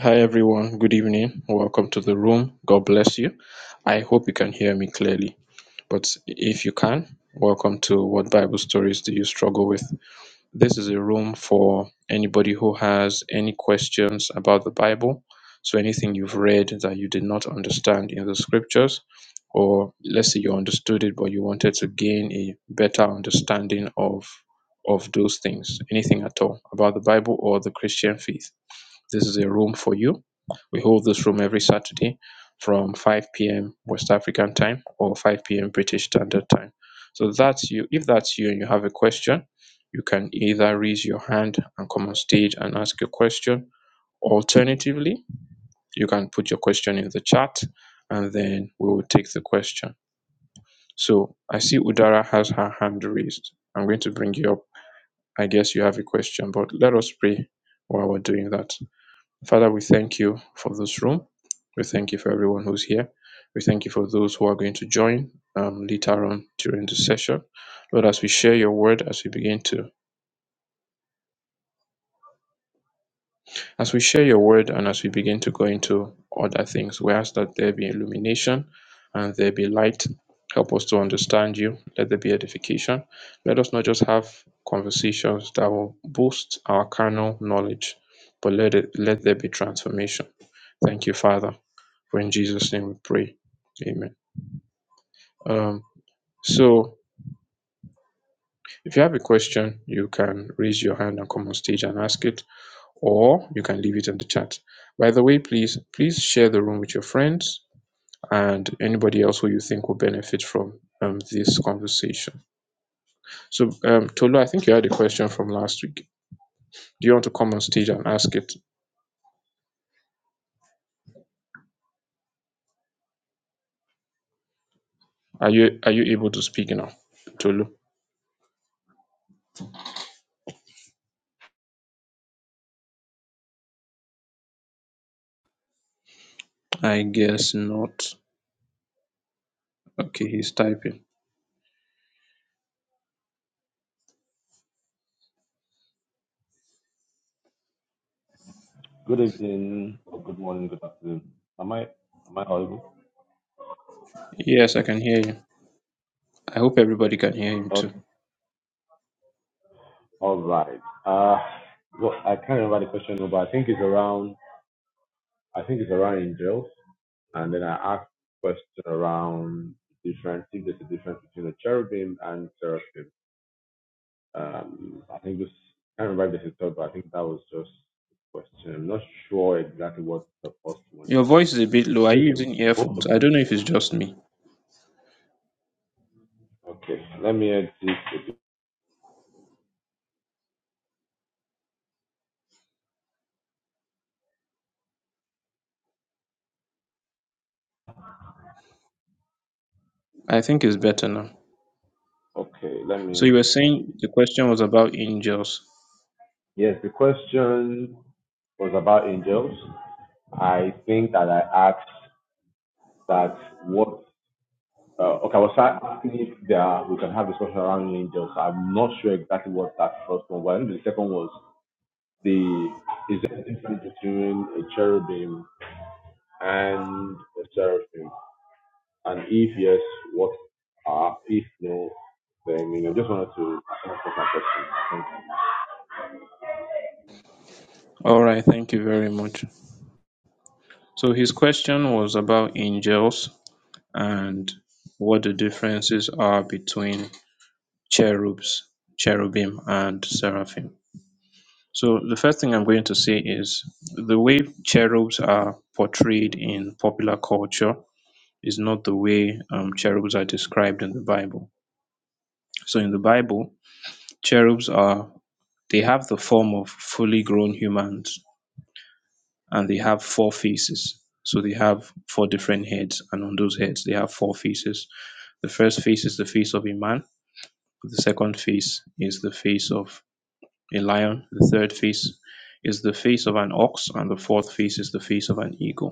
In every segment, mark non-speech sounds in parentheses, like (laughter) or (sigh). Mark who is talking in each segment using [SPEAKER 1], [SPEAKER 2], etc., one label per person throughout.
[SPEAKER 1] Hi everyone, good evening. Welcome to the room. God bless you. I hope you can hear me clearly. But if you can, welcome to What Bible Stories Do You Struggle With? This is a room for anybody who has any questions about the Bible. So anything you've read that you did not understand in the scriptures, or let's say you understood it but you wanted to gain a better understanding of of those things, anything at all about the Bible or the Christian faith this is a room for you. We hold this room every Saturday from 5 p.m. West African time or 5 p.m. British Standard Time. So that's you. If that's you and you have a question, you can either raise your hand and come on stage and ask your question. Alternatively, you can put your question in the chat and then we will take the question. So I see Udara has her hand raised. I'm going to bring you up. I guess you have a question, but let us pray while we're doing that. Father, we thank you for this room. We thank you for everyone who's here. We thank you for those who are going to join um, later on during the session. Lord, as we share your word, as we begin to as we share your word and as we begin to go into other things, we ask that there be illumination and there be light. Help us to understand you. Let there be edification. Let us not just have conversations that will boost our carnal knowledge, but let it let there be transformation. Thank you, Father. For in Jesus' name we pray. Amen. Um, so if you have a question, you can raise your hand and come on stage and ask it or you can leave it in the chat. By the way, please please share the room with your friends and anybody else who you think will benefit from um, this conversation. So, um, Tolu, I think you had a question from last week. Do you want to come on stage and ask it? Are you are you able to speak now, Tolu? I guess not. Okay, he's typing.
[SPEAKER 2] Good evening, or good morning, good afternoon. Am I am I audible?
[SPEAKER 1] Yes, I can hear you. I hope everybody can hear him
[SPEAKER 2] Okay.
[SPEAKER 1] too.
[SPEAKER 2] All right. Uh, well, I can't remember the question, now, but I think it's around. I think it's around angels, and then I asked question around difference. If there's a difference between a cherubim and seraphim. Um, I think this. I can't remember if this is third, but I think that was just a question. I'm not sure exactly what the first one
[SPEAKER 1] Your
[SPEAKER 2] is.
[SPEAKER 1] voice is a bit low. Are you
[SPEAKER 2] Listen,
[SPEAKER 1] using
[SPEAKER 2] both
[SPEAKER 1] earphones?
[SPEAKER 2] of
[SPEAKER 1] I
[SPEAKER 2] them.
[SPEAKER 1] don't know if it's just me.
[SPEAKER 2] Okay, let me edit. it.
[SPEAKER 1] I think it's better now.
[SPEAKER 2] Okay, let
[SPEAKER 1] So
[SPEAKER 2] me.
[SPEAKER 1] you were saying the question was about angels.
[SPEAKER 2] Yes, the question was about angels. I think that I asked that what. Uh, okay, I was asking if there are, we can have discussion around angels. I'm not sure exactly what that first one was. I think the second was the is there a difference between a cherubim and a seraphim? And if yes, what are if no, then you know just wanted to ask my question.
[SPEAKER 1] All right, thank you very much. So his question was about angels and what the differences are between cherubs, cherubim, and seraphim. So the first thing I'm going to say is the way cherubs are portrayed in popular culture is not the way um, cherubs are described in the Bible. So in the Bible, cherubs are they have the form of fully grown humans and they have four faces. So they have four different heads, and on those heads, they have four faces. The first face is the face of a man, the second face is the face of a lion, the third face is the face of an ox, and the fourth face is the face of an eagle.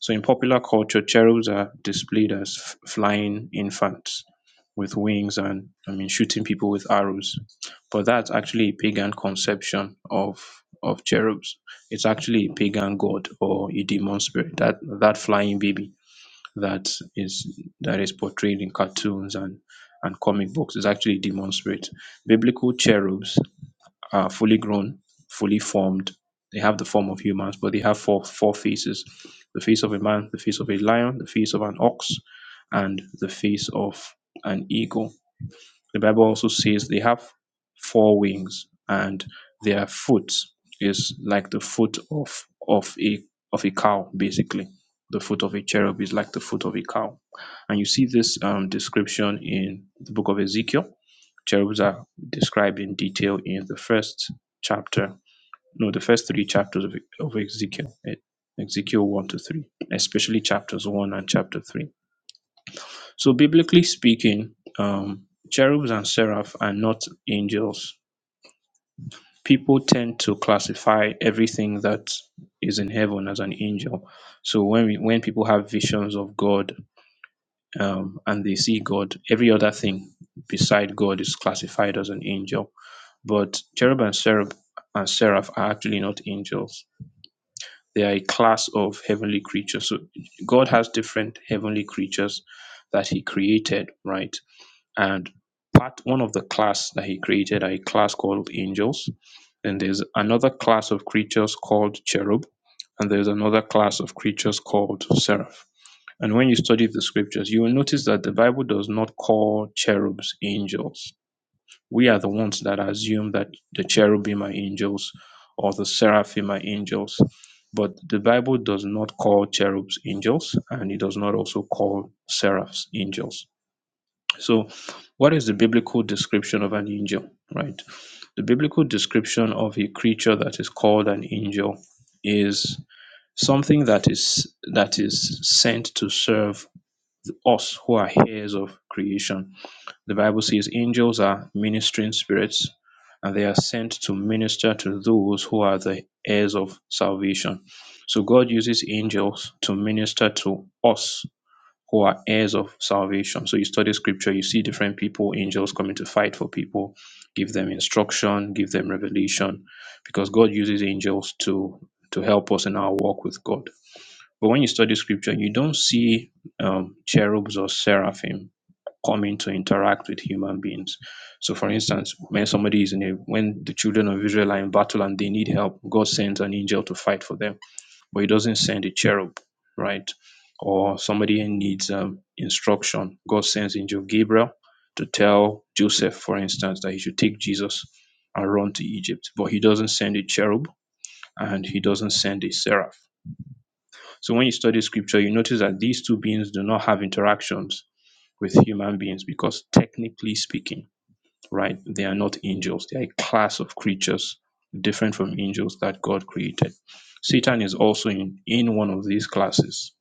[SPEAKER 1] So in popular culture, cherubs are displayed as f- flying infants with wings and I mean shooting people with arrows. But that's actually a pagan conception of of cherubs. It's actually a pagan god or a demon spirit. That that flying baby that is that is portrayed in cartoons and and comic books is actually a demon spirit. Biblical cherubs are fully grown, fully formed. They have the form of humans, but they have four four faces: the face of a man, the face of a lion, the face of an ox, and the face of an eagle. The Bible also says they have four wings, and their foot is like the foot of of a of a cow, basically. The foot of a cherub is like the foot of a cow, and you see this um, description in the book of Ezekiel cherubs are described in detail in the first chapter, no, the first three chapters of, of Ezekiel, eh, Ezekiel 1 to 3, especially chapters 1 and chapter 3. So, biblically speaking, um, cherubs and seraph are not angels. People tend to classify everything that is in heaven as an angel. So when we, when people have visions of God um, and they see God, every other thing beside God is classified as an angel But cherub and seraph, and seraph are actually not angels. They are a class of heavenly creatures. So God has different heavenly creatures that He created, right? And part one of the class that He created are a class called angels. And there's another class of creatures called cherub, and there's another class of creatures called seraph. And when you study the scriptures, you will notice that the Bible does not call cherubs angels we are the ones that assume that the cherubim are angels or the seraphim are angels. But the Bible does not call cherubs angels, and it does not also call seraphs angels. So, what is the biblical description of an angel, right? The biblical description of a creature that is called an angel is something that is that is sent to serve us who are heirs of creation the Bible says angels are ministering spirits and they are sent to minister to those who are the heirs of salvation. So God uses angels to minister to us who are heirs of salvation. So you study scripture, you see different people, angels coming to fight for people, give them instruction, give them revelation, because God uses angels to to help us in our walk with God. But when you study scripture, you don't see um, cherubs or seraphim coming to interact with human beings. So, for instance, when somebody is in a when the children of Israel are in battle and they need help, God sends an angel to fight for them, but He doesn't send a cherub, right? Or somebody needs um, instruction, God sends angel Gabriel to tell Joseph, for instance, that he should take Jesus and run to Egypt, but He doesn't send a cherub and He doesn't send a seraph. So, when you study Scripture, you notice that these two beings do not have interactions with human beings because, technically speaking right? They are not angels. They are a class of creatures different from angels that God created. Satan is also in, in one of these classes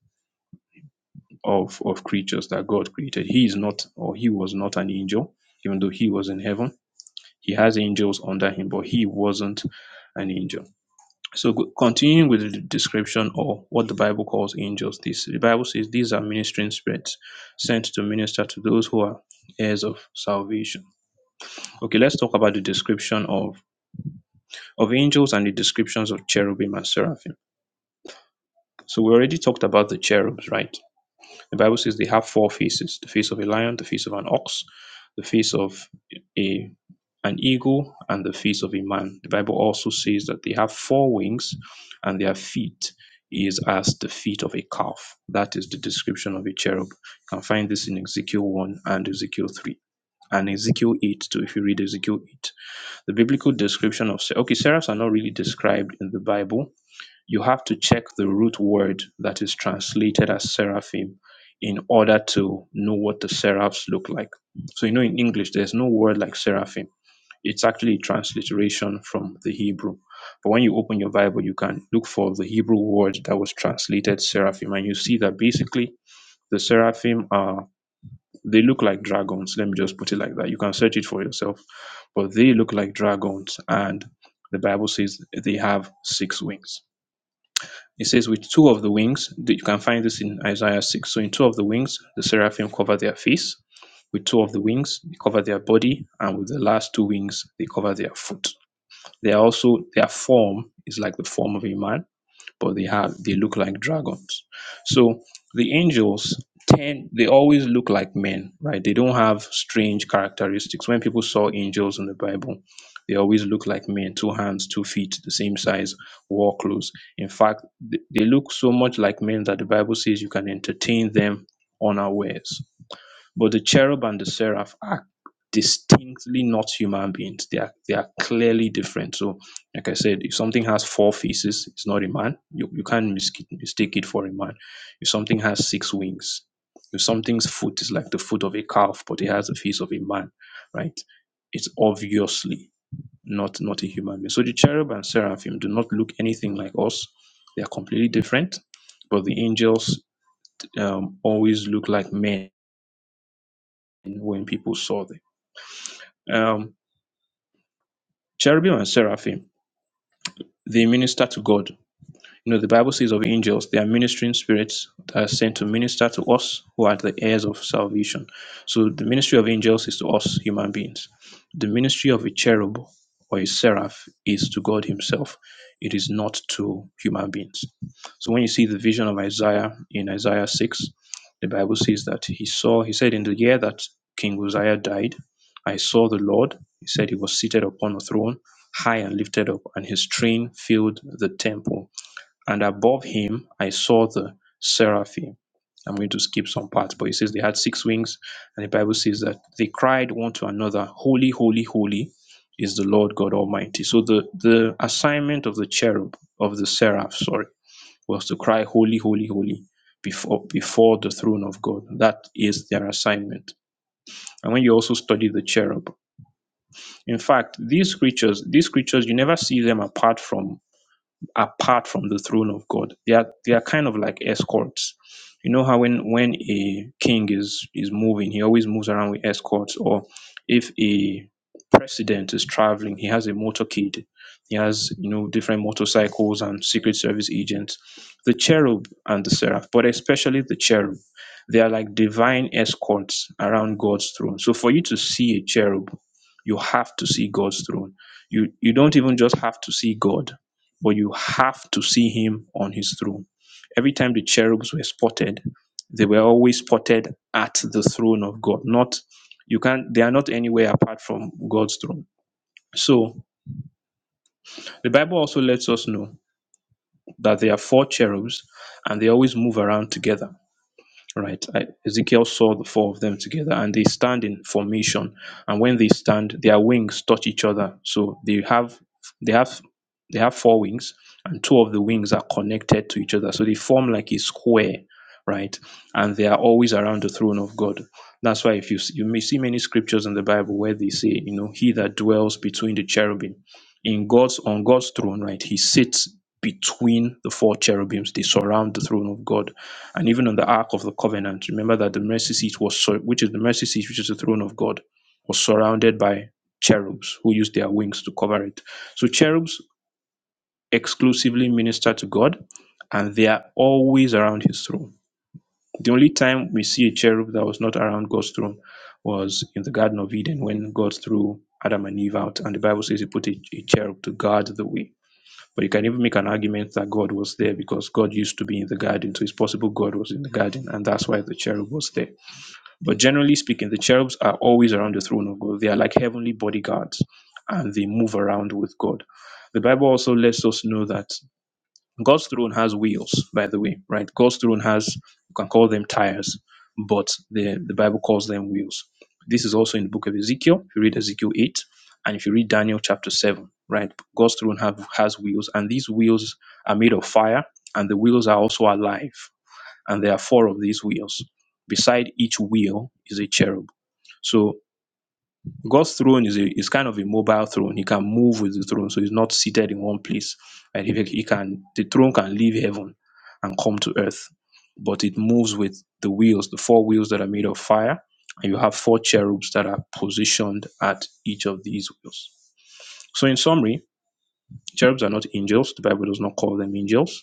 [SPEAKER 1] of, of creatures that God created. He is not, or he was not an angel, even though he was in heaven. He has angels under him, but he wasn't an angel. So, go- continuing with the description of what the Bible calls angels, this the Bible says these are ministering spirits sent to minister to those who are heirs of salvation. Okay, let's talk about the description of of angels and the descriptions of cherubim and seraphim. So we already talked about the cherubs, right? The Bible says they have four faces: the face of a lion, the face of an ox, the face of a an eagle, and the face of a man. The Bible also says that they have four wings, and their feet is as the feet of a calf. That is the description of a cherub. You can find this in Ezekiel 1 and Ezekiel 3. And Ezekiel 8, too, if you read Ezekiel 8, the biblical description of okay, seraphs are not really described in the Bible, you have to check the root word that is translated as seraphim in order to know what the seraphs look like. So, you know, in English, there's no word like seraphim. It's actually a transliteration from the Hebrew. But when you open your Bible, you can look for the Hebrew word that was translated seraphim, and you see that basically the seraphim are they look like dragons. Let me just put it like that. You can search it for yourself, but they look like dragons, and the Bible says they have six wings. It says, with two of the wings, you can find this in Isaiah 6. So, in two of the wings, the seraphim cover their face. With two of the wings, they cover their body. And with the last two wings, they cover their foot. They are also, their form is like the form of a man but they have they look like dragons. So the angels tend they always look like men, right? They don't have strange characteristics. When people saw angels in the Bible, they always look like men, two hands, two feet, the same size, war clothes. In fact, th- they look so much like men that the Bible says you can entertain them unawares. But the cherub and the seraph are distinctly not human beings. They are they are clearly different. So, like I said, if something has four faces, it's not a man. You you can't mis- mistake it for a man. If something has six wings, if something's foot is like the foot of a calf, but it has the face of a man, right? It's obviously not not a human being. So the cherub and seraphim do not look anything like us. They are completely different. But the angels um, always look like men when people saw them um cherubim and seraphim they minister to god you know, the Bible says of angels, they are ministering spirits that are sent to minister to us who are the heirs of salvation. So the ministry of angels is to us human beings. The ministry of a cherub or a seraph is to God Himself. It is not to human beings. So when you see the vision of Isaiah in Isaiah 6, the Bible says that he saw, he said, in the year that King Uzziah died, I saw the Lord. He said he was seated upon a throne, high and lifted up, and his train filled the temple and above him, I saw the seraphim. I'm going to skip some parts, but it says they had six wings. And the Bible says that they cried one to another, Holy, holy, holy is the Lord God Almighty. So the, the assignment of the cherub, of the seraph, sorry, was to cry, Holy, holy, holy before, before the throne of God. That is their assignment. And when you also study the cherub, in fact, these creatures, these creatures, you never see them apart from apart from the throne of God. They are they are kind of like escorts. You know how when when a king is is moving, he always moves around with escorts. Or if a president is traveling, he has a motorcade. He has you know different motorcycles and secret service agents. The cherub and the seraph, but especially the cherub, they are like divine escorts around God's throne. So for you to see a cherub, you have to see God's throne. You you don't even just have to see God but you have to see him on his throne. Every time the cherubs were spotted, they were always spotted at the throne of God. Not you can't they are not anywhere apart from God's throne. So the Bible also lets us know that there are four cherubs and they always move around together. Right. I, Ezekiel saw the four of them together and they stand in formation. And when they stand, their wings touch each other. So they have they have they have four wings and two of the wings are connected to each other. So they form like a square, right? And they are always around the throne of God. That's why if you s- you may see many scriptures in the Bible where they say, you know, he that dwells between the cherubim in God's on God's throne, right? He sits between the four cherubims. They surround the throne of God and even on the ark of the covenant remember that the mercy seat was sur- which is the mercy seat which is the throne of god was surrounded by cherubs who used their wings to cover it so cherubs exclusively minister to god and they are always around his throne the only time we see a cherub that was not around god's throne was in the garden of eden when god threw adam and eve out and the bible says he put a, a cherub to guard the way but you can even make an argument that God was there because God used to be in the garden. So it's possible God was in the garden and that's why the cherub was there. But generally speaking, the cherubs are always around the throne of God. They are like heavenly bodyguards and they move around with God. The Bible also lets us know that God's throne has wheels, by the way, right? God's throne has, you can call them tires, but the, the Bible calls them wheels. This is also in the book of Ezekiel, if you read Ezekiel 8, and if you read Daniel chapter 7, right? God's throne have, has wheels, and these wheels are made of fire, and the wheels are also alive, and there are four of these wheels. Beside each wheel is a cherub. So God's throne is a is kind of a mobile throne. He can move with the throne, so he's not seated in one place. Right? He, he can the throne can leave heaven and come to earth, but it moves with the wheels, the four wheels that are made of fire, and you have four cherubs that are positioned at each of these wheels. So in summary, cherubs are not angels. The Bible does not call them angels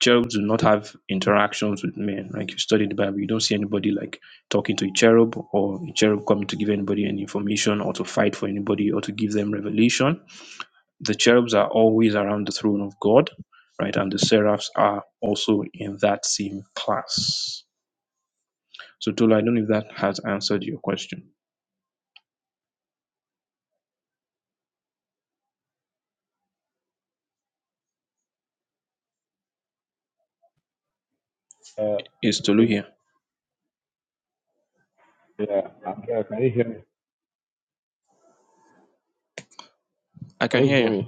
[SPEAKER 1] cherubs do not have interactions with men. Like you study the Bible, you don't see anybody like talking to a cherub or a cherub coming to give anybody any information or to fight for anybody or to give them revelation. The cherubs are always around the throne of God, right? And the seraphs are also in that same class. So Tolu, I don't know if that has answered your question.
[SPEAKER 2] Thank you. Uh,
[SPEAKER 1] Is
[SPEAKER 2] can you
[SPEAKER 1] Tolu
[SPEAKER 2] hear me?
[SPEAKER 1] here?
[SPEAKER 2] Yeah, I'm here. Can you hear me?
[SPEAKER 1] I can
[SPEAKER 2] Can you
[SPEAKER 1] hear
[SPEAKER 2] hear
[SPEAKER 1] you.
[SPEAKER 2] me?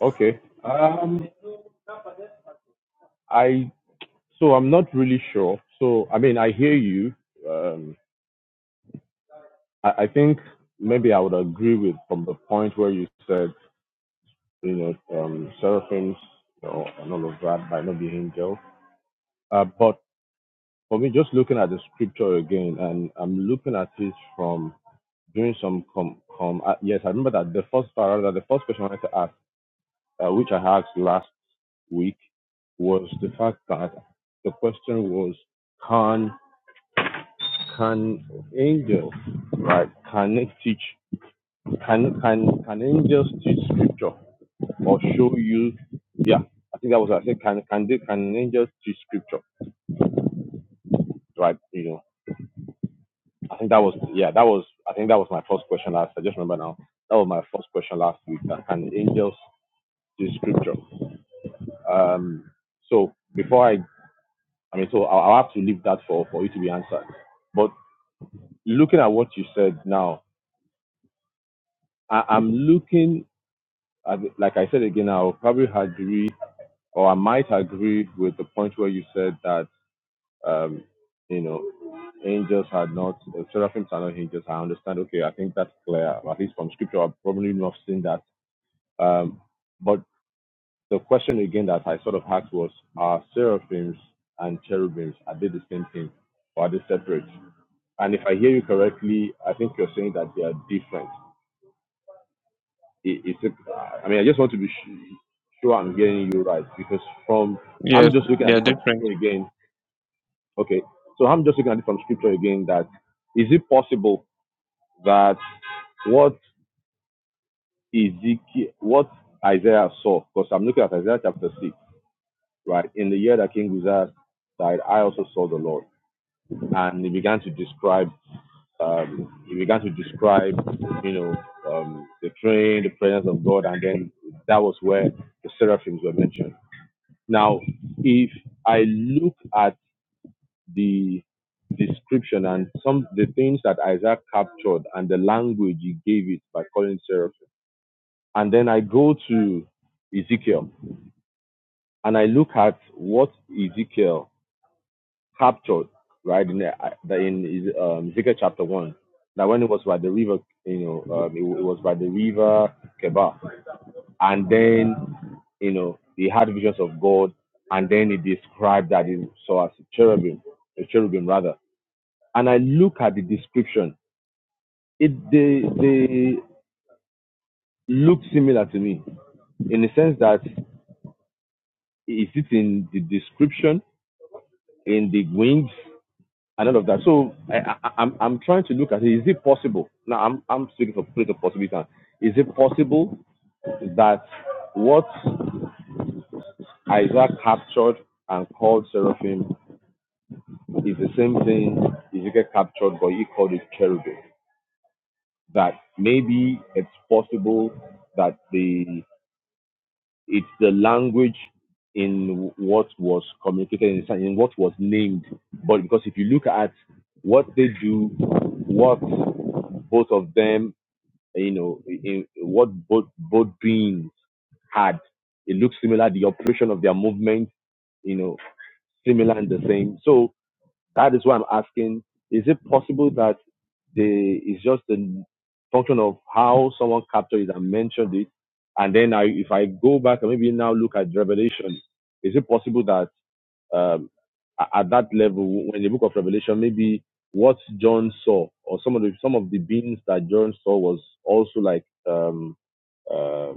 [SPEAKER 2] Okay. Um, I so I'm not really sure. So I mean, I hear you. Um, I, I think maybe I would agree with from the point where you said, you know, um, seraphims, you know, and all of that might not be angels. Uh, but for me, just looking at the scripture again, and I'm looking at it from doing some com com. Uh, yes, I remember that the first part, that the first question I wanted to ask, uh, which I asked last week, was the fact that the question was, can Can angels right can it teach can can can angels teach scripture or show you yeah, I think that was what I said. can can they can angels teach scripture? Right, you know. I think that was yeah, that was I think that was my first question last I just remember now. That was my first question last week. That can angels teach scripture? Um so before I I mean so I'll, I'll have to leave that for for you to be answered. But looking at what you said now, I, I'm looking I, like I said again, I'll probably agree, or I might agree with the point where you said that, um, you know, angels are not, uh, seraphims are not angels. I understand. Okay, I think that's clear. At least from scripture, I've probably not seen that. Um, but the question again that I sort of asked was, are seraphims and cherubims, are they the same thing or are they separate? And if I hear you correctly, I think you're saying that they are different. It, it's a, I mean, I just want to be sh- sure I'm getting you right because from
[SPEAKER 1] Yes,
[SPEAKER 2] I'm just looking
[SPEAKER 1] they
[SPEAKER 2] at
[SPEAKER 1] are
[SPEAKER 2] it from
[SPEAKER 1] different.
[SPEAKER 2] scripture again. Okay, so I'm just looking at it from scripture again. That is it possible that what Ezekiel, what Isaiah saw? Because I'm looking at Isaiah chapter six, right? In the year that King Uzziah died, I also saw the Lord. and he began to describe um, he began to describe you know um, the train the presence of god and then that was where the seraphims were mentioned now if i look at the description and some the things that isaac captured and the language he gave it by calling seraphim and then i go to ezekiel and i look at what ezekiel captured, right, in the, uh, the- in um, Ezekiel chapter one. Now, when it was by the river, you know, um, it, wa- it was by the river Keba, and then, you know, he had visions of God, and then he described that he saw as a cherubim, a cherubim rather. And I look at the description; it they they look similar to me in the sense that is it in the description, in the wings? and all of that. So I, I, I'm I'm trying to look at it. Is it possible? Now I'm I'm speaking for plate of possibility. Is it possible that what Isaac captured and called seraphim is the same thing Ezekiel captured, but he called it cherubim? That maybe it's possible that the It's the language in what was communicated in, in what was named. But because if you look at what they do, what both of them, you know, in, what both both beings had, it looks similar. The operation of their movement, you know, similar and the same. So that is why I'm asking, is it possible that the it's just the function of how someone captured it and mentioned it? And then I, if I go back and maybe now look at Revelation, is it possible that um, at that level, when the book of Revelation, maybe what John saw or some of the some of the beings that John saw was also like um, uh,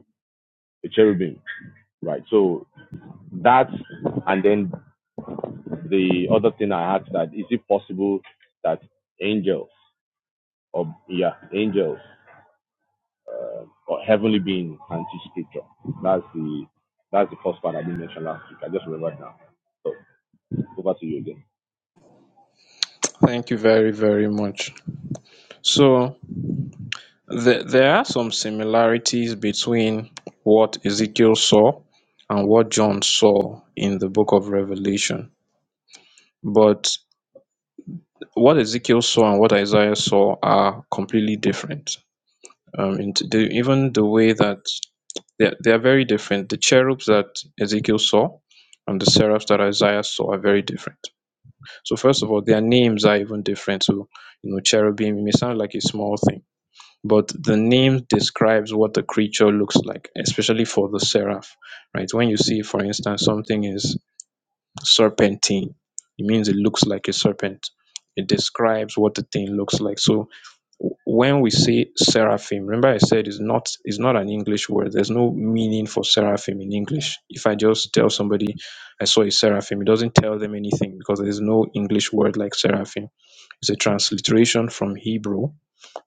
[SPEAKER 2] a cherubim, right? So that, and then the other thing I asked that is it possible that angels or yeah, angels or heavenly beings can teach scripture? That's the that's the first part I didn't mention last week. I just remembered now. So over to you again.
[SPEAKER 1] Thank you very, very much. So There, there are some similarities between what Ezekiel saw and what John saw in the book of Revelation. But what Ezekiel saw and what Isaiah saw are completely different. Um, and the, even the way that they're, they're very different. The cherubs that Ezekiel saw and the seraphs that Isaiah saw are very different. So, first of all, their names are even different. So, you know, cherubim, it may sound like a small thing but the name describes what the creature looks like, especially for the seraph, right? When you see, for instance, something is serpentine, it means it looks like a serpent. It describes what the thing looks like. So when we say seraphim, remember I said it's not it's not an English word. There's no meaning for seraphim in English. If I just tell somebody I saw a seraphim, it doesn't tell them anything because there's no English word like seraphim. It's a transliteration from Hebrew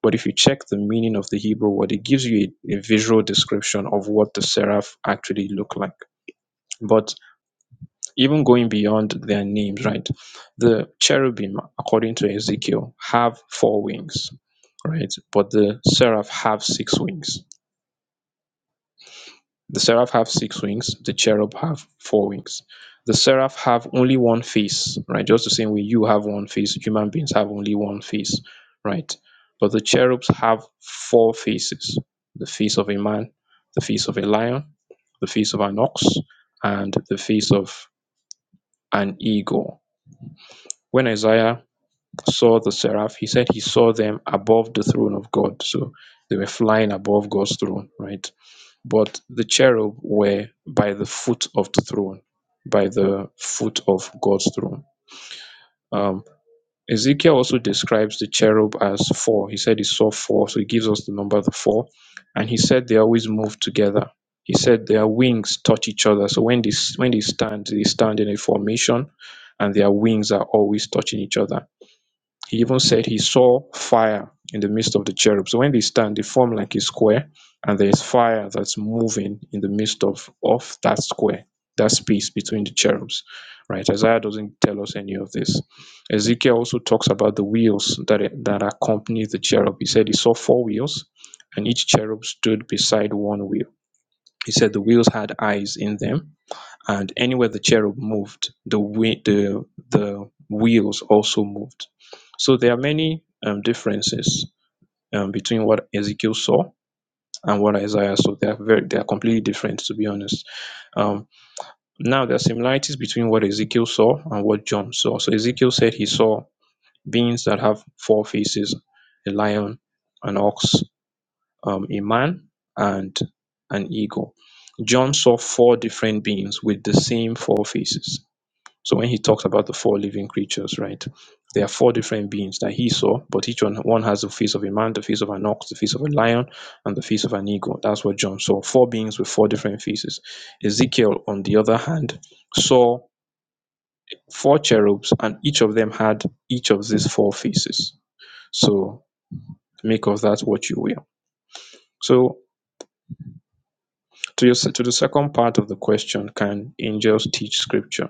[SPEAKER 1] but if you check the meaning of the Hebrew word, it gives you a, a visual description of what the seraph actually look like. But even going beyond their names, right? The cherubim, according to Ezekiel, have four wings, right? But the seraph have six wings The seraph have six wings, the cherub have four wings. The seraph have only one face, right? Just the same way you have one face, human beings have only one face, right? But the cherubs have four faces the face of a man, the face of a lion, the face of an ox, and the face of an eagle. When Isaiah saw the seraph, he said he saw them above the throne of God. So they were flying above God's throne, right? But the cherub were by the foot of the throne, by the foot of God's throne. Um, Ezekiel also describes the cherub as four. He said he saw four, so he gives us the number of the four. And he said they always move together. He said their wings touch each other. So when they when they stand, they stand in a formation, and their wings are always touching each other. He even said he saw fire in the midst of the cherubs. So when they stand, they form like a square, and there is fire that's moving in the midst of, of that square, that space between the cherubs. Right? Isaiah doesn't tell us any of this. Ezekiel also talks about the wheels that, that accompany the cherub. He said he saw four wheels, and each cherub stood beside one wheel. He said the wheels had eyes in them and anywhere the cherub moved, the wi- the the wheels also moved. So there are many um, differences um, between what Ezekiel saw and what Isaiah saw. They are very they are completely different, to be honest. Um, now there are similarities between what Ezekiel saw and what John saw. So Ezekiel said he saw beings that have four faces: a lion, an ox, um, a man, and an eagle. John saw four different beings with the same four faces. So when he talks about the four living creatures, right, there are four different beings that he saw, but each one, one has the face of a man, the face of an ox, the face of a lion, and the face of an eagle. That's what John saw. Four beings with four different faces. Ezekiel, on the other hand, saw four cherubs, and each of them had each of these four faces. So make of that what you will. So to your, to the second part of the question, can angels teach scripture?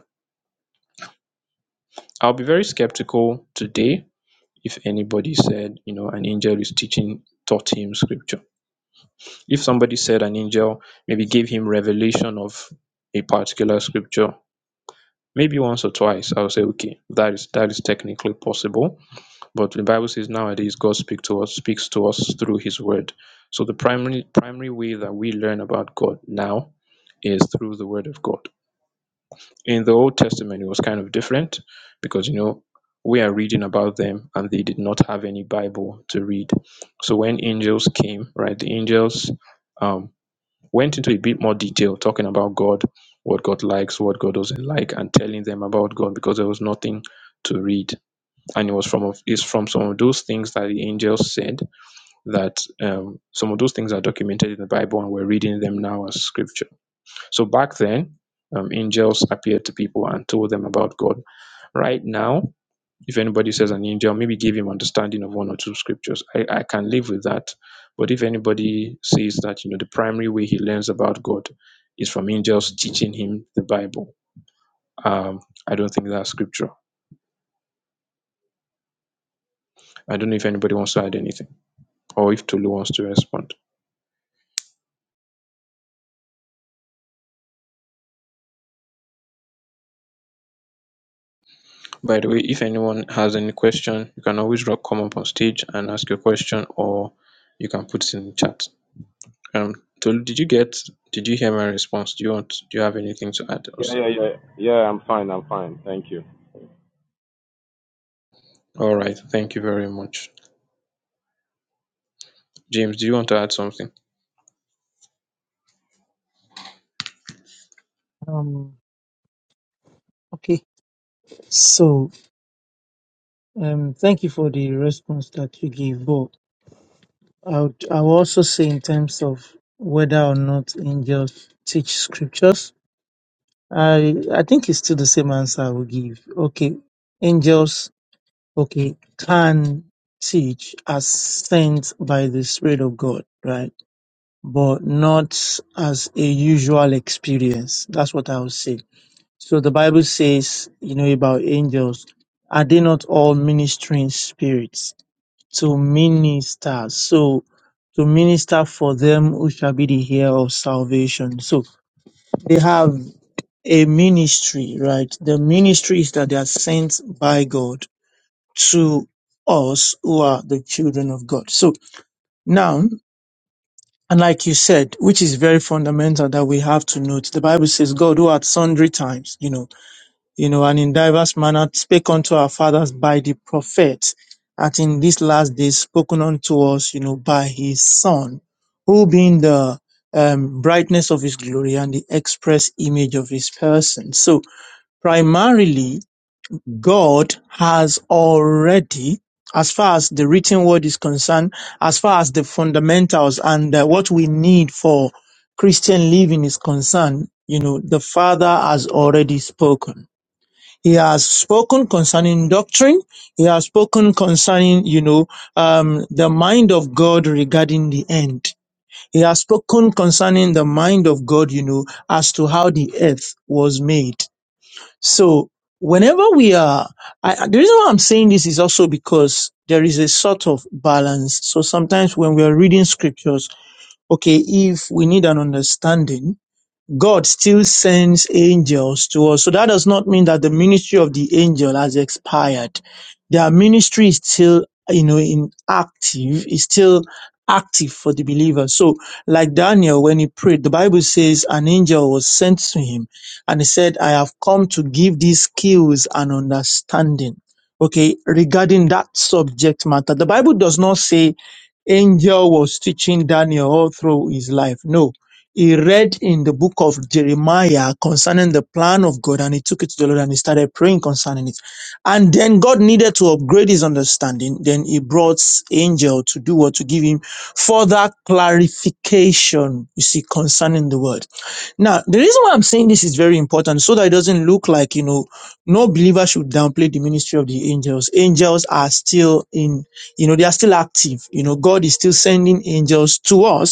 [SPEAKER 1] I'll be very skeptical today if anybody said, you know, an angel is teaching, taught him scripture. If somebody said an angel maybe gave him revelation of a particular scripture, maybe once or twice, I'll say, okay, that is that is technically possible. But the Bible says nowadays God speaks to us, speaks to us through his word. So the primary primary way that we learn about God now is through the word of God in the Old Testament, it was kind of different because, you know, we are reading about them and they did not have any Bible to read. So when angels came, right, the angels um, went into a bit more detail talking about God, what God likes, what God doesn't like, and telling them about God because there was nothing to read. And it was from of- it's from some of those things that the angels said that um, some of those things are documented in the Bible and we're reading them now as scripture. So back then, um, angels appeared to people and told them about God. Right now, if anybody says an angel, maybe give him understanding of one or two scriptures. I, I can live with that. But if anybody says that, you know, the primary way he learns about God is from angels teaching him the Bible, um, I don't think that's scripture. I don't know if anybody wants to add anything or if Tolu wants to respond. By the way, if anyone has any question, you can always ro- come up on stage and ask your question or you can put it in the chat. um Tolu, did you get did you hear my response? Do you want do you have anything to add,
[SPEAKER 2] Yeah,
[SPEAKER 1] Osi?
[SPEAKER 2] yeah, yeah. Yeah, I'm fine, I'm fine. Thank you.
[SPEAKER 1] All right, thank you very much. James, do you want to add something?
[SPEAKER 3] Um, okay. So, um, thank you for the response that you gave. But I would, I will also say in terms of whether or not angels teach scriptures, I, I think it's still the same answer I will give. Okay. Angels, okay, can teach as sent by the Spirit of God, right? But not as a usual experience. That's what I would say So the Bible says, you know, about angels, are they not all ministering spirits to minister? So to minister for them who shall be the heir of salvation. So they have a ministry, right? The ministry is that they are sent by God to us who are the children of God. So now, and like you said, which is very fundamental that we have to note, the Bible says, God who at sundry times, you know, you know, and in diverse manner spake unto our fathers by the prophets, and in these last days spoken unto us, you know, by his son, who being the um, brightness of his glory and the express image of his person. So primarily, God has already as far as the written word is concerned, as far as the fundamentals and uh, what we need for Christian living is concerned, you know, the Father has already spoken he has spoken concerning doctrine. He has spoken concerning, you know, um, the mind of God regarding the end. He has spoken concerning the mind of God, you know, as to how the earth was made. So whenever we are, I, the reason why I'm saying this is also because there is a sort of balance. So sometimes when we are reading scriptures, okay, if we need an understanding, God still sends angels to us. So that does not mean that the ministry of the angel has expired. Their ministry is still, you know, in active, is still active for the believer. So like Daniel, when he prayed, the Bible says an angel was sent to him and he said, I have come to give these skills and understanding. Okay. Regarding that subject matter, the Bible does not say angel was teaching Daniel all through his life. No he read in the book of Jeremiah concerning the plan of God and he took it to the Lord and he started praying concerning it. And then God needed to upgrade his understanding. Then he brought angel to do what? To give him further clarification, you see, concerning the word. Now, the reason why I'm saying this is very important so that it doesn't look like, you know, no believer should downplay the ministry of the angels. Angels are still in, you know, they are still active. You know, God is still sending angels to us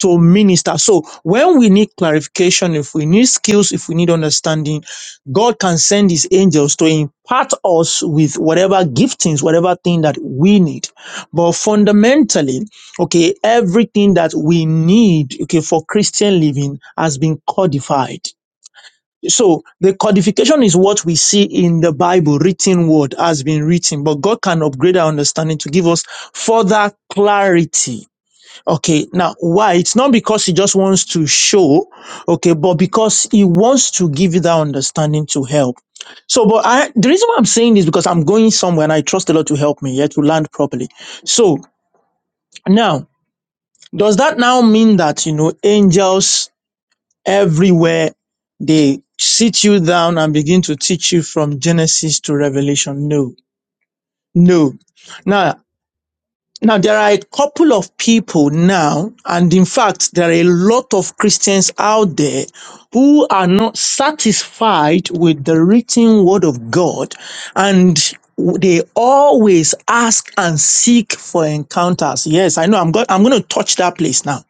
[SPEAKER 3] to minister. So when we need clarification, if we need skills, if we need understanding, God can send his angels to impart us with whatever giftings, whatever thing that we need. But fundamentally, okay, everything that we need, okay, for Christian living has been codified. So the codification is what we see in the Bible, written word has been written, but God can upgrade our understanding to give us further clarity Okay, now why? It's not because he just wants to show, okay, but because he wants to give you that understanding to help. So, but I, the reason why I'm saying this because I'm going somewhere and I trust the Lord to help me, yeah, to land properly. So now, does that now mean that, you know, angels everywhere, they sit you down and begin to teach you from Genesis to Revelation? No, no. Now. Now, there are a couple of people now, and in fact, there are a lot of Christians out there who are not satisfied with the written word of God, and they always ask and seek for encounters. Yes, I know. I'm going. I'm going to touch that place now.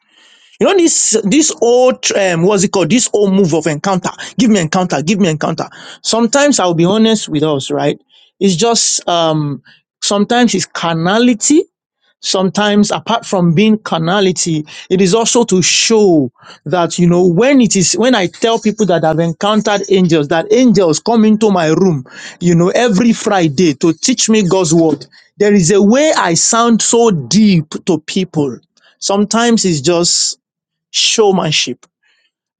[SPEAKER 3] You know this this old um, what's it called? This old move of encounter. Give me encounter. Give me encounter. Sometimes I'll be honest with us, right? It's just um, sometimes it's carnality sometimes apart from being carnality it is also to show that you know when it is when i tell people that i've encountered angels that angels come into my room you know every friday to teach me god's word there is a way i sound so deep to people sometimes it's just showmanship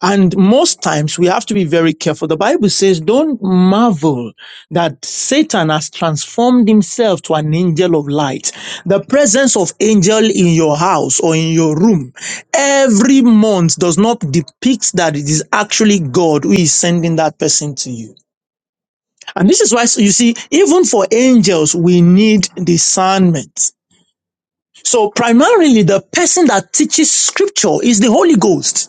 [SPEAKER 3] and most times we have to be very careful. The Bible says, don't marvel that Satan has transformed himself to an angel of light. The presence of angel in your house or in your room every month does not depict that it is actually God who is sending that person to you. And this is why, so you see, even for angels, we need discernment. So primarily the person that teaches scripture is the Holy Ghost.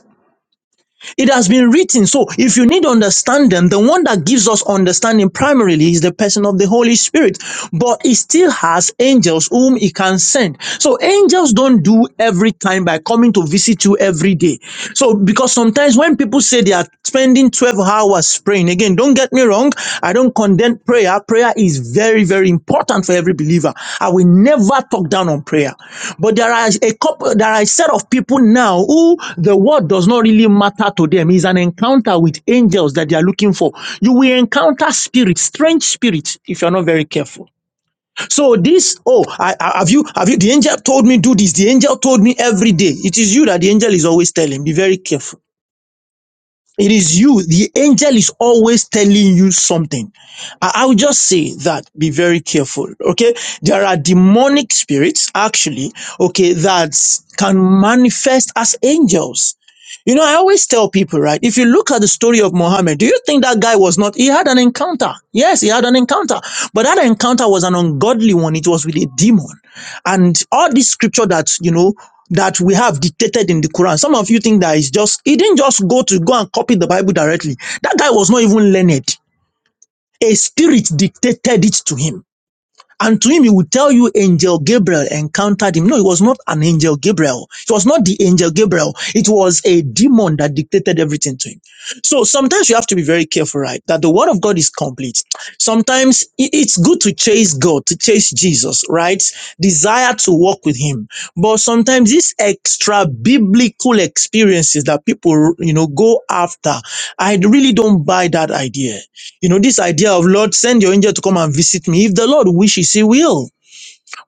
[SPEAKER 3] It has been written. So if you need to understand them, the one that gives us understanding primarily is the person of the Holy Spirit. But he still has angels whom he can send. So angels don't do every time by coming to visit you every day. So because sometimes when people say they are spending 12 hours praying, again, don't get me wrong. I don't condemn prayer. Prayer is very, very important for every believer. I will never talk down on prayer. But there are a couple, there are a set of people now who the word does not really matter to them. It's an encounter with angels that they are looking for. You will encounter spirits, strange spirits, if you're not very careful. So this, oh, I, I- have you, have you, the angel told me do this. The angel told me every day. It is you that the angel is always telling. Be very careful. It is you. The angel is always telling you something. I, I will just say that be very careful. Okay. There are demonic spirits actually. Okay. That can manifest as angels. You know, I always tell people, right? If you look at the story of Muhammad, do you think that guy was not, he had an encounter. Yes, he had an encounter, but that encounter was an ungodly one. It was with a demon. And all this scripture that, you know, that we have dictated in the Quran. Some of you think that it's just, he didn't just go to go and copy the Bible directly. That guy was not even learned. A spirit dictated it to him. And to him, he would tell you angel Gabriel encountered him. No, it was not an angel Gabriel. It was not the angel Gabriel. It was a demon that dictated everything to him. So sometimes you have to be very careful, right? That the word of God is complete. Sometimes it's good to chase God, to chase Jesus, right? Desire to walk with him. But sometimes these extra biblical experiences that people, you know, go after, I really don't buy that idea. You know, this idea of Lord, send your angel to come and visit me. If the Lord wishes, he will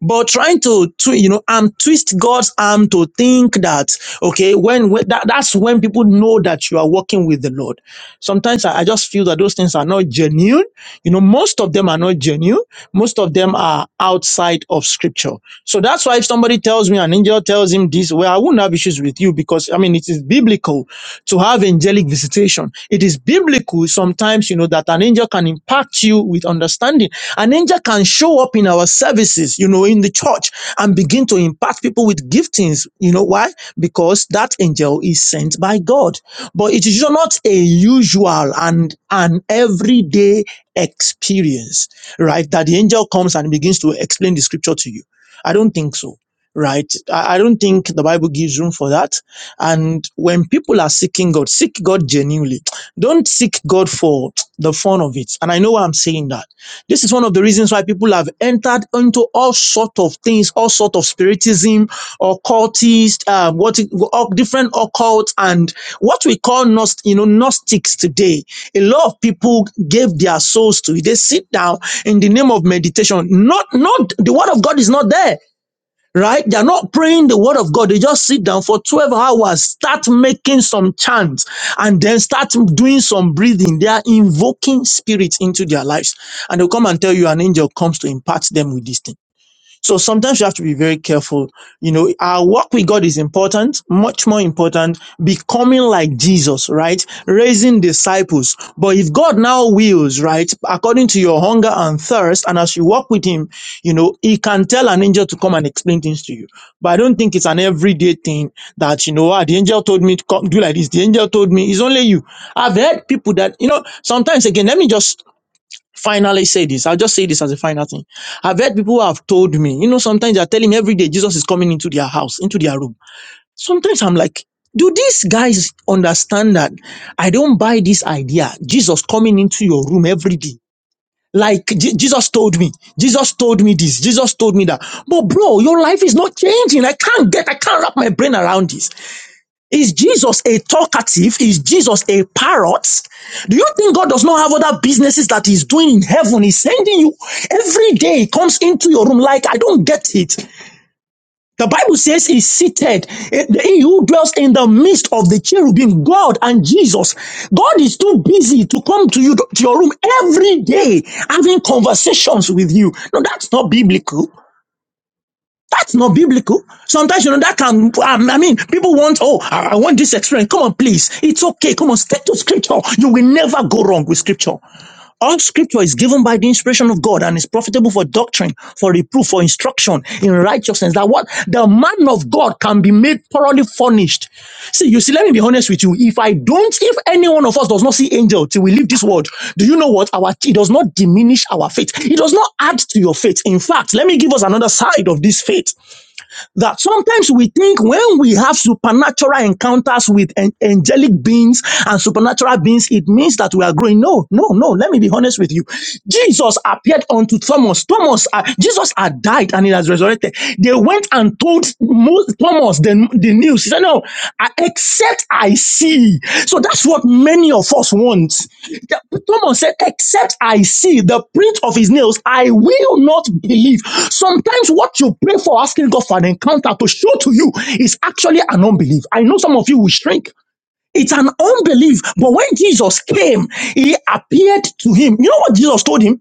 [SPEAKER 3] but trying to, to you know um twist god's arm to think that okay when, when that, that's when people know that you are working with the lord sometimes I, I just feel that those things are not genuine you know most of them are not genuine most of them are outside of scripture so that's why if somebody tells me an angel tells him this well i wouldn't have issues with you because i mean it is biblical to have angelic visitation it is biblical sometimes you know that an angel can impact you with understanding an angel can show up in our services, you know, in the church and begin to impact people with giftings. You know why? Because that angel is sent by God. But it is not a usual and an everyday experience, right? That the angel comes and begins to explain the scripture to you. I don't think so. Right. I I don't think the Bible gives room for that. And when people are seeking God, seek God genuinely. Don't seek God for the fun of it. And I know why I'm saying that this is one of the reasons why people have entered into all sort of things, all sort of spiritism, occultist, um, what all different occult and what we call gnost, you know, gnostics today. A lot of people gave their souls to it. They sit down in the name of meditation. Not, not the word of God is not there right? They're not praying the word of God. They just sit down for 12 hours, start making some chants, and then start doing some breathing. They are invoking spirits into their lives. And they'll come and tell you an angel comes to impart them with this thing. So sometimes you have to be very careful. You know, our work with God is important, much more important, becoming like Jesus, right? Raising disciples. But if God now wills, right, according to your hunger and thirst, and as you walk with Him, you know, He can tell an angel to come and explain things to you. But I don't think it's an everyday thing that, you know, ah, the angel told me to come do like this. The angel told me, it's only you. I've heard people that, you know, sometimes again, let me just Finally, say this. I'll just say this as a final thing. I've heard people who have told me, you know, sometimes they're telling me every day Jesus is coming into their house, into their room. Sometimes I'm like, do these guys understand that I don't buy this idea? Jesus coming into your room every day. Like Je- Jesus told me, Jesus told me this, Jesus told me that. But bro, your life is not changing. I can't get, I can't wrap my brain around this. Is Jesus a talkative? Is Jesus a parrot? Do you think God does not have other businesses that He's doing in heaven? He's sending you every day, He comes into your room. Like, I don't get it. The Bible says He's seated. Eh, He who dwells in the midst of the cherubim, God and Jesus. God is too busy to come to you to your room every day having conversations with you. No, that's not biblical. That's not biblical. Sometimes, you know, that can, um, I mean, people want, oh, I, I want this experience. Come on, please. It's okay. Come on, stick to scripture. You will never go wrong with scripture. All scripture is given by the inspiration of God and is profitable for doctrine, for reproof, for instruction in righteousness righteousness, that what the man of God can be made thoroughly furnished. See, you see, let me be honest with you. If I don't, if any one of us does not see angel till we leave this world, do you know what? Our it does not diminish our faith. It does not add to your faith. In fact, let me give us another side of this faith that sometimes we think when we have supernatural encounters with an- angelic beings and supernatural beings, it means that we are growing. No, no, no. Let me be honest with you. Jesus appeared unto Thomas. Thomas, uh, Jesus had died and he has resurrected. They went and told Mo- Thomas the, the news. He said, No, I, except I see. So that's what many of us want. Thomas said, Except I see the print of his nails, I will not believe. Sometimes what you pray for, asking God for an encounter to show to you, is actually an unbelief. I know some of you will shrink. It's an unbelief. But when Jesus came, he appeared to him. You know what Jesus told him?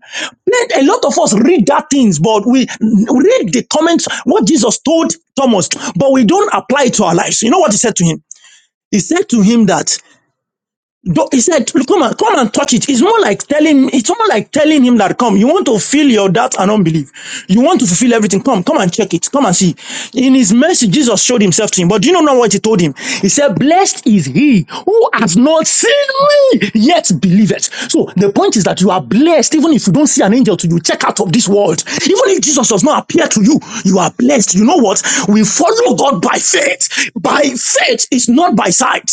[SPEAKER 3] Let A lot of us read that things, but we read the comments, what Jesus told Thomas, but we don't apply it to our lives. You know what he said to him? He said to him that do- He said, "Come and come and touch it." It's more like telling. It's more like telling him that, "Come, you want to feel your doubt and unbelief. You want to fulfill everything. Come, come and check it. Come and see." In His mercy, Jesus showed Himself to him. But do you know now what He told him? He said, "Blessed is he who has not seen me yet believeth." So the point is that you are blessed, even if you don't see an angel to you. Check out of this world. Even if Jesus does not appear to you, you are blessed. You know what? We follow God by faith. By faith, it's not by sight.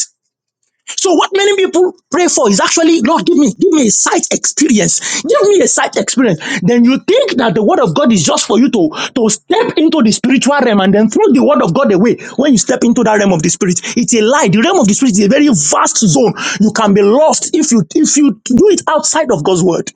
[SPEAKER 3] So what many people pray for is actually, Lord, give me, give me a sight experience. Give me a sight experience. Then you think that the word of God is just for you to, to step into the spiritual realm and then throw the word of God away when you step into that realm of the spirit. It's a lie. The realm of the spirit is a very vast zone. You can be lost if you if you do it outside of God's word.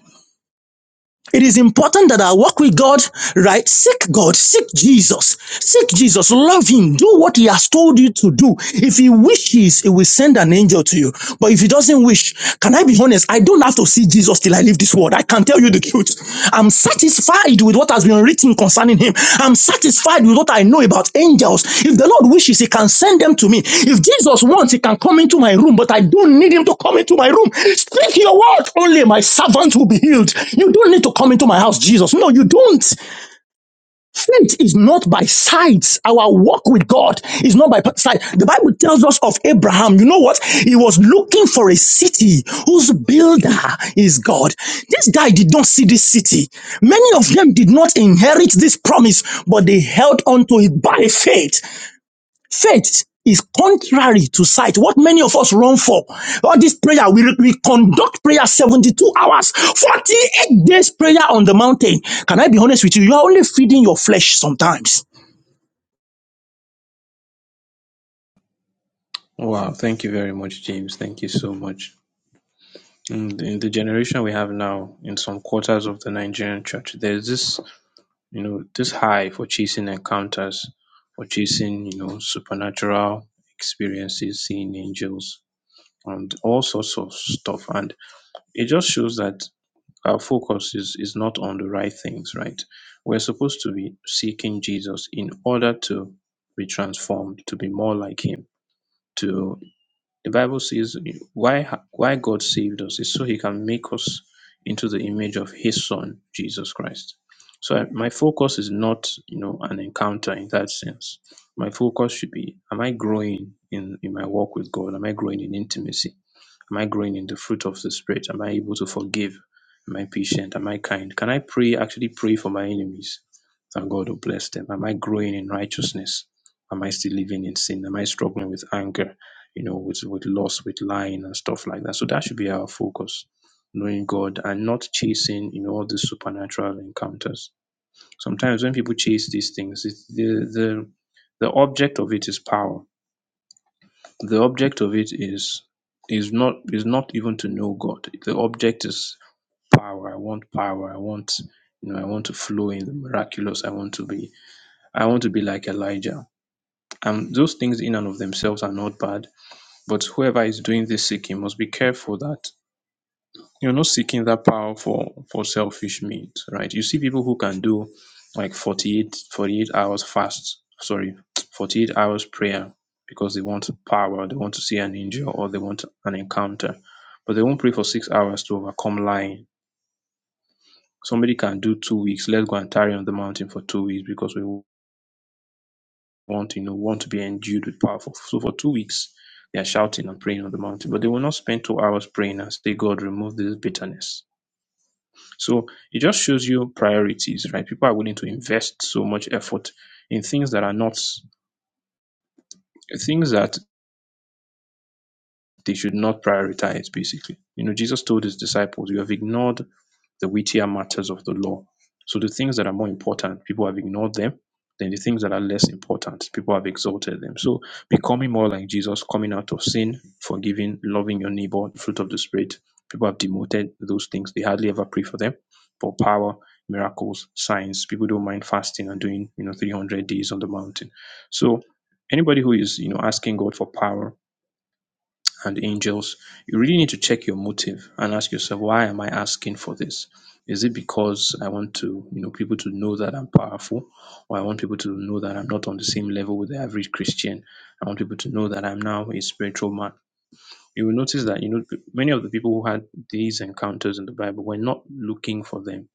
[SPEAKER 3] It is important that I walk with God, right? Seek God, seek Jesus, seek Jesus, love Him, do what He has told you to do. If He wishes, He will send an angel to you. But if He doesn't wish, can I be honest? I don't have to see Jesus till I leave this world. I can tell you the truth. I'm satisfied satisfied with what has been written concerning him. I'm satisfied with what I know about angels. If the Lord wishes, he can send them to me. If Jesus wants, he can come into my room, but I don't need him to come into my room. Speak your word only, my servant will be healed. You don't need to come into my house, Jesus. No, you don't. Faith is not by sights. Our walk with God is not by sight. The Bible tells us of Abraham. You know what? He was looking for a city whose builder is God. This guy did not see this city. Many of them did not inherit this promise, but they held on to it by faith. Faith is contrary to sight. What many of us run for. All this prayer, we, we conduct prayer 72 hours, 48 days prayer on the mountain. Can I be honest with you? You are only feeding your flesh sometimes.
[SPEAKER 1] Wow, thank you very much, James. Thank you so much. In, in the generation we have now, in some quarters of the Nigerian church, there's this, you know, this high for chasing encounters, for chasing, you know, supernatural experiences, seeing angels, and all sorts of stuff. And it just shows that our focus is, is not on the right things, right? We're supposed to be seeking Jesus in order to be transformed, to be more like him. To the Bible says why ha- why God saved us is so he can make us into the image of his son, Jesus Christ. So I- my focus is not, you know, an encounter in that sense. My focus should be am I growing in, in my walk with God? Am I growing in intimacy? Am I growing in the fruit of the Spirit? Am I able to forgive? Am I patient? Am I kind? Can I pray, actually pray for my enemies and God will bless them? Am I growing in righteousness? Am I still living in sin? Am I struggling with anger, you know, with, with loss, with lying and stuff like that? So that should be our focus, knowing God and not chasing, you know, all these supernatural encounters. Sometimes when people chase these things, it's the, the, the object of it is power the object of it is is not is not even to know God. The object is power. I want power. I want you know I want to flow in the miraculous. I want to be I want to be like Elijah. And those things in and of themselves are not bad. But whoever is doing this seeking must be careful that you're not seeking that power for for selfish means, right? You see people who can do like 48 48 hours fast, sorry, 48 hours prayer because they want power, they want to see an angel or they want an encounter, but they won't pray for six hours to overcome lying. Somebody can do two weeks, let's go and tarry on the mountain for two weeks because we want, you know, want to be endued with power. For- So for two weeks, they are shouting and praying on the mountain, but they will not spend two hours praying and say, God, remove this bitterness So it just shows you priorities, right? People are willing to invest so much effort in things that are not things that they should not prioritize, basically. You know, Jesus told his disciples, You have ignored the weightier matters of the law. So the things that are more important, people have ignored them. Then the things that are less important, people have exalted them. So becoming more like Jesus, coming out of sin, forgiving, loving your neighbor, the fruit of the Spirit, people have demoted those things. They hardly ever pray for them. But power, miracles, signs, people don't mind fasting and doing, you know, 300 days on the mountain. So anybody who is, you know, asking God for power and angels, you really need to check your motive and ask yourself, why am I asking for this? Is it because I want to, you know, people to know that I'm powerful, or I want people to know that I'm not on the same level with the average Christian? I want people to know that I'm now a spiritual man. You will notice that, you know, many of the people who had these encounters in the Bible were not looking for them.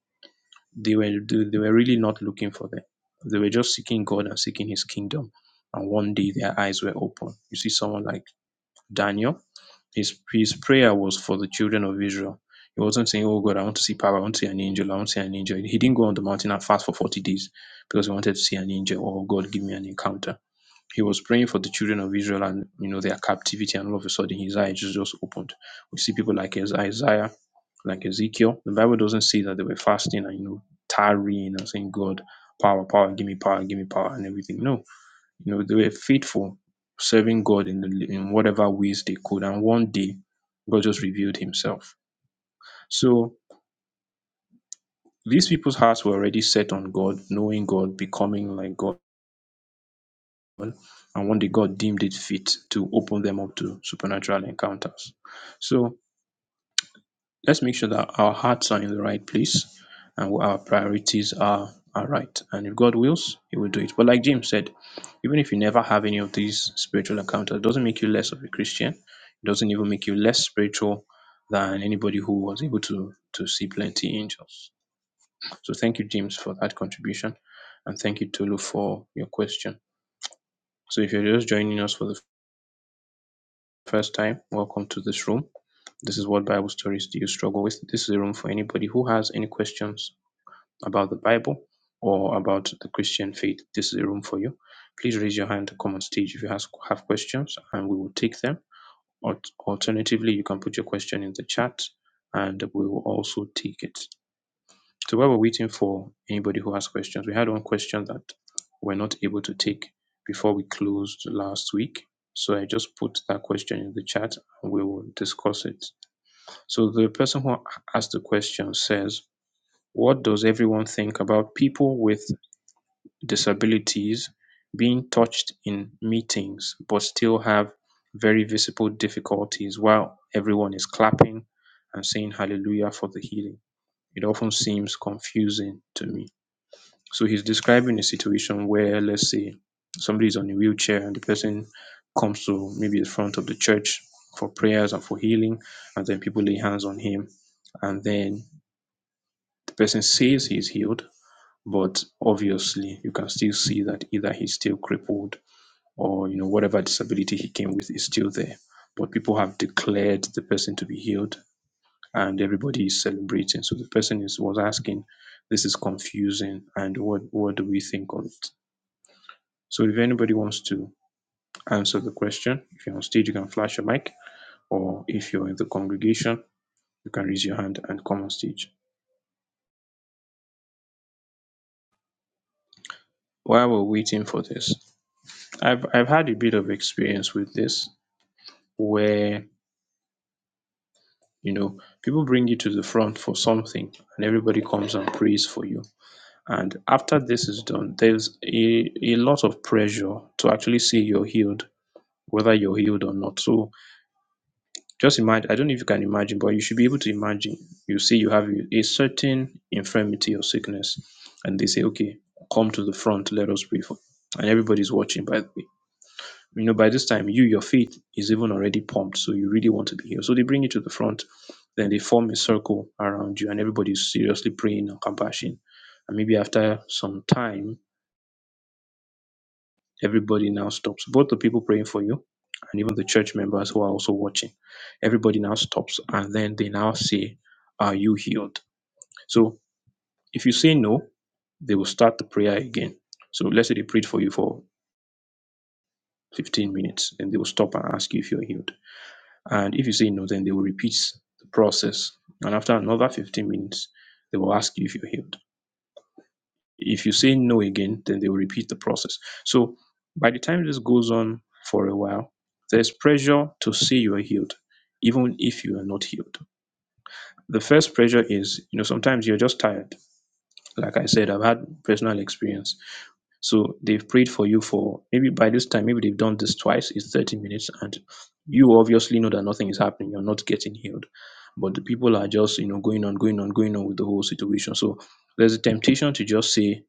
[SPEAKER 1] They were they were really not looking for them. They were just seeking God and seeking His kingdom. And one day their eyes were open. You see someone like Daniel his his prayer was for the children of Israel. He wasn't saying, Oh God, I want to see power, I want to see an angel, I want to see an angel. He didn't go on the mountain and fast for 40 days because he wanted to see an angel. Oh God, give me an encounter. He was praying for the children of Israel and you know their captivity, and all of a sudden his eyes just, just opened. We see people like Isaiah, like Ezekiel. The Bible doesn't say that they were fasting and you know tarrying and saying, God, power, power, give me power, give me power, and everything. No, you know, they were faithful, serving God in, the, in whatever ways they could. And one day, God just revealed himself. So these people's hearts were already set on God, knowing God, becoming like God. And one day, God deemed it fit to open them up to supernatural encounters. So let's make sure that our hearts are in the right place and our priorities are are right. And if God wills, He will do it. But like James said, even if you never have any of these spiritual encounters, it doesn't make you less of a Christian. It doesn't even make you less spiritual than anybody who was able to to see plenty angels. So thank you, James, for that contribution, and thank you, Tolu, for your question. So if you're just joining us for the first time, welcome to this room. This is what Bible stories do you struggle with. This is a room for anybody who has any questions about the Bible or about the Christian faith, this is a room for you. Please raise your hand to come on stage if you has, have questions and we will take them. Or alternatively, you can put your question in the chat and we will also take it. So while we're waiting for anybody who has questions, we had one question that we're not able to take before we closed last week. So I just put that question in the chat and we will discuss it. So the person who asked the question says, What does everyone think about people with disabilities being touched in meetings but still have very visible difficulties while everyone is clapping and saying hallelujah for the healing. It often seems confusing to me. So he's describing a situation where, let's say, somebody is on a wheelchair and the person comes to maybe the front of the church for prayers and for healing, and then people lay hands on him, and then the person says he's healed, but obviously you can still see that either he's still crippled or you know whatever disability he came with is still there but people have declared the person to be healed and everybody is celebrating so the person is was asking this is confusing and what what do we think of it so if anybody wants to answer the question if you're on stage you can flash your mic or if you're in the congregation you can raise your hand and come on stage while we're waiting for this i've i've had a bit of experience with this where you know people bring you to the front for something and everybody comes and prays for you and after this is done there's a, a lot of pressure to actually say you're healed whether you're healed or not so just imagine i don't know if you can imagine but you should be able to imagine you say you have a a certain infirmity or sickness and they say okay come to the front let us pray for you." and everybody's watching by the way you know by this time you your faith is even already pumped so you really want to be healed so they bring you to the front then they form a circle around you and everybody's seriously praying and compassion and maybe after some time everybody now stops both the people praying for you and even the church members who are also watching everybody now stops and then they now say are you healed so if you say no they will start the prayer again so let's say they prayed for you for 15 minutes and they will stop and ask you if you're healed And if you say no, then they will repeat the process. And after another 15 minutes, they will ask you if you're healed. If you say no again, then they will repeat the process. So by the time this goes on for a while, there's pressure to say you are healed, even if you are not healed. The first pressure is, you know, sometimes you're just tired. Like I said, I've had personal experience. So they've prayed for you for maybe by this time, maybe they've done this twice, it's 30 minutes, and you obviously know that nothing is happening, you're not getting healed. But the people are just, you know, going on, going on, going on with the whole situation. So there's a temptation to just say,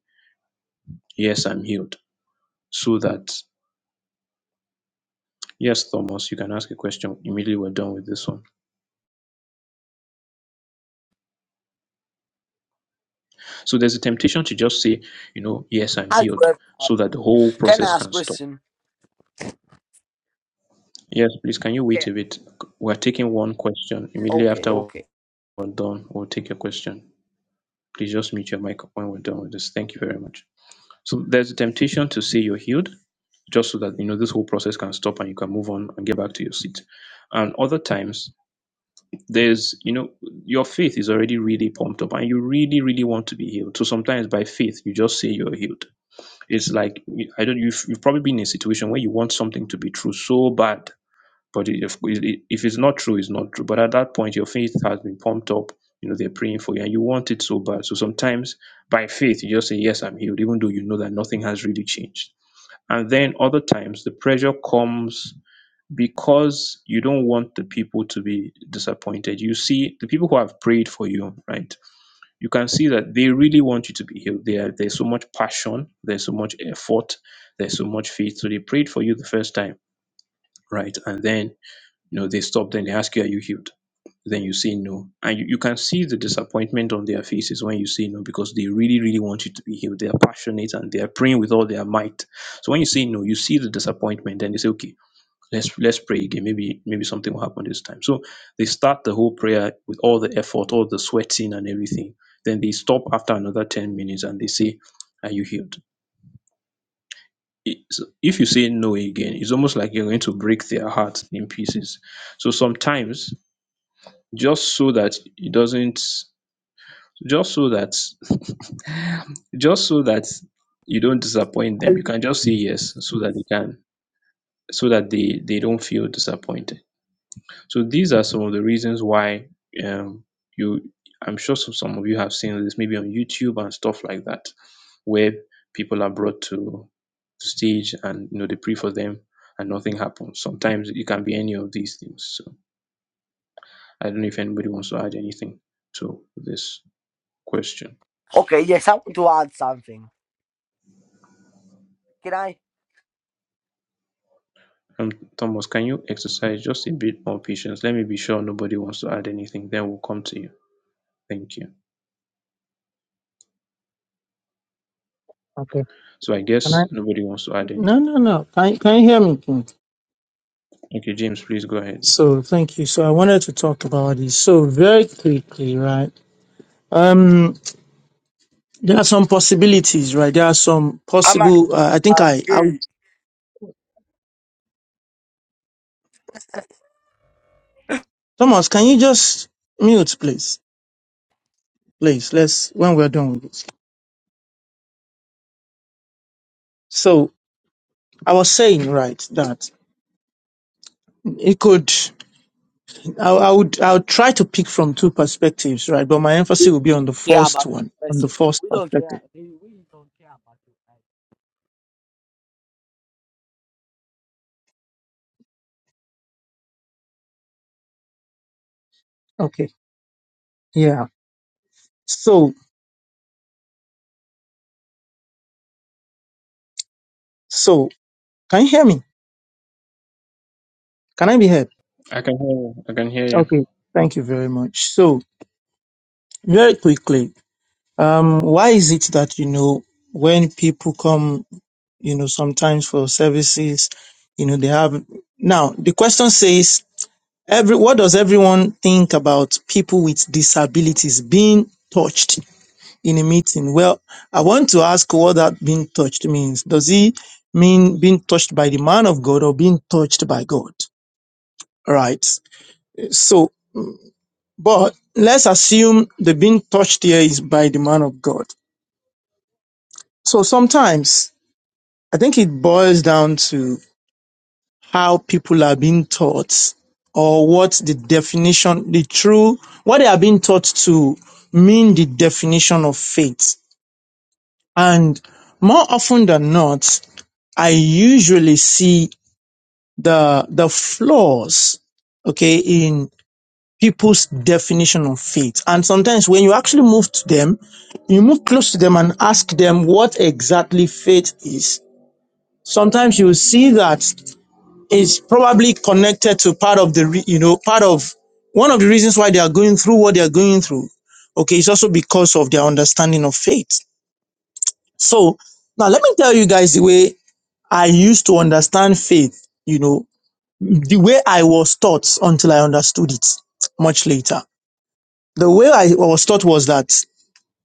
[SPEAKER 1] Yes, I'm healed. So that, yes, Thomas, you can ask a question. Immediately we're done with this one. So there's a temptation to just say, you know, yes, I'm
[SPEAKER 4] Hi to
[SPEAKER 1] healed, so
[SPEAKER 4] everyone.
[SPEAKER 1] that the whole
[SPEAKER 4] Can
[SPEAKER 1] process
[SPEAKER 4] I ask
[SPEAKER 1] can stop.
[SPEAKER 4] question?
[SPEAKER 1] Yes, please, can you
[SPEAKER 4] Okay,
[SPEAKER 1] wait a bit? We're taking one question. Immediately
[SPEAKER 4] okay,
[SPEAKER 1] after we're
[SPEAKER 4] okay.
[SPEAKER 1] done, we'll take your question. Please just mute your mic when we're done with this. Thank you very much. So there's a temptation to say you're healed, just so that you know this whole process can stop and you can move on and get back to your seat. And other times, there's you know your faith is already really pumped up and you really really want to be healed. So sometimes by faith you just say you're healed. It's like I don't you've, you've probably been in a situation where you want something to be true so bad but if if it's not true, it's not true. But at that point, your faith has been pumped up. You know, they're praying for you and you want it so bad. So sometimes by faith, you just say, Yes, I'm healed, even though you know that nothing has really changed. And then other times, the pressure comes because you don't want the people to be disappointed. You see, the people who have prayed for you, right? You can see that they really want you to be healed. They are, there's so much passion, there's so much effort, there's so much faith. So they prayed for you the first time, right? And then you know, they stop. Then they ask you, Are you healed? Then you say no. And you, you can see the disappointment on their faces when you say no because they really, really want you to be healed. They are passionate and they are praying with all their might. So when you say no, you see the disappointment and you say, Okay, let's let's pray again. Maybe maybe something will happen this time. So they start the whole prayer with all the effort, all the sweating and everything. Then they stop after another 10 minutes and they say, Are you healed? It's, if you say no again, it's almost like you're going to break their heart in pieces. So sometimes just so that it doesn't just so that (laughs) just so that you don't disappoint them you can just say
[SPEAKER 4] Mm.
[SPEAKER 1] yes so that they can so that they they don't feel disappointed so these are some of the reasons why um you i'm sure some, some of you have seen this maybe on youtube and stuff like that where people are brought to to stage and you know they pray for them and nothing happens sometimes it can be any of these things so i don't know if anybody wants to add anything to this Question.
[SPEAKER 4] Okay, yes, I want to add something. Can I?
[SPEAKER 1] Um, Thomas, can you exercise just a bit more patience? Let me be sure nobody wants to add anything, then we'll come to you. Thank you.
[SPEAKER 3] Okay.
[SPEAKER 1] So I
[SPEAKER 3] Can I?
[SPEAKER 1] guess nobody wants to add
[SPEAKER 3] No,
[SPEAKER 1] anything.
[SPEAKER 3] no, no. Can, can you hear me? King?
[SPEAKER 1] Okay, James, please go ahead.
[SPEAKER 3] So, thank you. So, I wanted to talk about this. So, very quickly, right? Um, there are some possibilities, right? There are some
[SPEAKER 4] I'm a
[SPEAKER 3] possible. Uh,
[SPEAKER 4] Christian,
[SPEAKER 3] I
[SPEAKER 4] but
[SPEAKER 3] think
[SPEAKER 4] I'm
[SPEAKER 3] I, I.
[SPEAKER 4] gay.
[SPEAKER 3] Thomas, can you just mute, please? Please, let's. When we're done with this. So I was saying, right, that it could, I, I would, I would try to pick from two perspectives, right? But my
[SPEAKER 4] We
[SPEAKER 3] emphasis will be on the
[SPEAKER 4] don't care
[SPEAKER 3] first
[SPEAKER 4] about your
[SPEAKER 3] one, on the
[SPEAKER 4] question.
[SPEAKER 3] first
[SPEAKER 4] We don't care.
[SPEAKER 3] perspective.
[SPEAKER 4] We we don't care about you.
[SPEAKER 3] Okay. Yeah. So, so can you hear me? Can I be heard?
[SPEAKER 1] I can hear you. I can hear you.
[SPEAKER 3] Okay. Thank you very much. So very quickly, um, why is it that, you know, when people come, you know, sometimes for services, you know, they have, now the question says Every what does everyone think about people with disabilities being touched in a meeting? Well, I want to ask what that being touched means. Does it mean being touched by the man of God or being touched by God? All Right. So, but let's assume the being touched here is by the man of God. So sometimes I think it boils down to how people are being taught or what the definition, the true, what they are being taught to mean the definition of faith. And more often than not, I usually see the, the flaws, okay, in people's definition of faith. And sometimes when you actually move to them, you move close to them and ask them what exactly faith is. Sometimes you will see that is probably connected to part of the re- you know part of one of the reasons why they are going through what they are going through okay it's also because of their understanding of faith so now let me tell you guys the way i used to understand faith you know the way i was taught until i understood it much later the way i was taught was that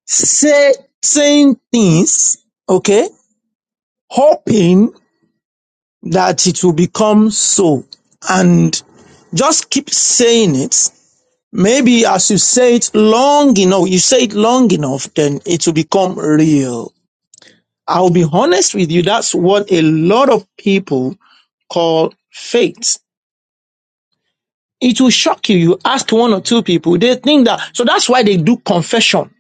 [SPEAKER 3] say saying things okay hoping that it will become so and just keep saying it Maybe as you say it long enough, you say it long enough, then it will become real. I'll be honest with you. That's what a lot of people call faith. It will shock you. You ask one or two people, they think that. So that's why they do confession.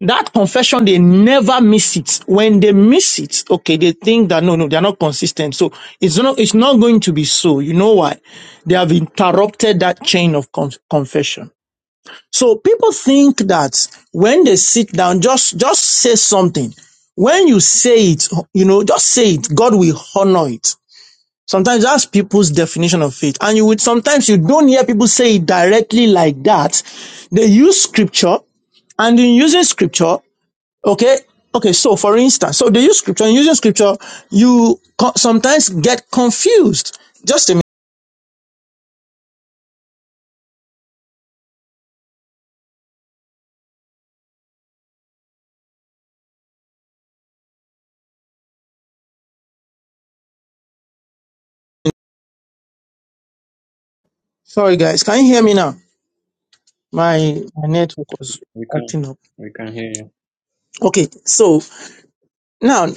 [SPEAKER 3] That confession, they never miss it. When they miss it, okay, they think that no, no, they're not consistent. So it's not, it's not going to be so. You know why? They have interrupted that chain of con- confession. So people think that when they sit down, just, just say something. When you say it, you know, just say it. God will honor it. Sometimes that's people's definition of faith. And you would sometimes you don't hear people say it directly like that. They use scripture and in using scripture, okay, okay. So for instance, so they use scripture and using scripture, you co- sometimes get confused. Just a minute. Sorry guys, can you hear me now? My, my network was
[SPEAKER 1] We can.
[SPEAKER 3] acting up.
[SPEAKER 1] We can hear you.
[SPEAKER 3] Okay, so Now,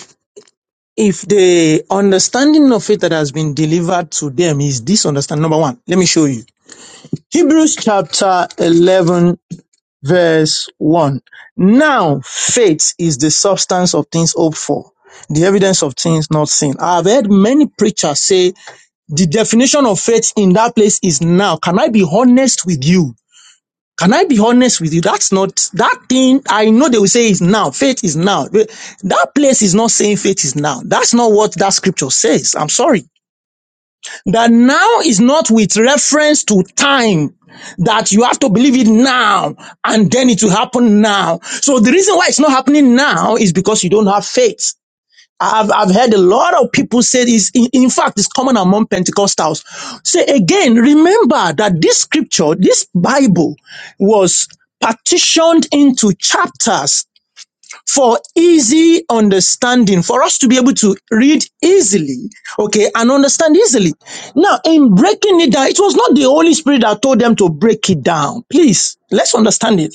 [SPEAKER 3] if the understanding of it that has been delivered to them is this understanding, number one, let me show you. Hebrews chapter 11, verse 1. Now, faith is the substance of things hoped for, the evidence of things not seen. I've heard many preachers say the definition of faith in that place is now. Can I be honest with you? Can I be honest with you? That's not that thing. I know they will say is now. Faith is now. But That place is not saying faith is now. That's not what that scripture says. I'm sorry. That now is not with reference to time. That you have to believe it now and then it will happen now. So the reason why it's not happening now is because you don't have faith. I've, I've heard a lot of people say this. In, in fact, it's common among Pentecostals. Say again, remember that this scripture, this Bible was partitioned into chapters for easy understanding, for us to be able to read easily, okay, and understand easily. Now, in breaking it down, it was not the Holy Spirit that told them to break it down. Please, let's understand it.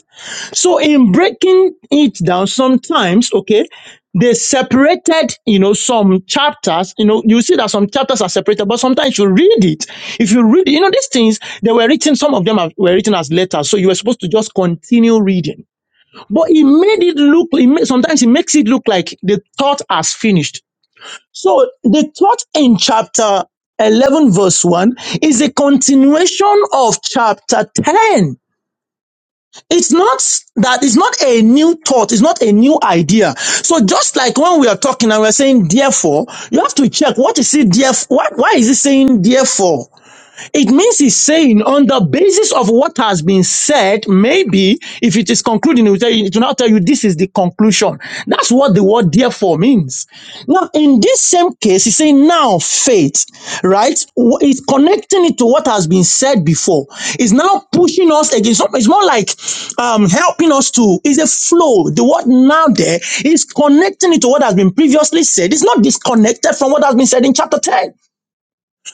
[SPEAKER 3] So in breaking it down, sometimes, okay, they separated, you know, some chapters, you know, you see that some chapters are separated, but sometimes you read it. If you read, you know, these things, they were written, some of them are, were written as letters. So you were supposed to just continue reading. But it made it look, it ma- sometimes it makes it look like the thought has finished. So the thought in chapter 11 verse 1 is a continuation of chapter 10 it's not that it's not a new thought, it's not a new idea. So just like when we are talking and we're saying therefore, you have to check what is it there what why is it saying therefore? It means he's saying, on the basis of what has been said, maybe if it is concluding, it will, tell you, it will now tell you this is the conclusion. That's what the word therefore means. Now, in this same case, he's saying now faith, right? Wh- It's connecting it to what has been said before. It's now pushing us against. It's more like um, helping us to. It's a flow. The word now there is connecting it to what has been previously said. It's not disconnected from what has been said in chapter 10.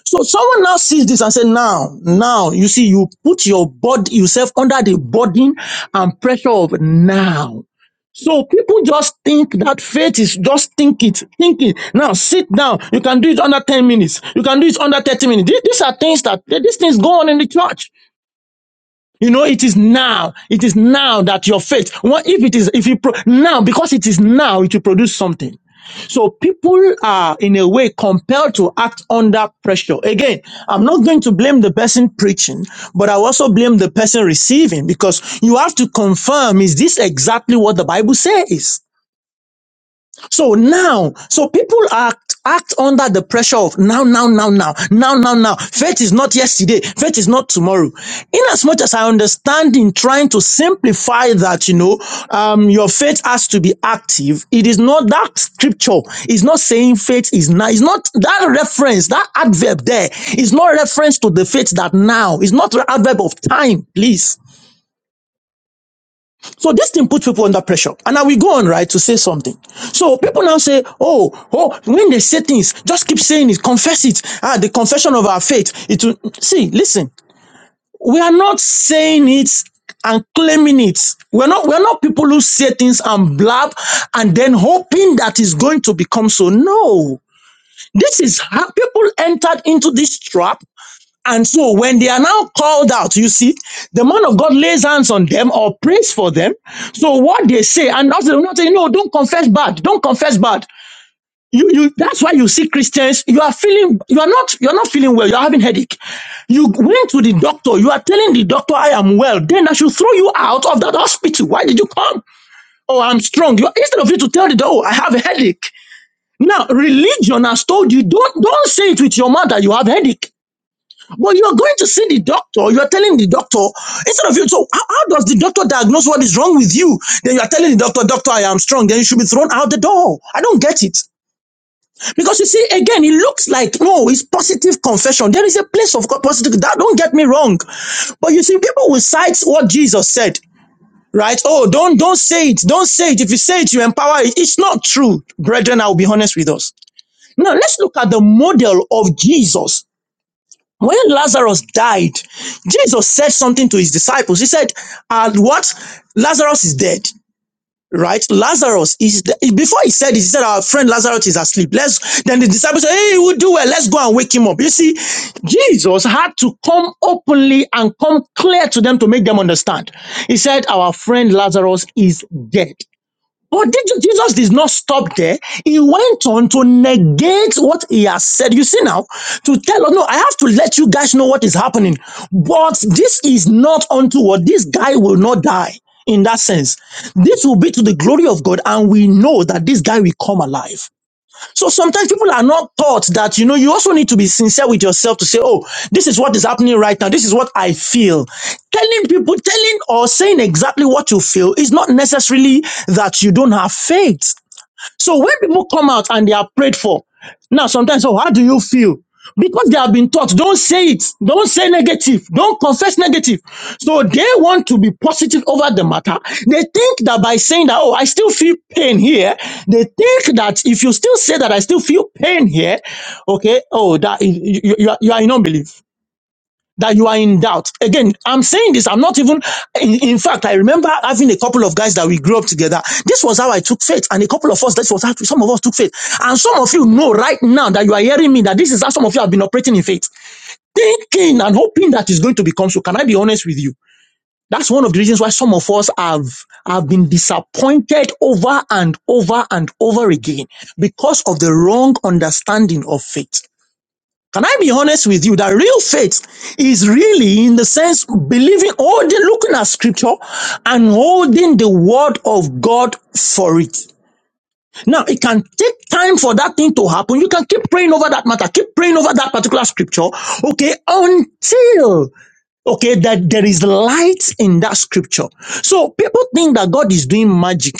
[SPEAKER 3] So someone now sees this and says, now, now, you see, you put your body, yourself under the burden and pressure of now. So people just think that faith is just think it, think it. Now sit down. You can do it under 10 minutes. You can do it under 30 minutes. These, these are things that, these things go on in the church. You know, it is now. It is now that your faith. What if it is? If you pro, now, because it is now, it will produce something. So people are in a way compelled to act under pressure. Again, I'm not going to blame the person preaching, but I also blame the person receiving because you have to confirm: is this exactly what the Bible says? So now, so people act act under the pressure of now, now, now, now, now, now, now. Faith is not yesterday. Faith is not tomorrow. In as much as I understand in trying to simplify that, you know, um, your faith has to be active. It is not that scripture It's not saying faith is now. It's not that reference, that adverb there is not reference to the faith that now. It's not the adverb of time, please. So this thing puts people under pressure. And now we go on, right, to say something. So people now say, oh, oh, when they say things, just keep saying it, confess it. Ah, the confession of our faith. It will, see, listen, we are not saying it and claiming it. We're not, we're not people who say things and blab and then hoping that it's going to become so. No. This is how people entered into this trap and so when they are now called out, you see, the man of God lays hands on them or prays for them. So what they say, and also they're not saying, no, don't confess bad, don't confess bad. You, you, that's why you see Christians, you are feeling, you are not, you are not feeling well, you are having headache. You went to the doctor, you are telling the doctor, I am well. Then I should throw you out of that hospital. Why did you come? Oh, I'm strong. You, instead of you to tell the doctor, oh, I have a headache. Now, religion has told you, don't, don't say it with your mouth that you have a headache. But you're going to see the doctor, you're telling the doctor, instead of you, so how, how does the doctor diagnose what is wrong with you? Then you're telling the doctor, doctor, I am strong, then you should be thrown out the door. I don't get it. Because you see, again, it looks like, no, it's positive confession. There is a place of positive, that, don't get me wrong. But you see, people will cite what Jesus said. Right? Oh, don't don't say it. Don't say it. If you say it, you empower it. It's not true, brethren. I'll be honest with us. Now let's look at the model of Jesus when Lazarus died, Jesus said something to his disciples. He said, "And what? Lazarus is dead, right? Lazarus is, de- before he said it, he said, our friend Lazarus is asleep. Let's, then the disciples said, hey, we'll do well. Let's go and wake him up. You see, Jesus had to come openly and come clear to them to make them understand. He said, our friend Lazarus is dead. But did you- Jesus did not stop there. He went on to negate what he has said. You see now, to tell us, no, I have to let you guys know what is happening. But this is not unto what this guy will not die in that sense. This will be to the glory of God, and we know that this guy will come alive. So sometimes people are not taught that, you know, you also need to be sincere with yourself to say, oh, this is what is happening right now. This is what I feel. Telling people, telling or saying exactly what you feel is not necessarily that you don't have faith. So when people come out and they are prayed for, now sometimes, oh, how do you feel? Because they have been taught, don't say it, don't say negative, don't confess negative. So they want to be positive over the matter. They think that by saying that, oh, I still feel pain here, they think that if you still say that I still feel pain here, okay, oh, that you, you, you are you are in unbelief that you are in doubt. Again, I'm saying this. I'm not even. In, in fact, I remember having a couple of guys that we grew up together. This was how I took faith, and a couple of us. This was how some of us took faith, and some of you know right now that you are hearing me that this is how some of you have been operating in faith, thinking and hoping that it's going to become so. Can I be honest with you? That's one of the reasons why some of us have have been disappointed over and over and over again because of the wrong understanding of faith. Can I be honest with you that real faith is really in the sense believing, holding, looking at scripture and holding the word of God for it. Now, it can take time for that thing to happen. You can keep praying over that matter, keep praying over that particular scripture, okay, until okay that there is light in that scripture so people think that god is doing magic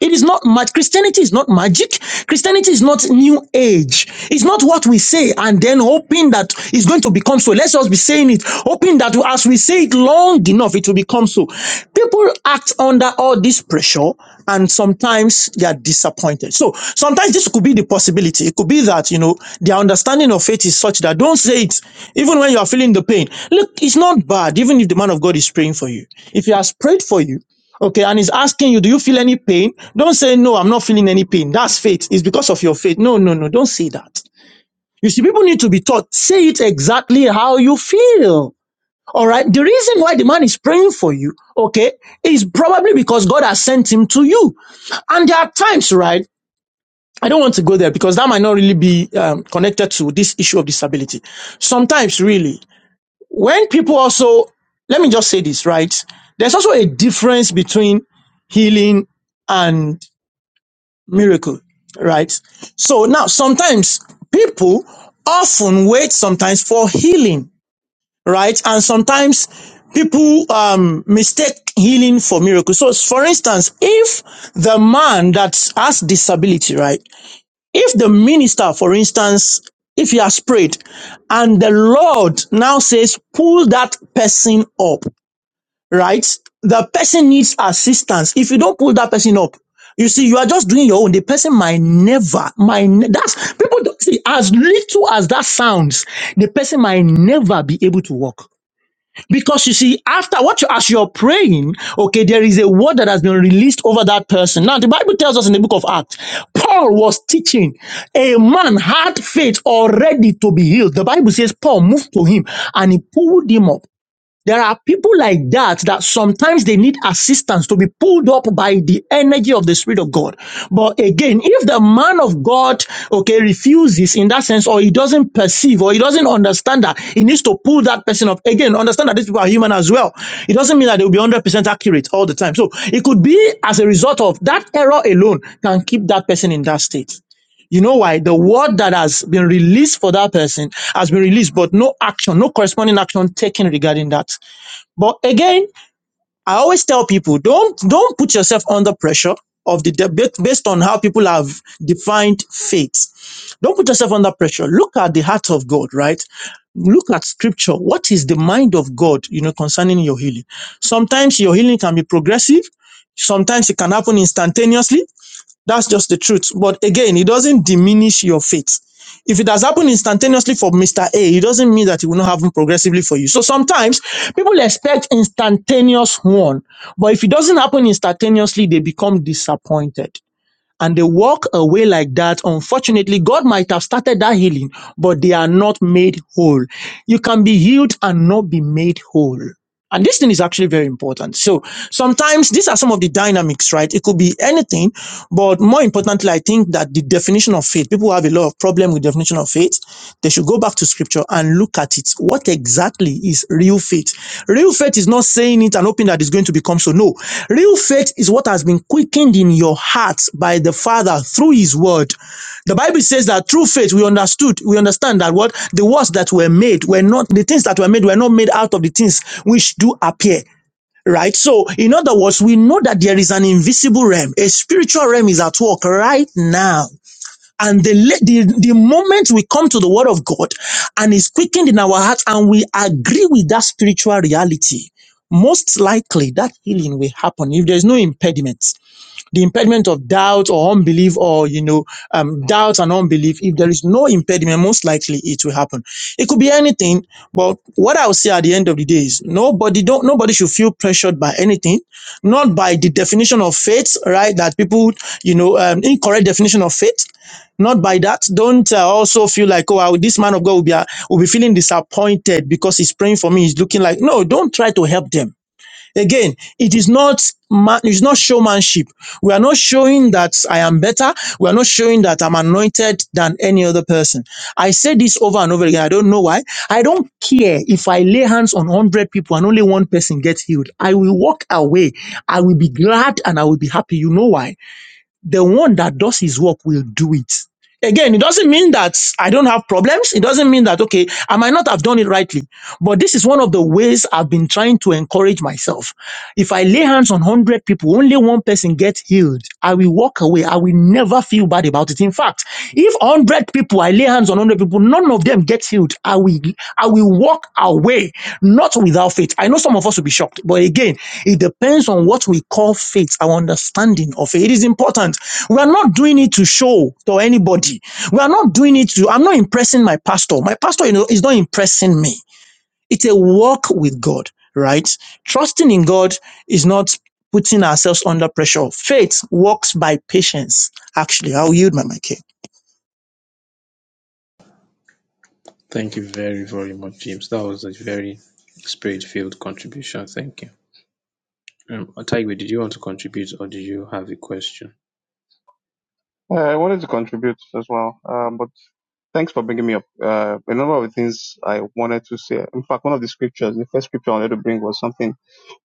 [SPEAKER 3] it is not much. Christianity is not magic. Christianity is not new age. It's not what we say and then hoping that it's going to become so. Let's just be saying it, hoping that as we say it long enough, it will become so. People act under all this pressure and sometimes they are disappointed. So sometimes this could be the possibility. It could be that, you know, their understanding of faith is such that don't say it, even when you are feeling the pain. Look, it's not bad, even if the man of God is praying for you. If he has prayed for you, Okay, and he's asking you, do you feel any pain? Don't say, no, I'm not feeling any pain. That's faith. It's because of your faith. No, no, no, don't say that. You see, people need to be taught, say it exactly how you feel. All right. The reason why the man is praying for you, okay, is probably because God has sent him to you. And there are times, right? I don't want to go there because that might not really be um, connected to this issue of disability. Sometimes, really, when people also let me just say this right there's also a difference between healing and miracle right so now sometimes people often wait sometimes for healing right and sometimes people um mistake healing for miracle so for instance if the man that has disability right if the minister, for instance, if he has prayed and the Lord now says, pull that person up, right? The person needs assistance. If you don't pull that person up, you see, you are just doing your own. The person might never, might, ne- that's, people don't see, as little as that sounds, the person might never be able to walk. Because you see, after what you as you're praying, okay, there is a word that has been released over that person. Now, the Bible tells us in the book of Acts, Paul was teaching a man had faith already to be healed. The Bible says Paul moved to him and he pulled him up. There are people like that that sometimes they need assistance to be pulled up by the energy of the Spirit of God. But again, if the man of God, okay, refuses in that sense, or he doesn't perceive, or he doesn't understand that, he needs to pull that person up. Again, understand that these people are human as well. It doesn't mean that they will be 100% accurate all the time. So it could be as a result of that error alone can keep that person in that state. You know why? The word that has been released for that person has been released, but no action, no corresponding action taken regarding that. But again, I always tell people don't don't put yourself under pressure of the debate based on how people have defined faith. Don't put yourself under pressure. Look at the heart of God, right? Look at scripture. What is the mind of God, you know, concerning your healing? Sometimes your healing can be progressive. Sometimes it can happen instantaneously that's just the truth. But again, it doesn't diminish your faith. If it has happened instantaneously for Mr. A, it doesn't mean that it will not happen progressively for you. So sometimes people expect instantaneous one, but if it doesn't happen instantaneously, they become disappointed and they walk away like that. Unfortunately, God might have started that healing, but they are not made whole. You can be healed and not be made whole. And this thing is actually very important. So sometimes these are some of the dynamics, right? It could be anything, but more importantly, I think that the definition of faith, people have a lot of problem with definition of faith. They should go back to scripture and look at it. What exactly is real faith? Real faith is not saying it and hoping that it's going to become so. No. Real faith is what has been quickened in your heart by the Father through his word the Bible says that through faith we understood, we understand that what the words that were made were not the things that were made were not made out of the things which do appear. Right? So, in other words, we know that there is an invisible realm. A spiritual realm is at work right now. And the, the, the moment we come to the word of God and is quickened in our hearts and we agree with that spiritual reality, most likely that healing will happen if there's no impediment the impediment of doubt or unbelief or you know um, doubt and unbelief if there is no impediment most likely it will happen it could be anything but what i will say at the end of the day is nobody don't nobody should feel pressured by anything not by the definition of faith right that people you know um, incorrect definition of faith not by that don't uh, also feel like oh I- this man of god will be uh, will be feeling disappointed because he's praying for me he's looking like no don't try to help them Again, it is not man, it's not showmanship. We are not showing that I am better. We are not showing that I'm anointed than any other person. I say this over and over again. I don't know why. I don't care if I lay hands on 100 people and only one person gets healed. I will walk away. I will be glad and I will be happy. You know why? the one that does his work will do it. Again, it doesn't mean that I don't have problems. It doesn't mean that, okay, I might not have done it rightly. But this is one of the ways I've been trying to encourage myself. If I lay hands on 100 people, only one person gets healed, I will walk away. I will never feel bad about it. In fact, if 100 people, I lay hands on 100 people, none of them gets healed, I will, I will walk away, not without faith. I know some of us will be shocked. But again, it depends on what we call faith, our understanding of it. It is important we are not doing it to show to anybody. We are not doing it to, I'm not impressing my pastor. My pastor, you know, is not impressing me. It's a walk with God, right? Trusting in God is not putting ourselves under pressure. Faith works by patience. Actually, I'll yield my mic here.
[SPEAKER 1] Thank you very, very much, James. That was a very spirit filled contribution. Thank you. Um, Taigwe, did you want to contribute or did you have a question?
[SPEAKER 5] Uh, I wanted to contribute as well, um, but thanks for bringing me up. Uh, a number of the things I wanted to say. In fact, one of the scriptures, the first scripture I wanted to bring was something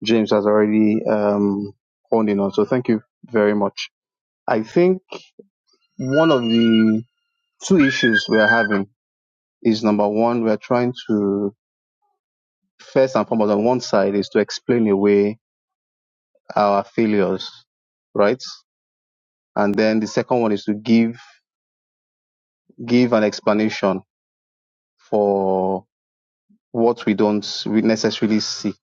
[SPEAKER 5] James has already um, honed in on. So thank you very much. I think one of the two issues we are having is number one, we are trying to first and foremost on one side is to explain away our failures, right? And then the second one is to give give an explanation for what we don't we necessarily see.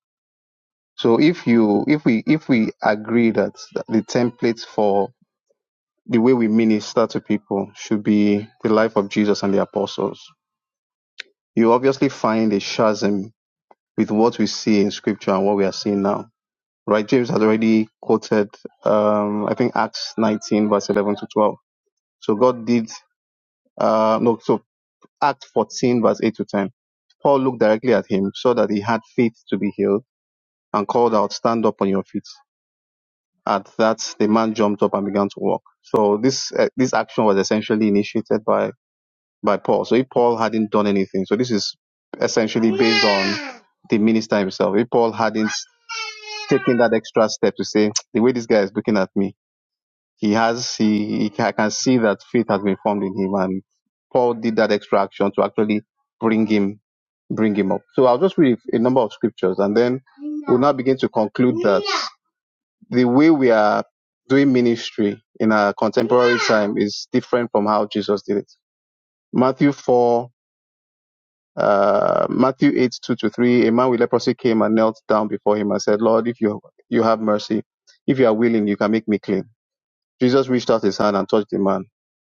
[SPEAKER 5] So if you if we if we agree that the template for the way we minister to people should be the life of Jesus and the apostles, you obviously find a chasm with what we see in scripture and what we are seeing now. Right? James has already quoted um I think Acts nineteen verse eleven to twelve. So God did uh no so Acts fourteen verse eight to ten. Paul looked directly at him, saw that he had faith to be healed, and called out, Stand up on your feet. At that, the man jumped up and began to walk. So this uh, this action was essentially initiated by by Paul. So if Paul hadn't done anything, so this is essentially based on the minister himself. If Paul hadn't taken that extra step to say (tsk) the way this guy is looking at me, he has he, he I can see that faith has been formed in him, and Paul did that extra action to actually bring him bring him up. So I'll just read a number of scriptures, and then we'll now begin to conclude that the way we are doing ministry in our contemporary time is different from how Jesus did it. Matthew 4, uh, Matthew 8, 2 to 3, a man with leprosy came and knelt down before him and said, Lord, if you, you have mercy, if you are willing, you can make me clean. Jesus reached out his hand and touched the man.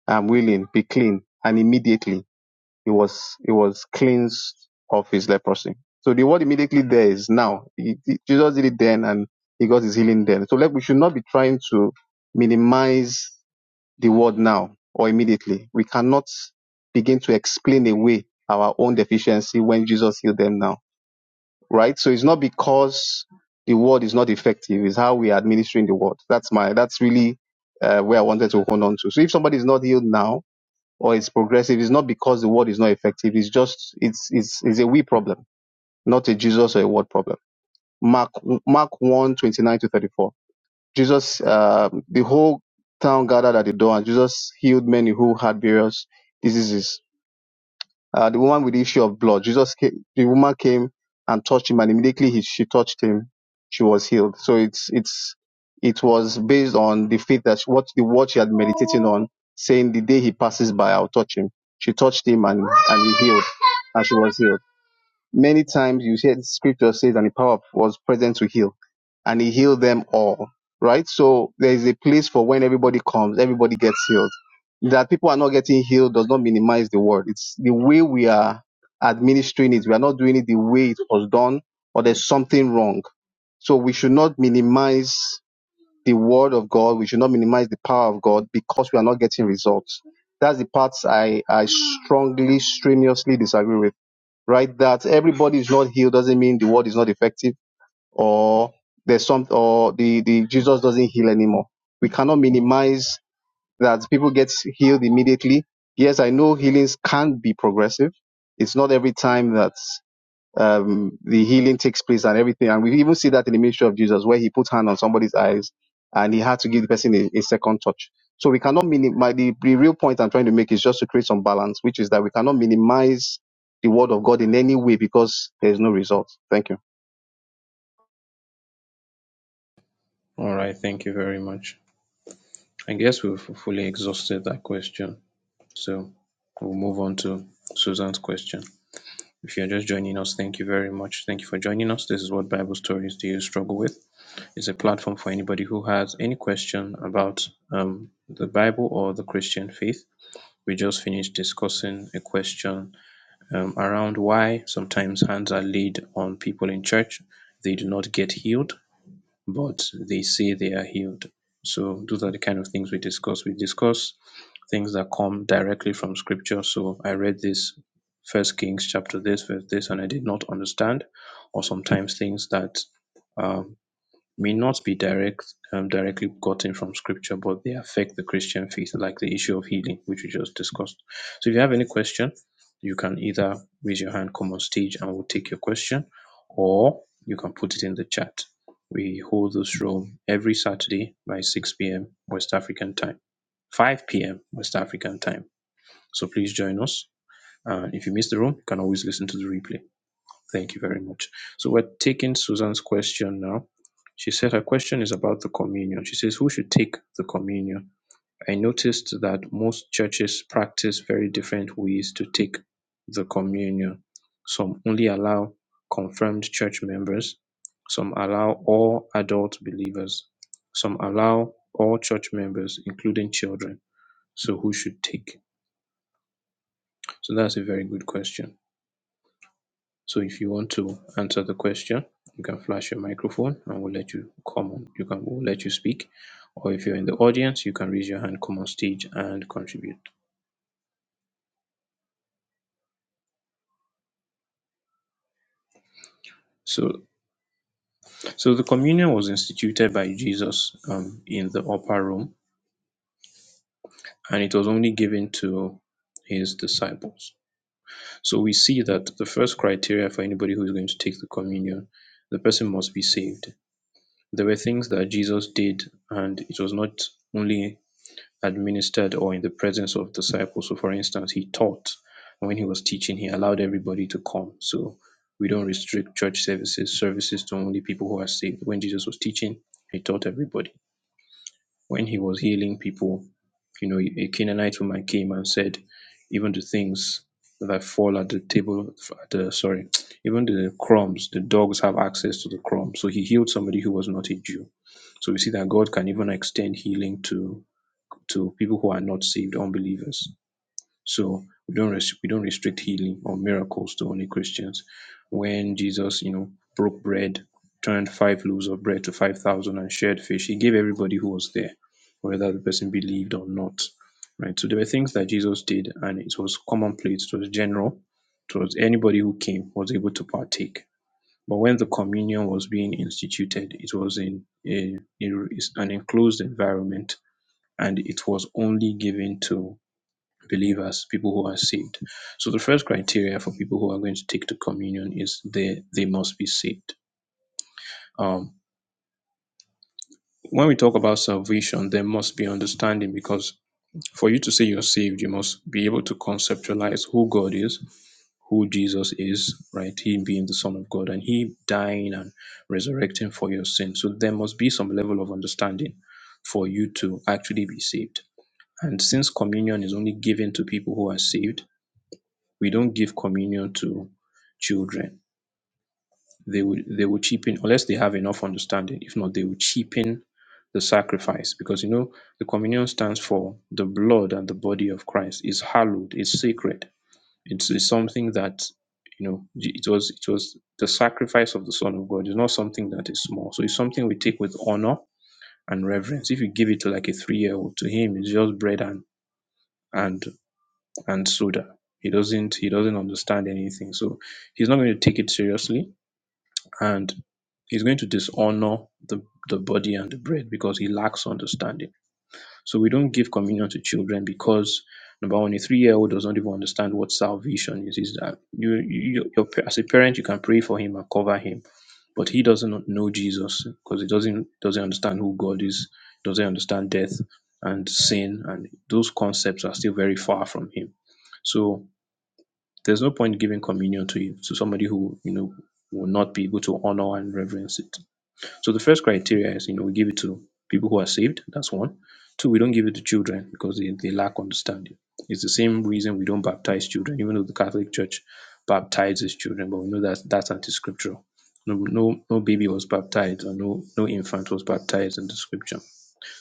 [SPEAKER 5] I'm willing, be clean. And immediately he was he was cleansed of his leprosy. So the word immediately there is now. He- he- Jesus did it then, and he got his healing then. So like we should not be trying to minimize the word now or immediately. We cannot begin to explain away our own deficiency when Jesus healed them now, right? So it's not because the word is not effective; it's how we are administering the word. That's my that's really uh, where I wanted to hold on to. So if somebody is not healed now or it's progressive is not because the word is not effective. It's just it's it's it's a we problem, not a Jesus or a word problem. Mark Mark one twenty nine to thirty four. Jesus, um the whole town gathered at the door, and Jesus healed many who had various diseases uh, the woman with the issue of blood. Jesus came, the woman came and touched him, and immediately he, she touched him, she was healed. So it's it's it was based on the faith that she- what the word she had meditating on, saying the day he passes by, I'll touch him. She touched him and and he healed, and she was healed. Many times you hear the scripture says, and the power was present to heal and he healed them all. Right? So there is a place for when everybody comes, everybody gets healed. That people are not getting healed does not minimize the word. It's the way we are administering it. We are not doing it the way it was done, or there's something wrong. So we should not minimize the word of God. We should not minimize the power of God because we are not getting results. That's the part I, I strongly, strenuously disagree with. Right? That everybody is not healed doesn't mean the word is not effective or there's some or the, the Jesus doesn't heal anymore. We cannot minimize that people get healed immediately. Yes, I know healings can be progressive. It's not every time that um, the healing takes place and everything. And we even see that in the ministry of Jesus where he put hand on somebody's eyes and he had to give the person a, a second touch. So we cannot minimize the, the real point I'm trying to make is just to create some balance, which is that we cannot minimize the word of God in any way because there is no result. Thank you.
[SPEAKER 1] All right. Thank you very much. I guess we've fully exhausted that question. So we'll move on to Susan's question. If you're just joining us, thank you very much. Thank you for joining us. This is what Bible Stories Do You Struggle With? It's a platform for anybody who has any question about um, the Bible or the Christian faith. We just finished discussing a question um, around why sometimes hands are laid on people in church. They do not get healed, but they say they are healed. So those are the kind of things we discuss. We discuss things that come directly from scripture. So I read this First Kings chapter this verse this, and I did not understand, or sometimes things that um, may not be direct um, directly gotten from scripture, but they affect the Christian faith, like the issue of healing, which we just discussed. So if you have any question, you can either raise your hand, come on stage, and we'll take your question, or you can put it in the chat. We hold this room every Saturday by 6 p.m. West African time, 5 p.m. West African time. So please join us. And if you miss the room, you can always listen to the replay. Thank you very much. So we're taking Susan's question now. She said her question is about the communion. She says, Who should take the communion? I noticed that most churches practice very different ways to take the communion. Some only allow confirmed church members, some allow all adult believers, some allow all church members, including children. So, who should take? So, that's a very good question. So if you want to answer the question, you can flash your microphone and we'll let you come on. You can we'll let you speak. Or if you're in the audience, you can raise your hand, come on stage and contribute. So so the communion was instituted by Jesus um, in the upper room and it was only given to his disciples. So we see that the first criteria for anybody who is going to take the communion, the person must be saved. There were things that Jesus did and it was not only administered or in the presence of disciples. So for instance, he taught. and When he was teaching, he allowed everybody to come. So we don't restrict church services, services to only people who are saved. When Jesus was teaching, he taught everybody. When he was healing people, you know, a Canaanite woman came and said, even the things that fall at the table, at the sorry, even the crumbs, the dogs have access to the crumbs. So he healed somebody who was not a Jew. So we see that God can even extend healing to to people who are not saved, unbelievers. So we don't res- we don't restrict healing or miracles to only Christians. When Jesus, you know, broke bread, turned five loaves of bread to five thousand, and shared fish, he gave everybody who was there, whether the person believed or not. Right. So there were things that Jesus did, and it was commonplace. It was general. It was anybody who came was able to partake. But when the communion was being instituted, it was in a, in an enclosed environment and it was only given to believers, people who are saved. So the first criteria for people who are going to take the communion is they they must be saved. Um, when we talk about salvation, there must be understanding because for you to say you're saved, you must be able to conceptualize who God is, who Jesus is, right? Him being the Son of God and He dying and resurrecting for your sin. So there must be some level of understanding for you to actually be saved. And since communion is only given to people who are saved, we don't give communion to children. They will they will cheapen unless they have enough understanding. If not, they will cheapen the sacrifice because you know the communion stands for the blood and the body of Christ. It's hallowed. It's sacred. It's, it's something that you know j- it was it was the sacrifice of the Son of God. It's not something that is small. So it's something we take with honor and reverence. If you give it to like a three year old, to him it's just bread and and and soda. He doesn't he doesn't understand anything. So he's not going to take it seriously and he's going to dishonor the, the body and the bread because he lacks understanding. So we don't give communion to children because number one, a three-year-old does not even understand what salvation is. Is that you, you your, as a parent you can pray for him and cover him, but he doesn't know Jesus because he doesn't doesn't understand who God is, doesn't understand death and sin, and those concepts are still very far from him. So there's no point giving communion to you to somebody who you know will not be able to honor and reverence it. So the first criteria is you know we give it to people who are saved. That's one. Two, we don't give it to children because they, they lack understanding. It's the same reason we don't baptize children, even though the Catholic Church baptizes children, but we know that that's anti-scriptural. No, no, no baby was baptized, or no, no infant was baptized in the scripture.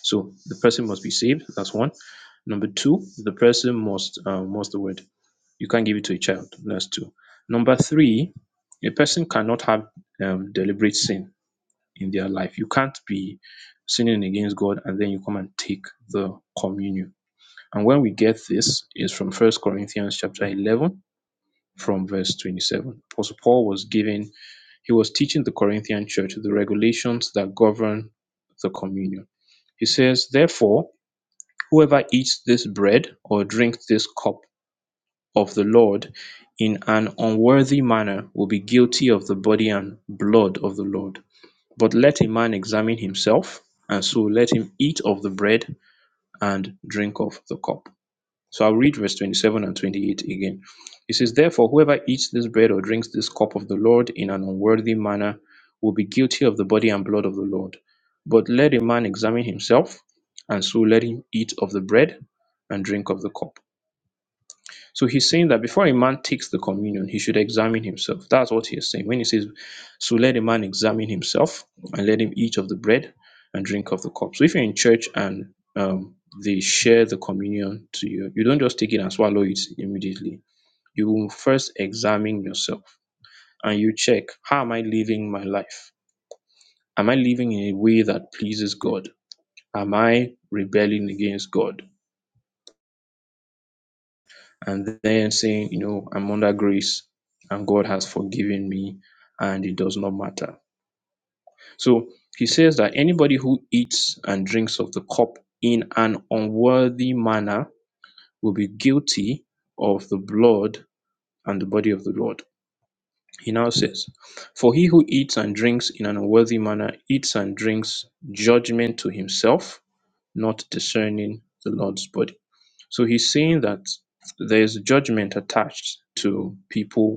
[SPEAKER 1] So the person must be saved. That's one. Number two, the person must, um, what's the word? You can't give it to a child. That's two. Number three, a person cannot have um, deliberate sin in their life. You can't be sinning against God and then you come and take the communion. And when we get this is from First Corinthians chapter 11 from verse 27. Apostle Paul was giving, he was teaching the Corinthian church the regulations that govern the communion. He says, Therefore, whoever eats this bread or drinks this cup of the Lord in an unworthy manner will be guilty of the body and blood of the Lord. But let a man examine himself, and so let him eat of the bread and drink of the cup. So I'll read verse 27 and 28 again. It says, Therefore, whoever eats this bread or drinks this cup of the Lord in an unworthy manner will be guilty of the body and blood of the Lord. But let a man examine himself, and so let him eat of the bread and drink of the cup. So he's saying that before a man takes the communion, he should examine himself. That's what he is saying. When he says, So let a man examine himself and let him eat of the bread and drink of the cup. So if you're in church and um, they share the communion to you, you don't just take it and swallow it immediately. You will first examine yourself and you check, How am I living my life? Am I living in a way that pleases God? Am I rebelling against God? and then saying, you know, I'm under grace and God has forgiven me and it does not matter. So he says that anybody who eats and drinks of the cup in an unworthy manner will be guilty of the blood and the body of the Lord. He now says, For he who eats and drinks in an unworthy manner eats and drinks judgment to himself, not discerning the Lord's body. So he's saying that there's judgment attached to people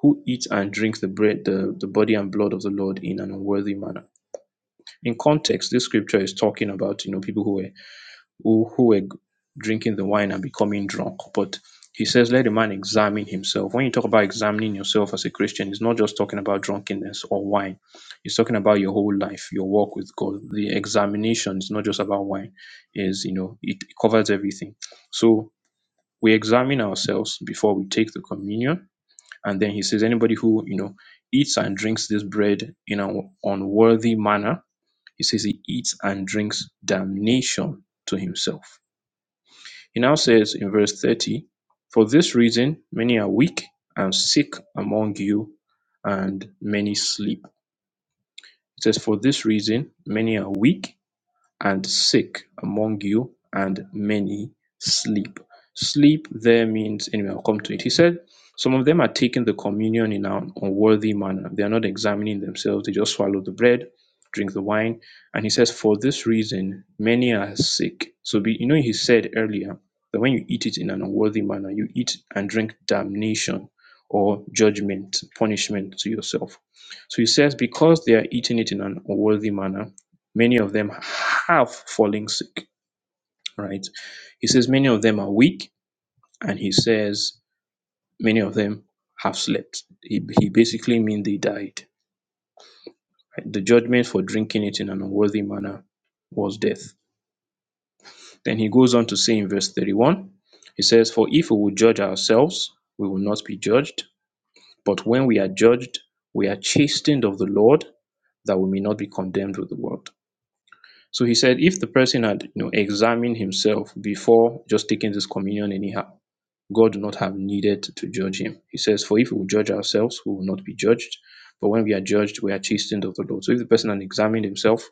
[SPEAKER 1] who eat and drink the bread, the, the body and blood of the Lord in an unworthy manner. In context, this scripture is talking about you know people who were who, who were drinking the wine and becoming drunk. But he says, let a man examine himself. When you talk about examining yourself as a Christian, it's not just talking about drunkenness or wine. It's talking about your whole life, your walk with God. The examination is not just about wine. Is you know it covers everything. So we examine ourselves before we take the communion and then he says, anybody who, you know, eats and drinks this bread in an unworthy manner, he says he eats and drinks damnation to himself. He now says in verse 30, for this reason, many are weak and sick among you, and many sleep. It says, for this reason, many are weak and sick among you, and many sleep. Sleep there means, anyway, I'll come to it. He said, Some of them are taking the communion in an unworthy manner. They are not examining themselves, they just swallow the bread, drink the wine. And he says, For this reason, many are sick. So, be, you know, he said earlier that when you eat it in an unworthy manner, you eat and drink damnation or judgment, punishment to yourself. So he says, Because they are eating it in an unworthy manner, Many of them have fallen sick, right? He says many of them are weak, and he says many of them have slept. He, he basically means they died. right? The judgment for drinking it in an unworthy manner was death. Then he goes on to say in verse 31, he says, For if we would judge ourselves, we will not be judged. But when we are judged, we are chastened of the Lord, that we may not be condemned with the world. So he said, if the person had you know, examined himself before just taking this communion anyhow, God would not have needed to judge him. He says, for if we judge ourselves, we will not be judged. But when we are judged, we are chastened of the Lord. So if the person had examined himself,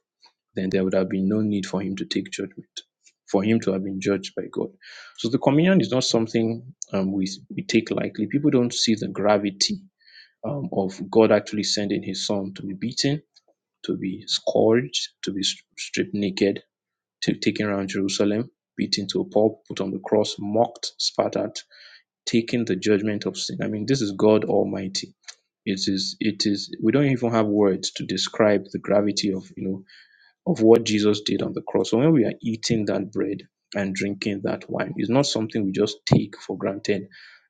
[SPEAKER 1] then there would have been no need for him to take judgment, for him to have been judged by God. So the communion is not something um, we, we take lightly. People don't see the gravity um, of God actually sending his son to be beaten, to be scourged, to be stripped naked taken around Jerusalem, beaten to a pulp, put on the cross, mocked, spat at, taking the judgment of sin. I mean, this is God Almighty. It is, it is, we don't even have words to describe the gravity of, you know, of what Jesus did on the cross. So when we are eating that bread and drinking that wine, it's not something we just take for granted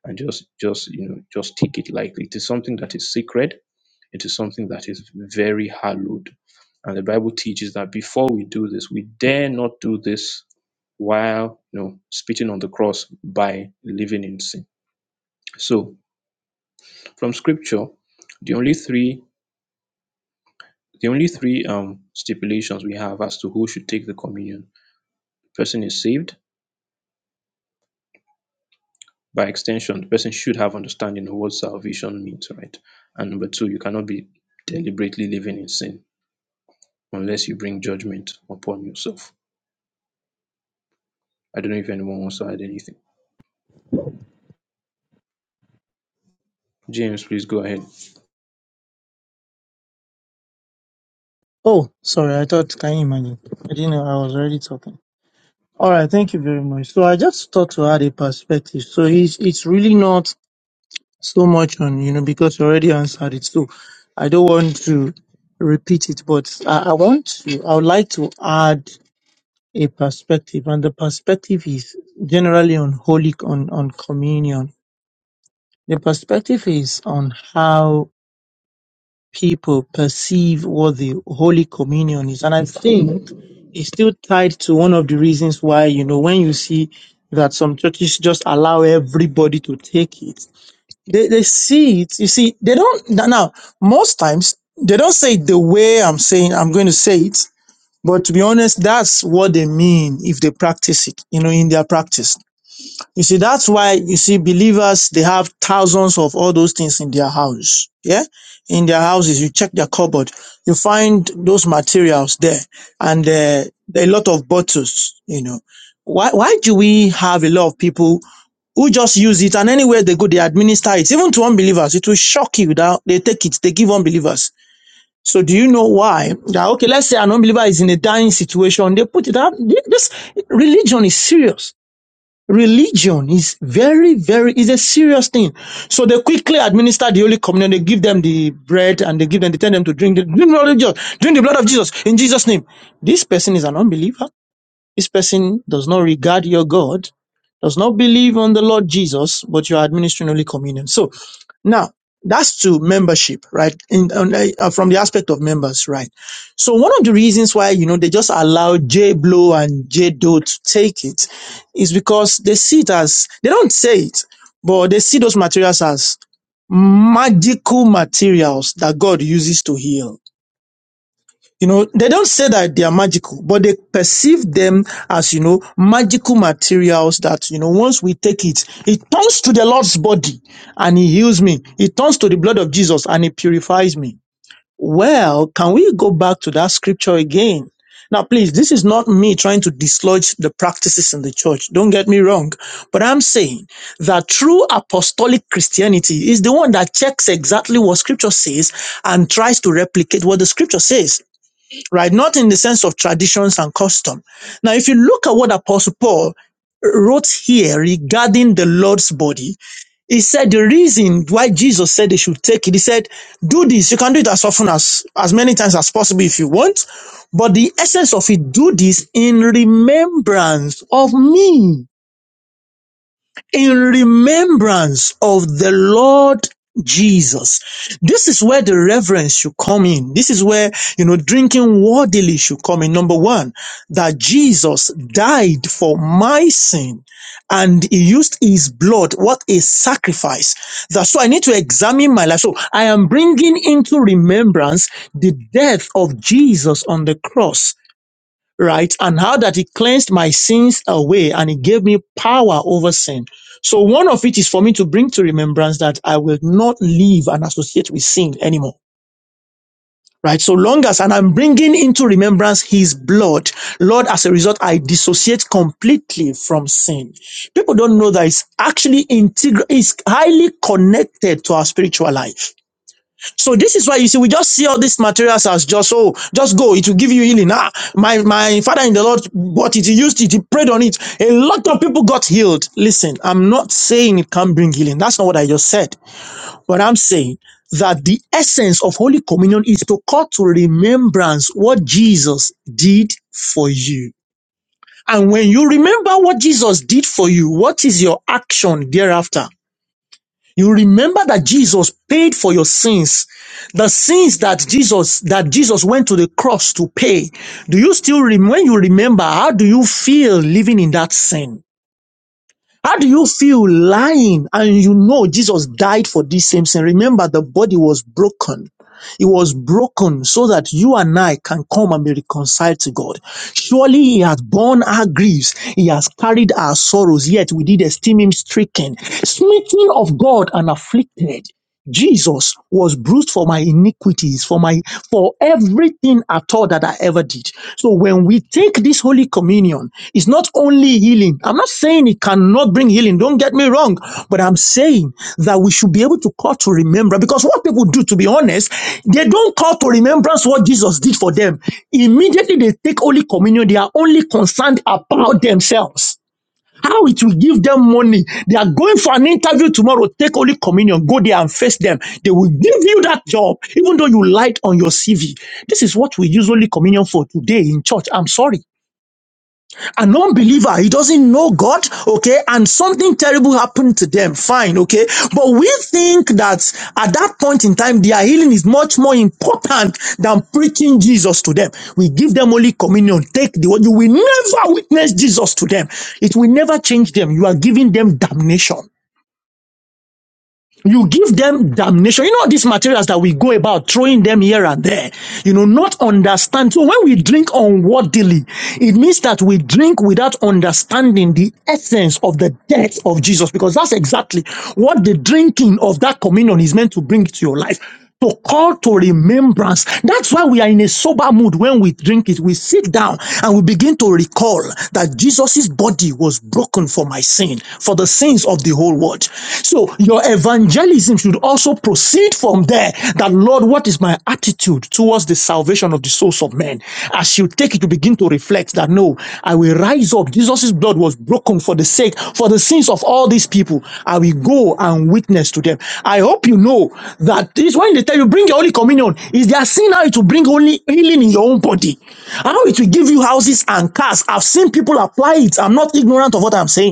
[SPEAKER 1] and just, just, you know, just take it lightly. It is something that is sacred. It is something that is very hallowed. And the Bible teaches that before we do this, we dare not do this while you know spitting on the cross by living in sin. So from scripture, the only three the only three um stipulations we have as to who should take the communion. Person is saved. By extension, the person should have understanding of what salvation means, right? And number two, you cannot be deliberately living in sin unless you bring judgment upon yourself. I don't know if anyone wants to add anything. James, please go ahead.
[SPEAKER 3] Oh, sorry. I thought, can you imagine? I didn't know I was already talking. All right. Thank you very much. So I just thought to add a perspective. So he's saying, you see that some churches just allow everybody to take it. they, they see it. You see, they don't now. Most times they don't say it the way I'm saying. I'm going to say it, but to be honest, that's what they mean if they practice it. You know, in their practice. You see, that's why you see believers, they have thousands of all those things in their house. Yeah. In their houses, you check their cupboard, you find those materials there and uh, a lot of bottles, you know. Why, why do we have a lot of people who just use it and anywhere they go, they administer it, even to unbelievers. It will shock you that they take it, they give unbelievers. So do you know why? That, okay, let's say an unbeliever is in a dying situation. They put it out. This religion is serious. Religion is very, very is a serious thing. So they quickly administer the Holy Communion. They give them the bread and they give them, they tell them to drink the drink the blood of Jesus, drink the blood of Jesus in Jesus' name. This person is an unbeliever. This person does not regard your God does not believe on the Lord Jesus, but you are administering Holy Communion. So now that's to membership, right? In, on, uh, from the aspect of members, right? So one of the reasons why, you know, they just allow J Blow and J Doe to take it is because they see it as, they don't say it, but they see those materials as magical materials that God uses to heal you know, they don't say that they are magical, but they perceive them as, you know, magical materials that, you know, once we take it, it turns to the Lord's body and he heals me. It turns to the blood of Jesus and it purifies me. Well, can we go back to that scripture again? Now, please, this is not me trying to dislodge the practices in the church. Don't get me wrong. But I'm saying that true apostolic Christianity is the one that checks exactly what scripture says and tries to replicate what the scripture says right? Not in the sense of traditions and custom. Now, if you look at what Apostle Paul wrote here regarding the Lord's body, he said the reason why Jesus said they should take it, he said, do this. You can do it as often as, as many times as possible if you want. But the essence of it, do this in remembrance of me in remembrance of the Lord Jesus. This is where the reverence should come in. This is where, you know, drinking worthily should come in. Number one, that Jesus died for my sin and he used his blood. What a sacrifice. That's why I need to examine my life. So I am bringing into remembrance the death of Jesus on the cross right? And how that he cleansed my sins away and he gave me power over sin. So one of it is for me to bring to remembrance that I will not live and associate with sin anymore. Right. So long as, and I'm bringing into remembrance his blood. Lord, as a result, I dissociate completely from sin. People don't know that it's actually integral, it's highly connected to our spiritual life so this is why you see, we just see all these materials as just oh, just go, it will give you healing. Ah, my my father in the Lord bought it, he used it, he prayed on it. A lot of people got healed. Listen, I'm not saying it can't bring healing. That's not what I just said. But I'm saying that the essence of Holy Communion is to call to remembrance what Jesus did for you. And when you remember what Jesus did for you, what is your action thereafter? You remember that Jesus paid for your sins, the sins that Jesus that Jesus went to the cross to pay. Do you still rem- when you remember? How do you feel living in that sin? How do you feel lying and you know Jesus died for this same sin? Remember, the body was broken. It was broken so that you and I can come and be reconciled to God. Surely he has borne our griefs. He has carried our sorrows. Yet we did esteem him stricken, smitten of God and afflicted. Jesus was bruised for my iniquities, for my for everything at all that I ever did. So when we take this holy communion, it's not only healing. I'm not saying it cannot bring healing, don't get me wrong, but I'm saying that we should be able to call to remember because what people do, to be honest, they don't call to remembrance what Jesus did for them. Immediately they take holy communion, they are only concerned about themselves. How it will give them money. They are going for an interview tomorrow. Take Holy Communion. Go there and face them. They will give you that job, even though you lied on your CV. This is what we use Holy Communion for today in church. I'm sorry a non-believer he doesn't know god okay and something terrible happened to them fine okay but we think that at that point in time their healing is much more important than preaching jesus to them we give them holy communion take the word you will never witness jesus to them it will never change them you are giving them damnation you give them damnation. You know these materials that we go about throwing them here and there. You know, not understand. So when we drink unworthily, it means that we drink without understanding the essence of the death of Jesus, because that's exactly what the drinking of that communion is meant to bring to your life to call to remembrance. That's why we are in a sober mood when we drink it. We sit down and we begin to recall that Jesus' body was broken for my sin, for the sins of the whole world. So your evangelism should also proceed from there that, Lord, what is my attitude towards the salvation of the souls of men? As you take it, you begin to reflect that no, I will rise up. Jesus' blood was broken for the sake, for the sins of all these people. I will go and witness to them. I hope you know that this when they tell you bring your Holy Communion, is their sin how it will bring only healing in your own body? How it will give you houses and cars. I've seen people apply it. I'm not ignorant of what I'm saying.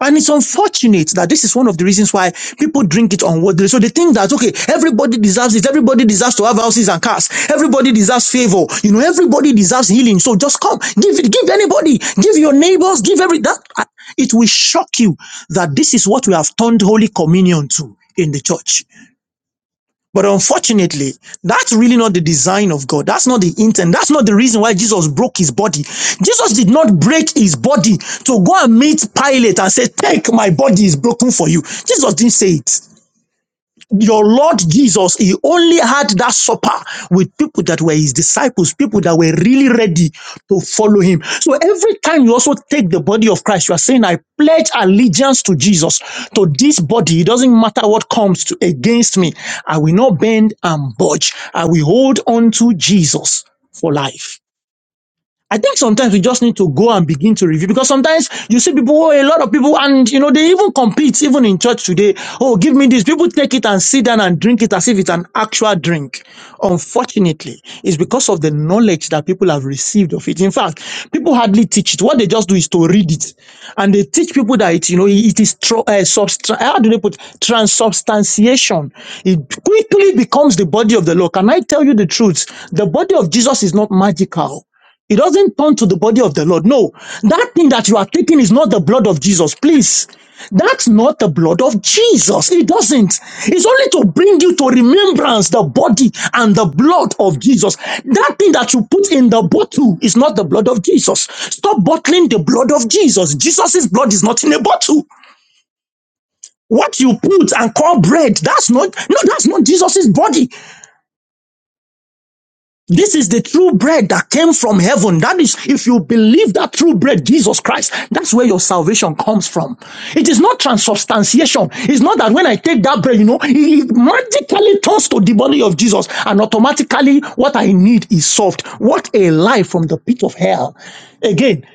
[SPEAKER 3] And it's unfortunate that this is one of the reasons why people drink it unworthily. So they think that, okay, everybody deserves it. Everybody deserves to have houses and cars. Everybody deserves favor. You know, everybody deserves healing. So just come, give it, give anybody, give your neighbors, give every, that, uh, it will shock you that this is what we have turned Holy Communion to in the church. But unfortunately, that's really not the design of God. That's not the intent. That's not the reason why Jesus broke his body. Jesus did not break his body to go and meet Pilate and say, Take my body is broken for you. Jesus didn't say it your Lord Jesus, he only had that supper with people that were his disciples, people that were really ready to follow him. So every time you also take the body of Christ, you are saying, I pledge allegiance to Jesus, to this body. It doesn't matter what comes to, against me. I will not bend and budge. I will hold on to Jesus for life. I think sometimes we just need to go and begin to review because sometimes you see people, oh, a lot of people, and you know, they even compete, even in church today. Oh, give me this. People take it and sit down and drink it as if it's an actual drink. Unfortunately, it's because of the knowledge that people have received of it. In fact, people hardly teach it. What they just do is to read it. And they teach people that it, you know, it is, tro- uh, substra- eh, how do they put transubstantiation? It quickly becomes the body of the law. Can I tell you the truth? The body of Jesus is not magical. It doesn't turn to the body of the Lord. No, that thing that you are taking is not the blood of Jesus. Please, that's not the blood of Jesus. It doesn't. It's only to bring you to remembrance the body and the blood of Jesus. That thing that you put in the bottle is not the blood of Jesus. Stop bottling the blood of Jesus. Jesus's blood is not in a bottle. What you put and call bread, that's not, no, that's not Jesus's body. This is the true bread that came from heaven. That is, if you believe that true bread, Jesus Christ, that's where your salvation comes from. It is not transubstantiation. It's not that when I take that bread, you know, it magically turns to the body of Jesus and automatically what I need is solved. What a lie from the pit of hell. Again,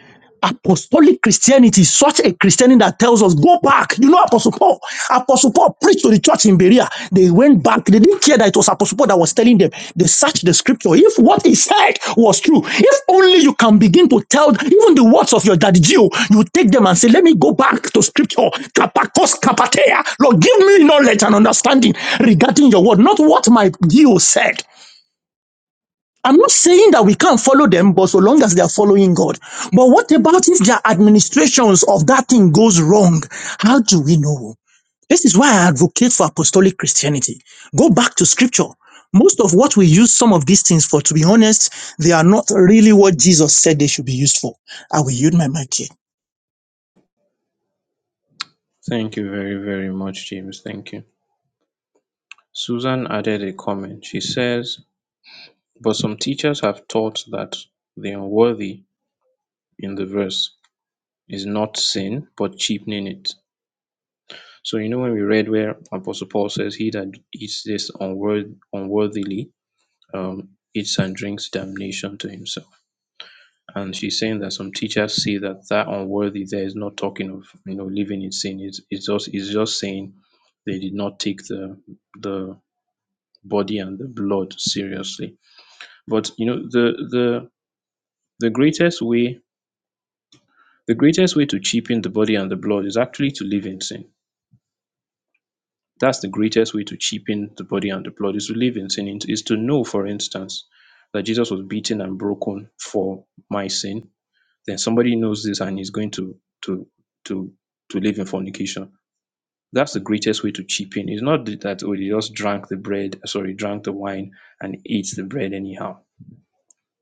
[SPEAKER 3] Apostolic Christianity is such a Christianity that tells us, go back. You know, Apostle Paul. Apostle Paul preached to the church in Berea. They went back. They didn't care that it was Apostle Paul that was telling them. They searched the scripture. If what he said was true, if only you can begin to tell even the words of your daddy Gio, you take them and say, let me go back to scripture. Kapakos kapatea. Lord, give me knowledge and understanding regarding your word, not what my Gio said. I'm not saying that we can't follow them, but so long as they are following God. But what about if their administrations of that thing goes wrong? How do we know? This is why I advocate for apostolic Christianity. Go back to scripture. Most of what we use some of these things for, to be honest, they are not really what Jesus said they should be used for. I will yield my mic here.
[SPEAKER 1] Thank you very, very much, James. Thank you. Susan added a comment. She says But some teachers have taught that the unworthy in the verse is not sin, but cheapening it. So, you know, when we read where Apostle Paul says, He that eats this unworth- unworthily um, eats and drinks damnation to himself. And she's saying that some teachers see that that unworthy there is not talking of, you know, living in sin. It's, it's, just, it's just saying they did not take the, the body and the blood seriously. But, you know, the, the, the greatest way The greatest way to cheapen the body and the blood is actually to live in sin. That's the greatest way to cheapen the body and the blood is to live in sin, is to know, for instance, that Jesus was beaten and broken for my sin. Then somebody knows this and is going to to to to live in fornication. That's the greatest way to cheapen. It's not that oh, they just drank the bread, sorry, drank the wine and ate the bread anyhow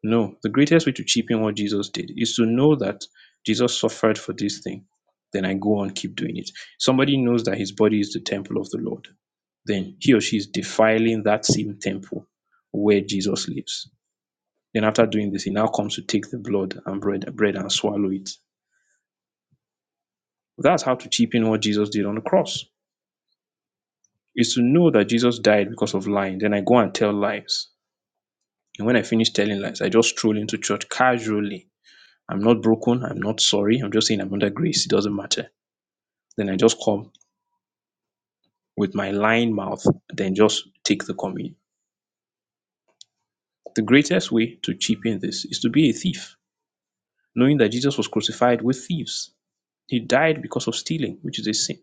[SPEAKER 1] No, the greatest way to cheapen what Jesus did is to know that Jesus suffered for this thing. Then I go on, keep doing it. Somebody knows that his body is the temple of the Lord. Then he or she is defiling that same temple where Jesus lives. Then after doing this, he now comes to take the blood and bread, bread and swallow it. That's how to cheapen what Jesus did on the cross. Is to know that Jesus died because of lying. Then I go and tell lies. And when I finish telling lies, I just stroll into church casually I'm not broken. I'm not sorry. I'm just saying I'm under grace. It doesn't matter. Then I just come with my lying mouth, then just take the communion. The greatest way to cheapen this is to be a thief, knowing that Jesus was crucified with thieves. He died because of stealing, which is a sin.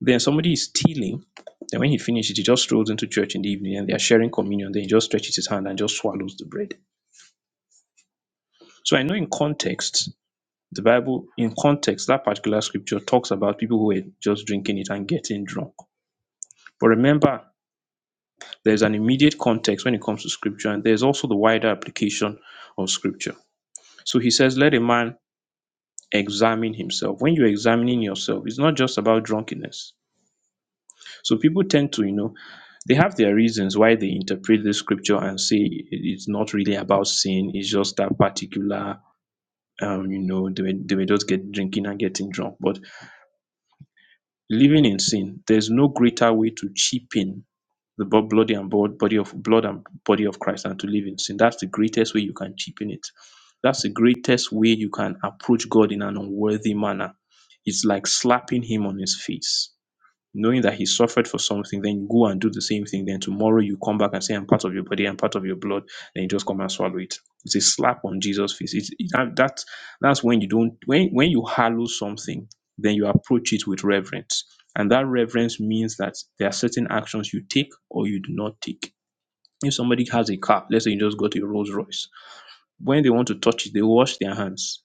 [SPEAKER 1] Then somebody is stealing, then when he finishes, he just strolls into church in the evening and they are sharing communion. Then he just stretches his hand and just swallows the bread. So I know in context, the Bible, in context, that particular scripture talks about people who were just drinking it and getting drunk. But remember, There's an immediate context when it comes to scripture, and there's also the wider application of scripture. So he says, Let a man examine himself. When you're examining yourself, it's not just about drunkenness. So people tend to, you know, they have their reasons why they interpret the scripture and say it- it's not really about sin, it's just that particular. Um, you know, they may, they may just get drinking and getting drunk. But living in sin, there's no greater way to cheapen the bo- bloody and bod- body of blood and body of Christ and to live in sin. That's the greatest way you can cheapen it. That's the greatest way you can approach God in an unworthy manner. It's like slapping him on his face knowing that he suffered for something, then you go and do the same thing. Then tomorrow you come back and say, I'm part of your body, I'm part of your blood. Then you just come and swallow it. It's a slap on Jesus' face. It's, it, that, that- that's when you don't, when, when you hallow something, then you approach it with reverence. And that reverence means that there are certain actions you take or you do not take. If somebody has a car, let's say you just got a Rolls Royce, when they want to touch it, they wash their hands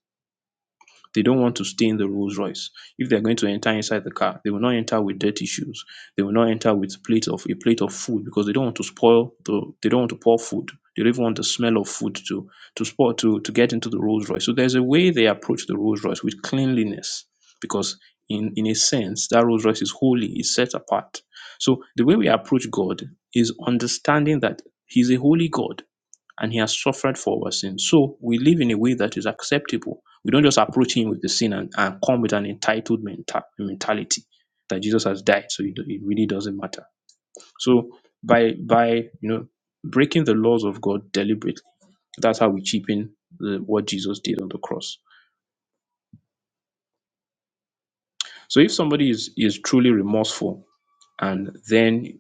[SPEAKER 1] they don't want to stay in the Rolls Royce. If they're going to enter inside the car, they will not enter with dirty shoes. They will not enter with plate of a plate of food because they don't want to spoil the they don't want to pour food. They don't even want the smell of food to to spoil to to get into the Rolls Royce. So there's a way they approach the Rolls Royce with cleanliness because in in a sense that Rolls Royce is holy, is set apart. So the way we approach God is understanding that He's a holy God and he has suffered for our sin. So we live in a way that is acceptable. We don't just approach him with the sin and, and come with an entitled menta- mentality that Jesus has died, so it, it really doesn't matter. So by by you know breaking the laws of God deliberately, that's how we cheapen the, what Jesus did on the cross. So if somebody is is truly remorseful and then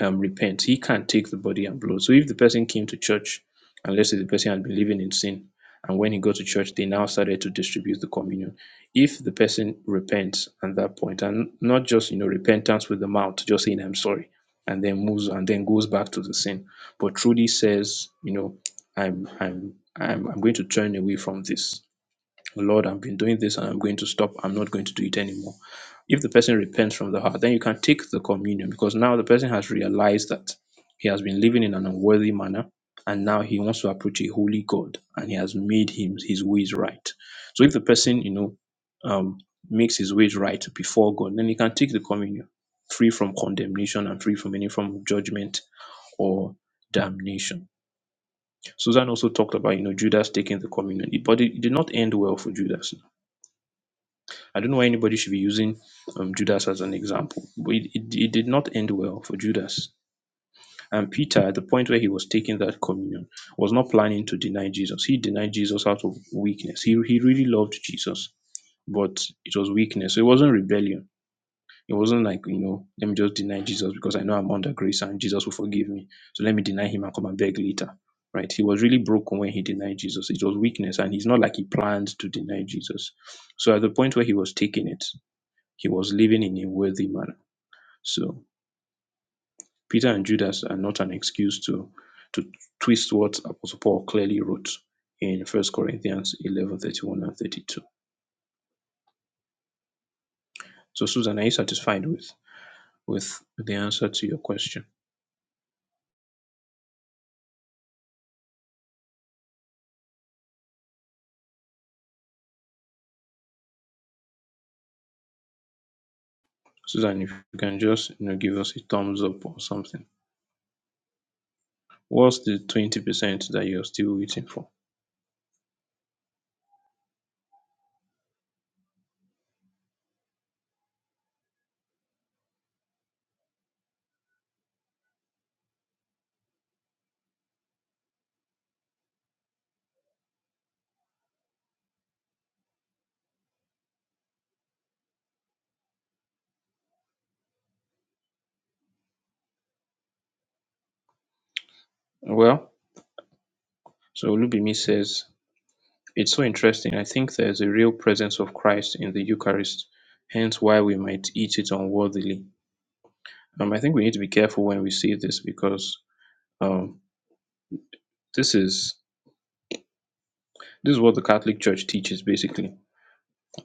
[SPEAKER 1] um, repent. He can't take the body and blood. So if the person came to church, and let's say the person had been living in sin, and when he got to church, they now started to distribute the communion. If the person repents at that point, and not just you know repentance with the mouth, just saying I'm sorry, and then moves and then goes back to the sin, but truly says, you know, I'm I'm I'm I'm going to turn away from this. Lord, I've been doing this and I'm going to stop. I'm not going to do it anymore. If the person repents from the heart, then you can take the communion because now the person has realized that he has been living in an unworthy manner and now he wants to approach a holy God and he has made him his ways right. So if the person, you know, um, makes his ways right before God, then he can take the communion free from condemnation and free from any form of judgment or damnation. Susan also talked about, you know, Judas taking the communion, but it did not end well for Judas I don't know why anybody should be using um, Judas as an example. But it, it, it did not end well for Judas. And Peter, at the point where he was taking that communion, was not planning to deny Jesus. He denied Jesus out of weakness. He, he really loved Jesus, but it was weakness. So it wasn't rebellion. It wasn't like, you know, let me just deny Jesus because I know I'm under grace and Jesus will forgive me. So let me deny him and come and beg later. Right? He was really broken when he denied Jesus. It was weakness, and he's not like he planned to deny Jesus. So at the point where he was taking it, he was living in a wealthy manner. So Peter and Judas are not an excuse to to twist what Apostle Paul clearly wrote in First Corinthians 11 31 and 32. So Susan, are you satisfied with with the answer to your question? Susan, if you can just you know give us a thumbs up or something. What's the 20% that you're still waiting for? Well, so Olubimi says, it's so interesting. I think there's a real presence of Christ in the Eucharist, hence why we might eat it unworthily Um, I think we need to be careful when we see this because um, this is this is what the Catholic Church teaches basically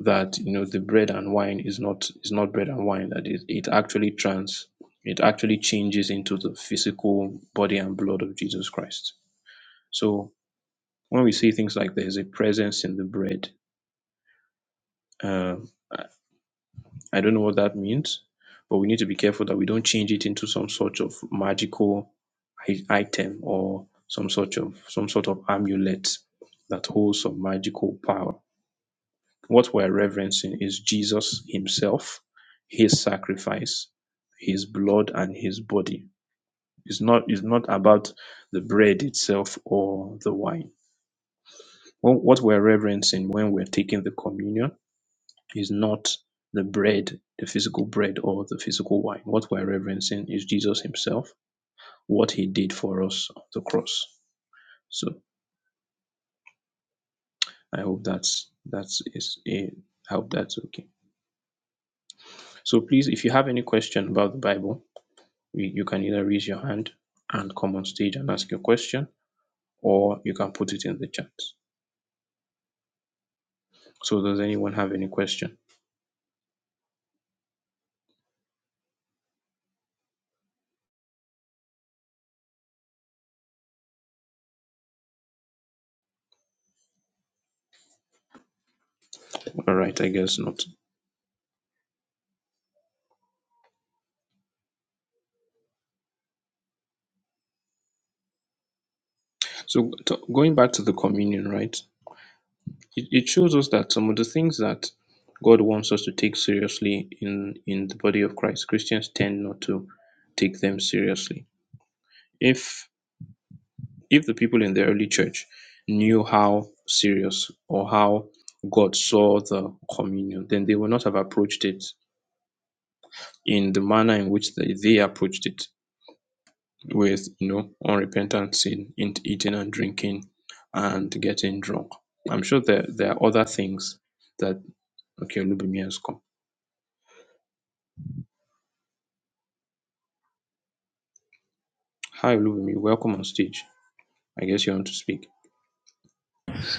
[SPEAKER 1] that you know the bread and wine is not is not bread and wine that it, it actually trans it actually changes into the physical body and blood of Jesus Christ. So when we see things like there's a presence in the bread, um, I I don't know what that means, but we need to be careful that we don't change it into some sort of magical i- item or some sort of some sort of amulet that holds some magical power. What we're reverencing is Jesus himself, his sacrifice, his blood and his body. It's not it's not about the bread itself or the wine. What what we're reverencing when we're taking the communion is not the bread, the physical bread or the physical wine. What we're reverencing is Jesus himself, what he did for us on the cross. So I hope that's that's is a I hope that's okay. So please, if you have any question about the Bible, you, you can either raise your hand and come on stage and ask your question, or you can put it in the chat. So does anyone have any question? All right, I guess not. So t- going back to the communion, right? It, it shows us that some of the things that God wants us to take seriously in in the body of Christ, Christians tend not to take them seriously. If If the people in the early church knew how serious or how God saw the communion, then they would not have approached it in the manner in which they, they approached it with you know unrepentant sin in eating and drinking and getting drunk. I'm sure there there are other things that okay Olubimi has come. Hi Olubimi, welcome on stage. I guess you want to speak.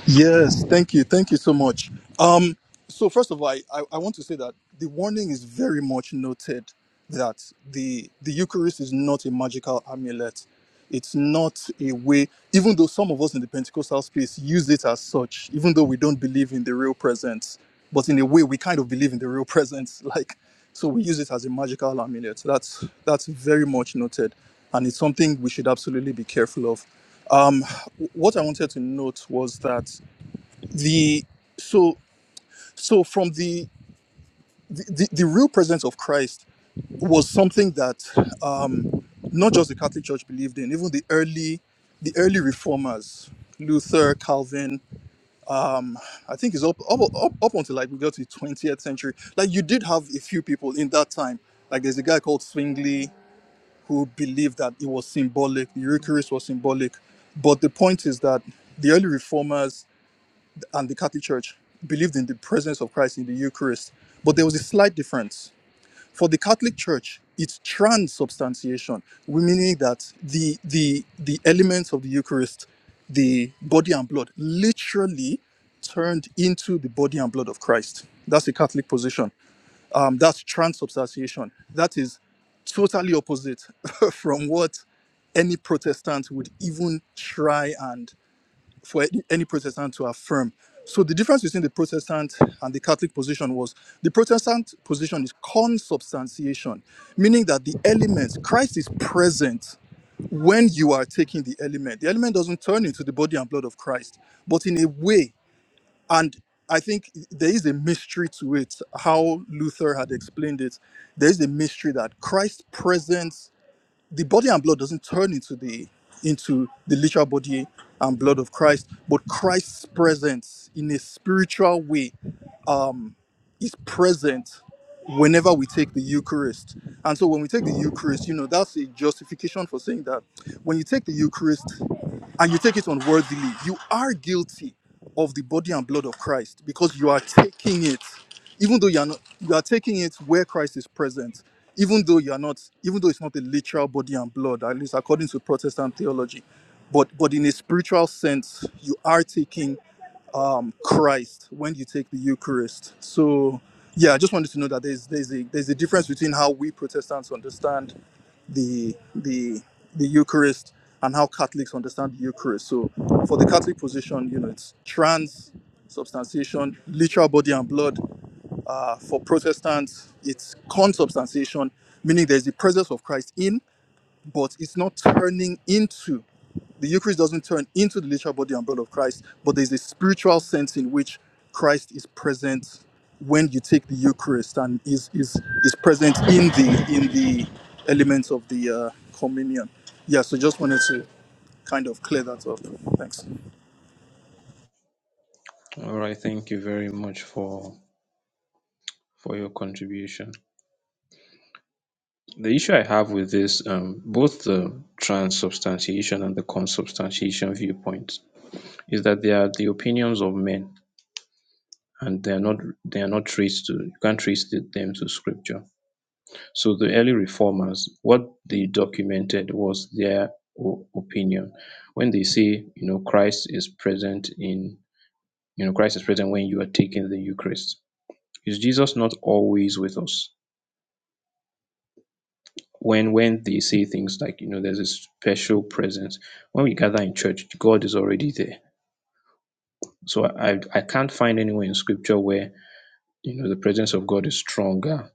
[SPEAKER 6] Yes, thank you. Thank you so much. Um, so first of all, I, I, I want to say that the warning is very much noted that the the Eucharist is not a magical amulet. It's not a way, even though some of us in the Pentecostal space use it as such, even though we don't believe in the real presence, but in a way we kind of believe in the real presence. (laughs) Like so we use it as a magical amulet. So That's that's very much noted. And it's something we should absolutely be careful of. Um, what I wanted to note was that the so so from the the, the the real presence of christ was something that um not just the catholic church believed in even the early the early reformers luther calvin um, i think it's up, up up up until like we got to the 20th century like you did have a few people in that time like there's a guy called swingley who believed that it was symbolic the eucharist was symbolic but the point is that the early reformers and the Catholic Church believed in the presence of Christ in the Eucharist, but there was a slight difference. For the Catholic Church, it's transubstantiation, meaning that the the the elements of the Eucharist, the body and blood, literally turned into the body and blood of Christ. That's the Catholic position. Um, that's transubstantiation. That is totally opposite (laughs) from what any Protestant would even try and for any, any Protestant to affirm. So the difference between the Protestant and the Catholic position was the Protestant position is consubstantiation, meaning that the element, Christ is present when you are taking the element. The element doesn't turn into the body and blood of Christ, but in a way, and I think there is a mystery to it, how Luther had explained it. There is a mystery that Christ's presence the body and blood doesn't turn into the into the literal body and blood of Christ, but Christ's presence in a spiritual way is present whenever we take the Eucharist. And so when we take the Eucharist, you know, that's a justification for saying that when you take the Eucharist and you take it unworthily, you are guilty of the body and blood of Christ because you are taking it, even though you are not you are taking it where Christ is present, even though you are not, even though it's not a literal body and blood, at least according to Protestant theology. But but in a spiritual sense, you are taking um, Christ when you take the Eucharist. So, yeah, I just wanted to know that there's there's a there's a difference between how we Protestants understand the the the Eucharist and how Catholics understand the Eucharist. So, for the Catholic position, you know, it's trans literal body and blood. Uh, for Protestants, it's consubstantiation, meaning there's the presence of Christ in but it's not turning into the Eucharist doesn't turn into the literal body and blood of Christ, but there's a spiritual sense in which Christ is present when you take the Eucharist and is is is present in the in the elements of the uh, communion. Yeah, so just wanted to kind of clear that up. Thanks.
[SPEAKER 1] All right, thank you very much for for your contribution. The issue I have with this, um, both the transubstantiation and the consubstantiation viewpoint, is that they are the opinions of men, and they are not they are not traced to you can't trace the- them to scripture. So the early reformers, what they documented was their o- opinion. When they say, you know, Christ is present in, you know, Christ is present when you are taking the Eucharist. Is Jesus not always with us? when when they say things like you know there's a special presence when we gather in church god is already there so i i can't find anywhere in scripture where you know the presence of god is stronger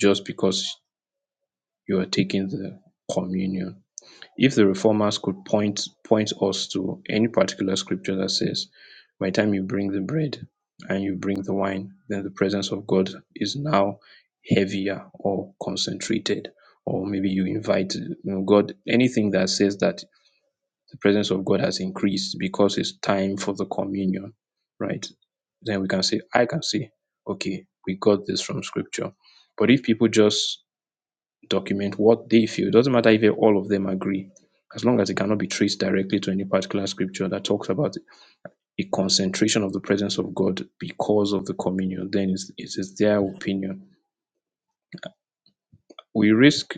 [SPEAKER 1] just because you are taking the communion if the Reformers could point point us to any particular scripture that says, By the time you bring the bread and you bring the wine, then the presence of God is now heavier or concentrated, or maybe you invite you know, God, anything that says that the presence of God has increased because it's time for the communion, right? Then we can say, I can say, okay, we got this from scripture. But if people just document what they feel. It doesn't matter if all of them agree, as long as it cannot be traced directly to any particular scripture that talks about a concentration of the presence of God because of the communion, then it's, it is their opinion. We risk,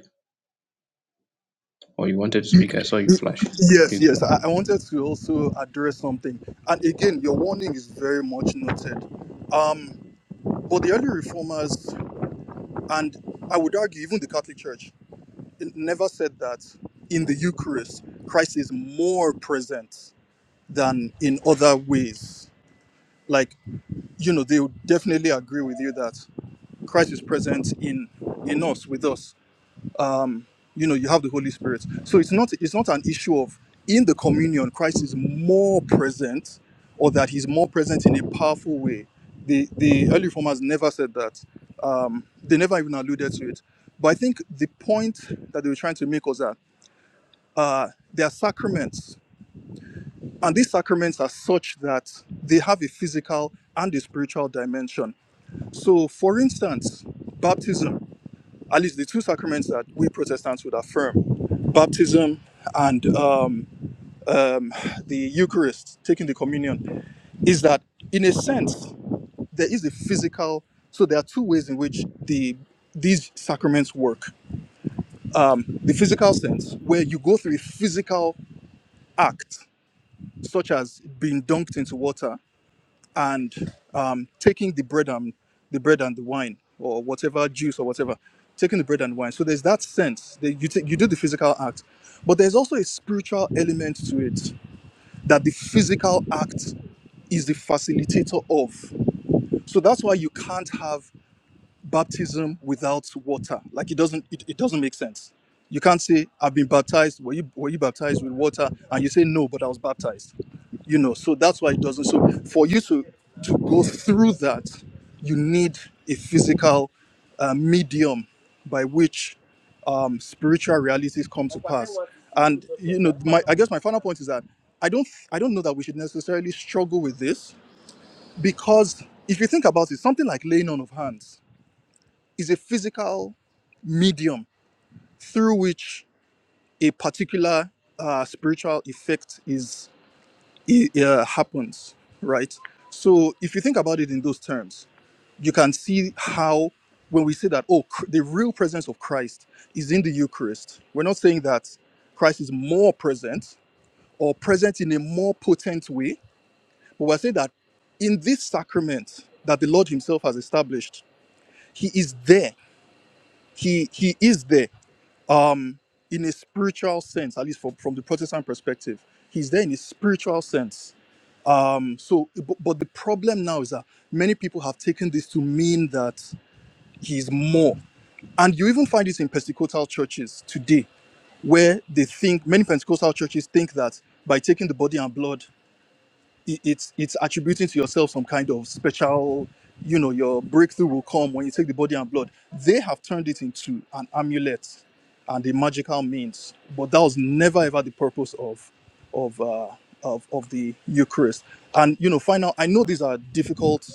[SPEAKER 1] or you wanted to speak, I saw you flashing.
[SPEAKER 6] Yes,
[SPEAKER 1] Please
[SPEAKER 6] yes.
[SPEAKER 1] go ahead.
[SPEAKER 6] I, I wanted to also address something. And again, your warning is very much noted. Um, but the early reformers, and I would argue even the Catholic Church, never said that in the Eucharist, Christ is more present than in other ways. Like, you know, they would definitely agree with you that Christ is present in in us, with us. Um, you know, you have the Holy Spirit. So it's not it's not an issue of in the communion, Christ is more present or that he's more present in a powerful way. The the early reformers never said that. Um, they never even alluded to it. But I think the point that they were trying to make was that uh, there are sacraments. And these sacraments are such that they have a physical and a spiritual dimension. So, for instance, baptism, at least the two sacraments that we Protestants would affirm baptism and um, um, the Eucharist, taking the communion, is that in a sense, there is a physical, so there are two ways in which the these sacraments work. Um, the physical sense, where you go through a physical act such as being dunked into water and um, taking the bread and the bread and the wine or whatever juice or whatever, taking the bread and wine. So there's that sense that you take you do the physical act, but there's also a spiritual element to it that the physical act is the facilitator of. So that's why you can't have baptism without water. Like it doesn't it, it doesn't make sense. You can't say I've been baptized. Were you were you baptized with water? And you say no, but I was baptized. You know, so that's why it doesn't. So for you to to go through that, you need a physical uh, medium by which um, spiritual realities come to pass. And you know, my I guess my final point is that I don't I don't know that we should necessarily struggle with this because if you think about it, something like laying on of hands is a physical medium through which a particular uh, spiritual effect is i uh, happens, right? So if you think about it in those terms, you can see how when we say that oh cr- the real presence of Christ is in the Eucharist, we're not saying that Christ is more present or present in a more potent way, but we're saying that in this sacrament that the Lord Himself has established, He is there. He He is there in a spiritual sense, at least from, from the Protestant perspective. He's there in a spiritual sense. Um, so, but, but the problem now is that many people have taken this to mean that he's more. And you even find this in Pentecostal churches today, where they think, many Pentecostal churches think that by taking the body and blood it- it's it's attributing to yourself some kind of special you know your breakthrough will come when you take the body and blood they have turned it into an amulet and a magical means but that was never ever the purpose of of uh of, of the eucharist and you know final i know these are difficult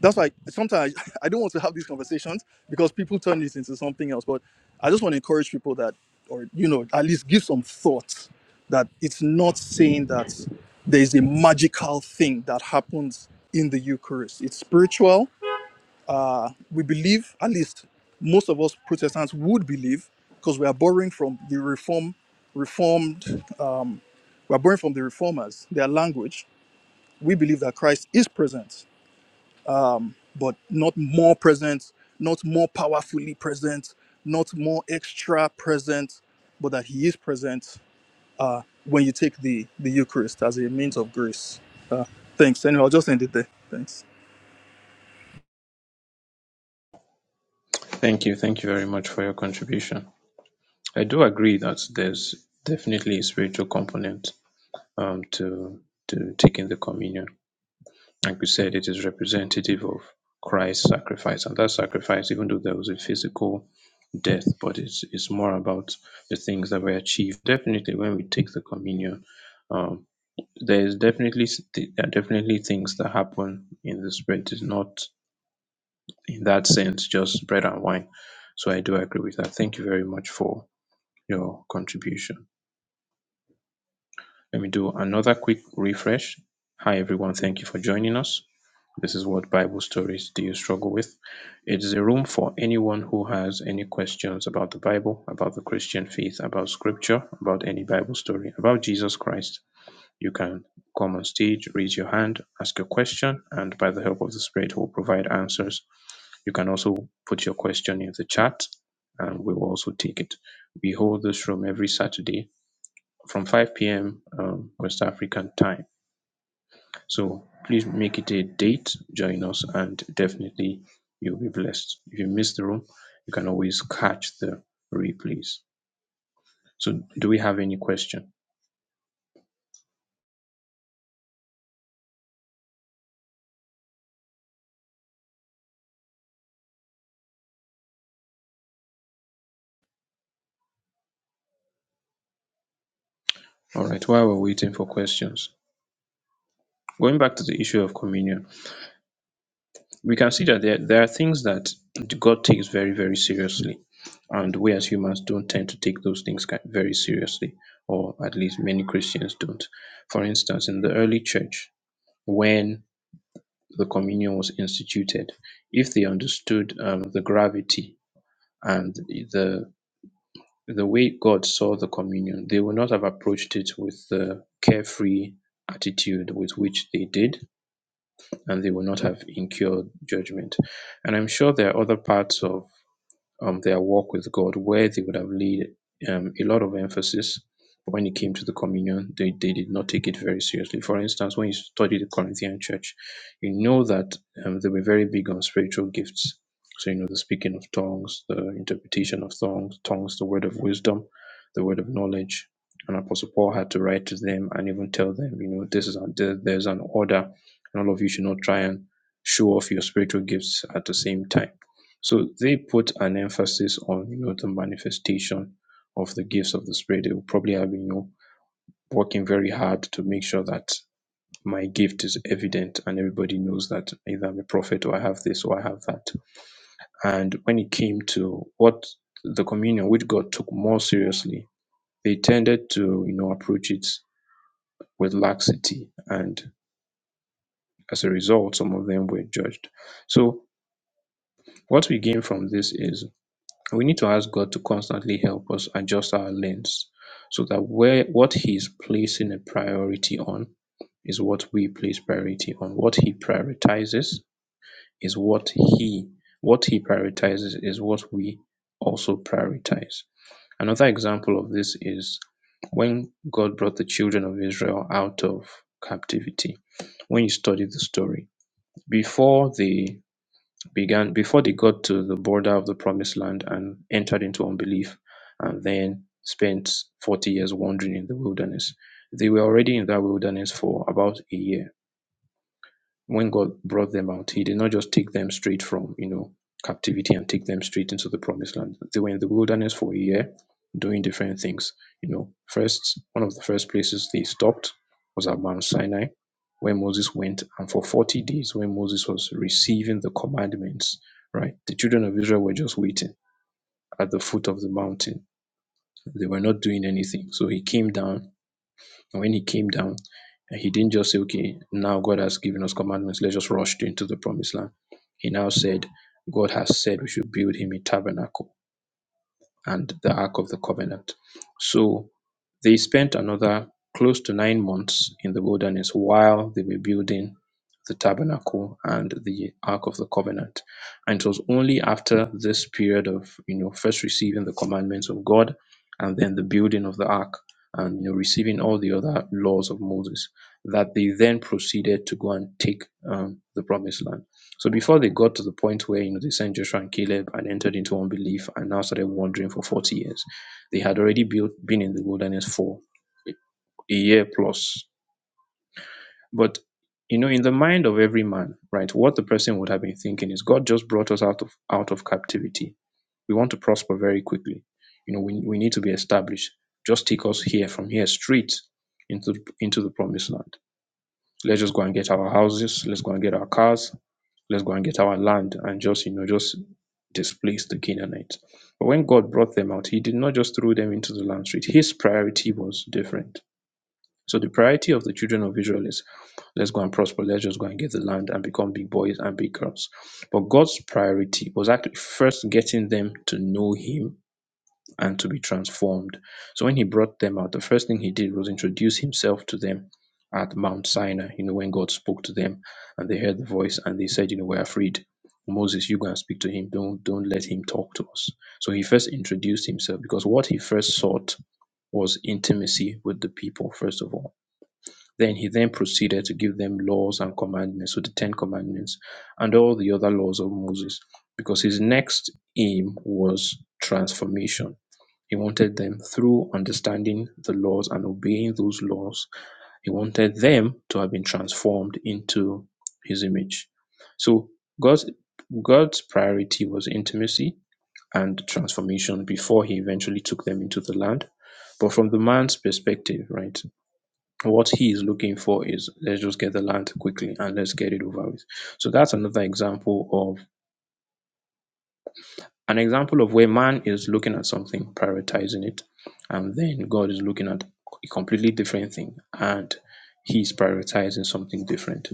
[SPEAKER 6] that's why sometimes (laughs) i don't want to have these conversations because people turn this into something else but i just want to encourage people that or you know at least give some thought that it's not saying that there is a magical thing that happens in the Eucharist. It's spiritual. We believe, at least most of us Protestants would believe, because we are borrowing from the Reform, Reformed, we are borrowing from the Reformers, their language. We believe that Christ is present, but not more present, not more powerfully present, not more extra present, but that He is present when you take the the Eucharist as a means of grace. Uh, thanks. Anyway, I'll just end it there. Thanks.
[SPEAKER 1] Thank you. Thank you very much for your contribution. I do agree that there's definitely a spiritual component um, to to taking the communion Like we said, it is representative of Christ's sacrifice. And that sacrifice, even though there was a physical death, but it's, it's more about the things that were achieved. Definitely, when we take the communion, um, there is definitely th- there are definitely things that happen in the spirit. It's not in that sense just bread and wine. So I do agree with that. Thank you very much for your contribution. Let me do another quick refresh. Hi everyone, thank you for joining us. This is what Bible stories do you struggle with? It is a room for anyone who has any questions about the Bible, about the Christian faith, about scripture, about any Bible story, about Jesus Christ. You can come on stage, raise your hand, ask a question, and by the help of the Spirit, we'll provide answers. You can also put your question in the chat, and we will also take it. We hold this room every Saturday from 5 p.m. Um, West African time. So please make it a date, join us, and definitely you'll be blessed. If you miss the room, you can always catch the replays. So, do we have any question? All right, while we're waiting for questions, going back to the issue of communion, we can see that there, there are things that God takes very, very seriously. And we as humans don't tend to take those things ki- very seriously, or at least many Christians don't. For instance, in the early church, when the communion was instituted, if they understood um, the gravity and the the way God saw the communion, they would not have approached it with the carefree attitude with which they did, and they would not have incurred judgment. And I'm sure there are other parts of um, their walk with God, where they would have laid um, a lot of emphasis. But when it came to the communion, they, they did not take it very seriously. For instance, when you study the Corinthian church, you know that um, they were very big on spiritual gifts. So, you know, the speaking of tongues, the interpretation of tongues, tongues, the word of wisdom, the word of knowledge. And Apostle Paul had to write to them and even tell them, you know, this is a, there- there's an order, and all of you should not try and show off your spiritual gifts at the same time so they put an emphasis on you know the manifestation of the gifts of the spirit. They will probably have been, you know working very hard to make sure that my gift is evident and everybody knows that either I'm a prophet or I have this or I have that. And when it came to what the communion which God took more seriously, they tended to you know approach it with laxity and as a result some of them were judged. So what we gain from this is we need to ask God to constantly help us adjust our lens so that where what he's placing a priority on is what we place priority on. What he prioritizes is what he what he prioritizes is what we also prioritize. Another example of this is when God brought the children of Israel out of captivity. When you study the story, before they began before they got to the border of the promised land and entered into unbelief and then spent 40 years wandering in the wilderness. They were already in that wilderness for about a year when God brought them out, He did not just take them straight from, you know, captivity and take them straight into the promised land. They were in the wilderness for a year doing different things. You know, first, one of the first places they stopped was at Mount Sinai, where Moses went. And for 40 days, when Moses was receiving the commandments, right, the children of Israel were just waiting at the foot of the mountain. They were not doing anything. So He came down and when he came down, he didn't just say, okay, now God has given us commandments, let's just rush into the promised land. He now said, God has said we should build him a tabernacle and the Ark of the Covenant. So they spent another close to nine months in the wilderness while they were building the tabernacle and the Ark of the Covenant. And it was only after this period of, you know, first receiving the commandments of God and then the building of the Ark and, you know, receiving all the other laws of Moses that they then proceeded to go and take um, the promised land. So before they got to the point where you know they sent Joshua and Caleb and entered into unbelief and now started wandering for 40 years, they had already built, been in the wilderness for a year plus. But you know, in the mind of every man, right, what the person would have been thinking is God just brought us out of out of captivity. We want to prosper very quickly. You know, we, we need to be established. Just take us here from here straight into into the promised land. Let's just go and get our houses. Let's go and get our cars let's go and get our land and just, you know, just displace the Canaanites. But when God brought them out, He did not just throw them into the land straight. His priority was different. So the priority of the children of Israel is let's go and prosper, let's just go and get the land and become big boys and big girls. But God's priority was actually first getting them to know Him and to be transformed. So when he brought them out, the first thing he did was introduce himself to them at Mount Sinai, you know, when God spoke to them and they heard the voice and they said, you know, we're afraid. Moses, you go and speak to him. Don't don't let him talk to us. So he first introduced himself because what he first sought was intimacy with the people, first of all. Then he then proceeded to give them laws and commandments, so the Ten Commandments and all the other laws of Moses, because his next aim was transformation he wanted them, through understanding the laws and obeying those laws, he wanted them to have been transformed into his image. So God's God's priority was intimacy and transformation before he eventually took them into the land. But from the man's perspective, right, what he is looking for is let's just get the land quickly and let's get it over with. So that's another example an example of where man is looking at something, prioritizing it, and then God is looking at a completely different thing and he's prioritizing something different.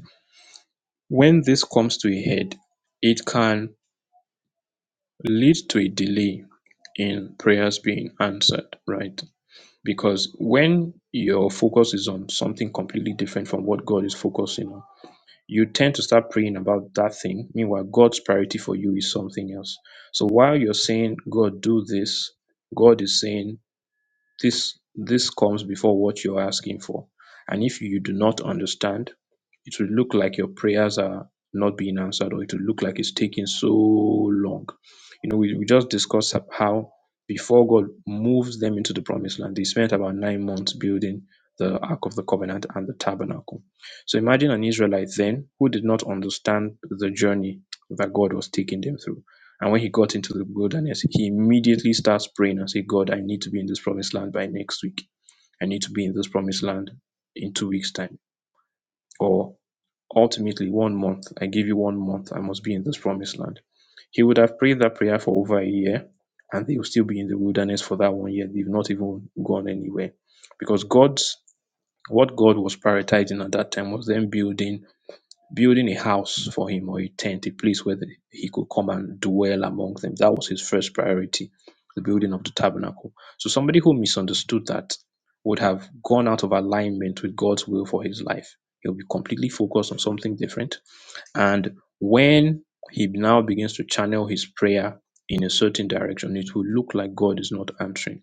[SPEAKER 1] When this comes to a head, it can lead to a delay in prayers being answered, right? Because when your focus is on something completely different from what God is focusing on, you tend to start praying about that thing. Meanwhile, God's priority for you is something else. So while you're saying, God, do this, God is saying, this this comes before what you're asking for. And if you do not understand, it will look like your prayers are not being answered, or it will look like it's taking so long. You know, we, we just discussed ab- how before God moves them into the promised land, they spent about nine months building the Ark of the Covenant and the tabernacle. So imagine an Israelite then who did not understand the journey that God was taking them through and when he got into the wilderness, he immediately starts praying and say, God, I need to be in this promised land by next week. I need to be in this promised land in two weeks' time. Or ultimately, one month. I give you one month. I must be in this promised land. He would have prayed that prayer for over a year, and they will still be in the wilderness for that one year. They've not even gone anywhere. Because God's what God was prioritizing at that time was them building building a house for him or a tent, a place where the- he could come and dwell among them. That was his first priority, the building of the tabernacle. So somebody who misunderstood that would have gone out of alignment with God's will for his life. He'll be completely focused on something different. And when he now begins to channel his prayer in a certain direction, it will look like God is not answering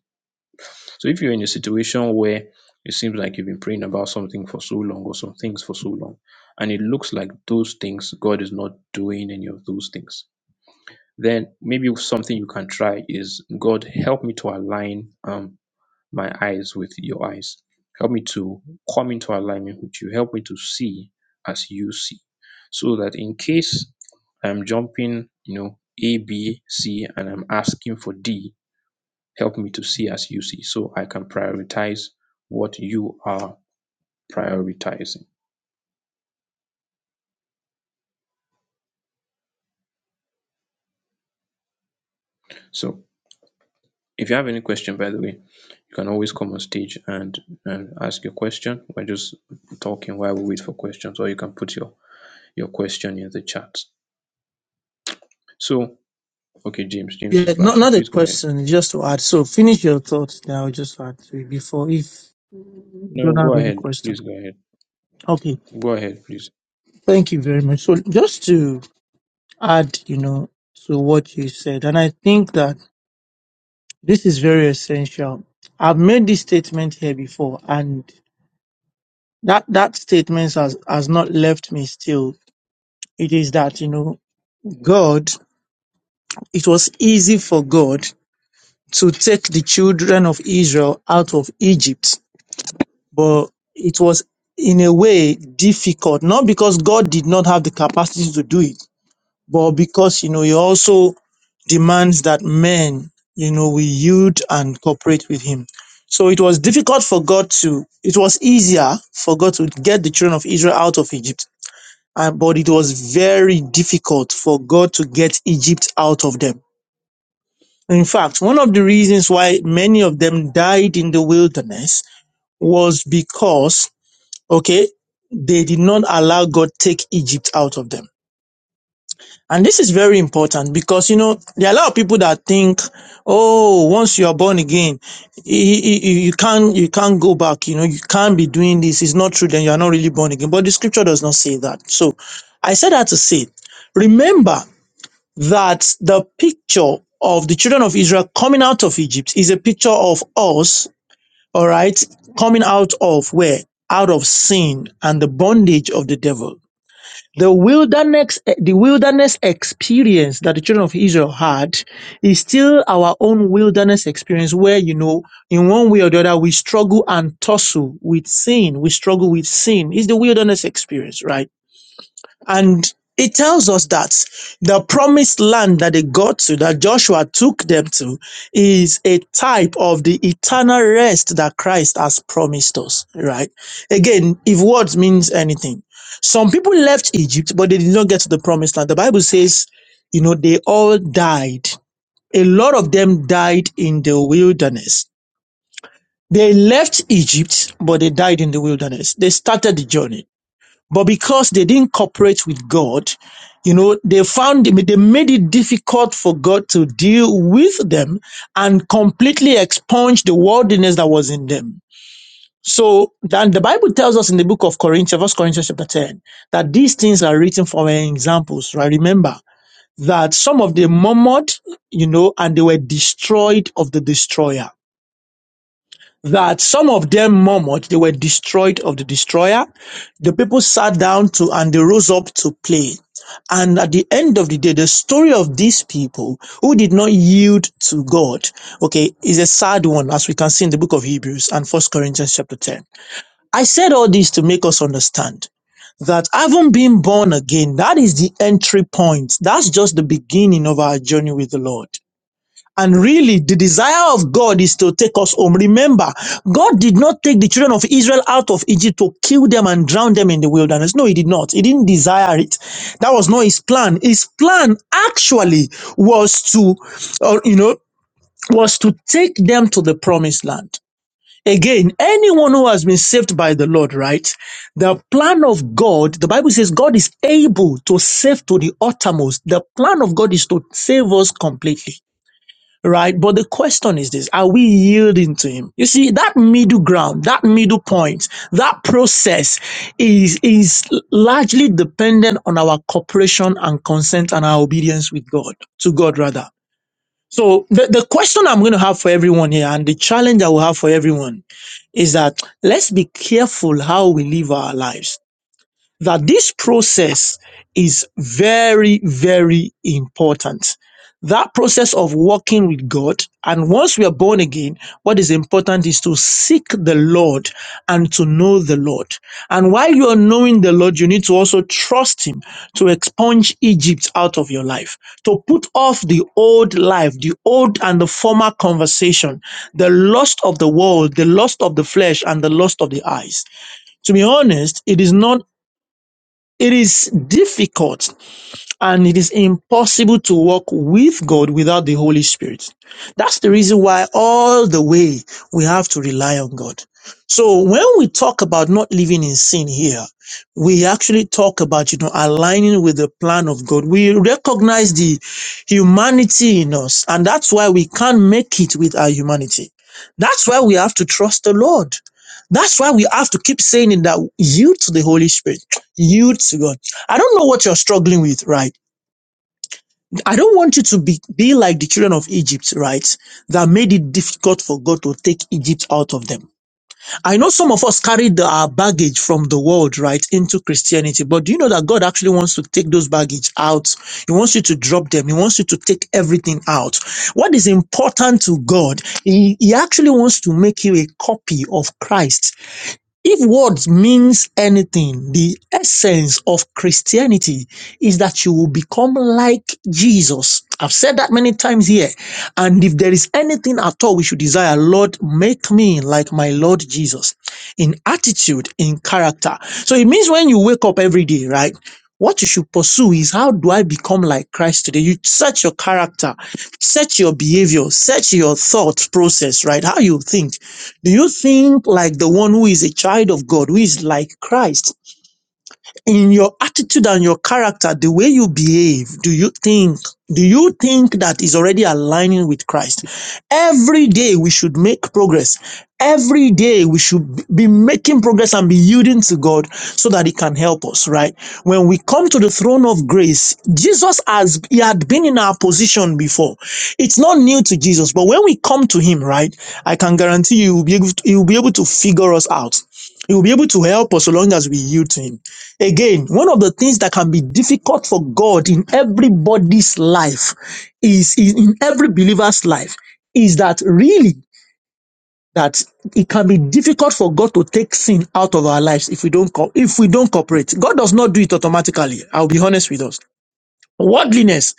[SPEAKER 1] so if you're in a situation where it seems like you've been praying about something for so long or some things for so long, and it looks like those things, God is not doing any of those things, then maybe something you can try is God, help me to align um, my eyes with your eyes. Help me to come into alignment with you. Help me to see as you see. So that in case I'm jumping, you know, A, B, C, and I'm asking for D, help me to see as you see so I can prioritize what you are prioritizing. So if you have any question, by the way, you can always come on stage and, and ask your question. We're just talking while we wait for questions, or you can put your, your question in the chat. So, okay, James, James is
[SPEAKER 3] Yeah, not
[SPEAKER 1] flashing.
[SPEAKER 3] not a
[SPEAKER 1] Please go ahead.
[SPEAKER 3] question, just to add. So finish your thoughts now, i just add to it before if you
[SPEAKER 1] No,
[SPEAKER 3] don't
[SPEAKER 1] go
[SPEAKER 3] have any
[SPEAKER 1] ahead.
[SPEAKER 3] question.
[SPEAKER 1] Please go ahead.
[SPEAKER 3] Okay,
[SPEAKER 1] Go ahead, please.
[SPEAKER 3] thank you very much. So just to add, you know, to what you said. And I think that this is very essential. I've made this statement here before and that, that statement has, has not left me still. It is that, you know, God, it was easy for God to take the children of Israel out of Egypt, but it was in a way difficult, not because God did not have the capacity to do it, but because you know he also demands that men you know we yield and cooperate with him so it was difficult for god to it was easier for god to get the children of israel out of egypt and, but it was very difficult for god to get egypt out of them in fact one of the reasons why many of them died in the wilderness was because okay they did not allow god take egypt out of them And this is very important because, you know, there are a lot of people that think, oh, once you are born again, you, you you can't, you can't go back. You know, you can't be doing this. It's not true. Then you are not really born again. But the scripture does not say that. So I said that to say, remember that the picture of the children of Israel coming out of Egypt is a picture of us, all right, coming out of where? Out of sin and the bondage of the devil. The wilderness, the wilderness experience that the children of Israel had is still our own wilderness experience where, you know, in one way or the other, we struggle and tussle with sin. We struggle with sin. It's the wilderness experience, right? And it tells us that the promised land that they got to, that Joshua took them to, is a type of the eternal rest that Christ has promised us, right? Again, if words means anything, some people left Egypt, but they did not get to the promised land. The Bible says, you know, they all died. A lot of them died in the wilderness. They left Egypt, but they died in the wilderness. They started the journey but because they didn't cooperate with God, you know, they found they made it difficult for God to deal with them and completely expunge the worldliness that was in them. So then the Bible tells us in the book of Corinthians, 1 Corinthians chapter 10, that these things are written for our examples, right? Remember that some of them murmured, you know, and they were destroyed of the destroyer that some of them murmured they were destroyed of the destroyer. The people sat down to and they rose up to play. And at the end of the day, the story of these people who did not yield to God, okay, is a sad one, as we can see in the book of Hebrews and First Corinthians chapter 10. I said all this to make us understand that having been born again, that is the entry point. That's just the beginning of our journey with the Lord. And really, the desire of God is to take us home. Remember, God did not take the children of Israel out of Egypt to kill them and drown them in the wilderness. No, He did not. He didn't desire it. That was not His plan. His plan actually was to, uh, you know, was to take them to the promised land. Again, anyone who has been saved by the Lord, right? The plan of God, the Bible says God is able to save to the uttermost. The plan of God is to save us completely right? But the question is this are we yielding to him? You see, that middle ground, that middle point, that process is, is largely dependent on our cooperation and consent and our obedience with God, to God rather. So the, the question I'm going to have for everyone here and the challenge I will have for everyone is that let's be careful how we live our lives that this process is very, very important. That process of walking with God, and once we are born again, what is important is to seek the Lord and to know the Lord. And while you are knowing the Lord, you need to also trust Him to expunge Egypt out of your life, to put off the old life, the old and the former conversation, the lust of the world, the lust of the flesh, and the lust of the eyes. To be honest, it is not it is difficult and it is impossible to walk with God without the Holy Spirit. That's the reason why all the way we have to rely on God. So when we talk about not living in sin here, we actually talk about, you know, aligning with the plan of God. We recognize the humanity in us and that's why we can't make it with our humanity. That's why we have to trust the Lord. That's why we have to keep saying it that yield to the Holy Spirit, yield to God. I don't know what you're struggling with, right? I don't want you to be, be like the children of Egypt, right? That made it difficult for God to take Egypt out of them. I know some of us carried the- our baggage from the world, right, into Christianity, but do you know that God actually wants to take those baggage out? He wants you to drop them. He wants you to take everything out. What is important to God, He, he actually wants to make you a copy of Christ if words means anything, the essence of Christianity is that you will become like Jesus. I've said that many times here. And if there is anything at all we should desire, Lord, make me like my Lord Jesus in attitude, in character. So it means when you wake up every day, right? What you should pursue is how do I become like Christ today? You search your character, search your behavior, search your thought process, right? How you think do you think like the one who is a child of God, who is like Christ? in your attitude and your character, the way you behave, do you think, do you think that is already aligning with Christ? Every day we should make progress. Every day we should be making progress and be yielding to God so that He can help us, right? When we come to the throne of grace, Jesus has, He had been in our position before. It's not new to Jesus, but when we come to Him, right, I can guarantee you, He will be able to, he will be able to figure us out. He will be able to help us so long as we yield to Him. Again, one of the things that can be difficult for God in everybody's life is is in every believer's life is that really that it can be difficult for God to take sin out of our lives if we don't co- if we don't cooperate. God does not do it automatically. I'll be honest with us. Worldliness.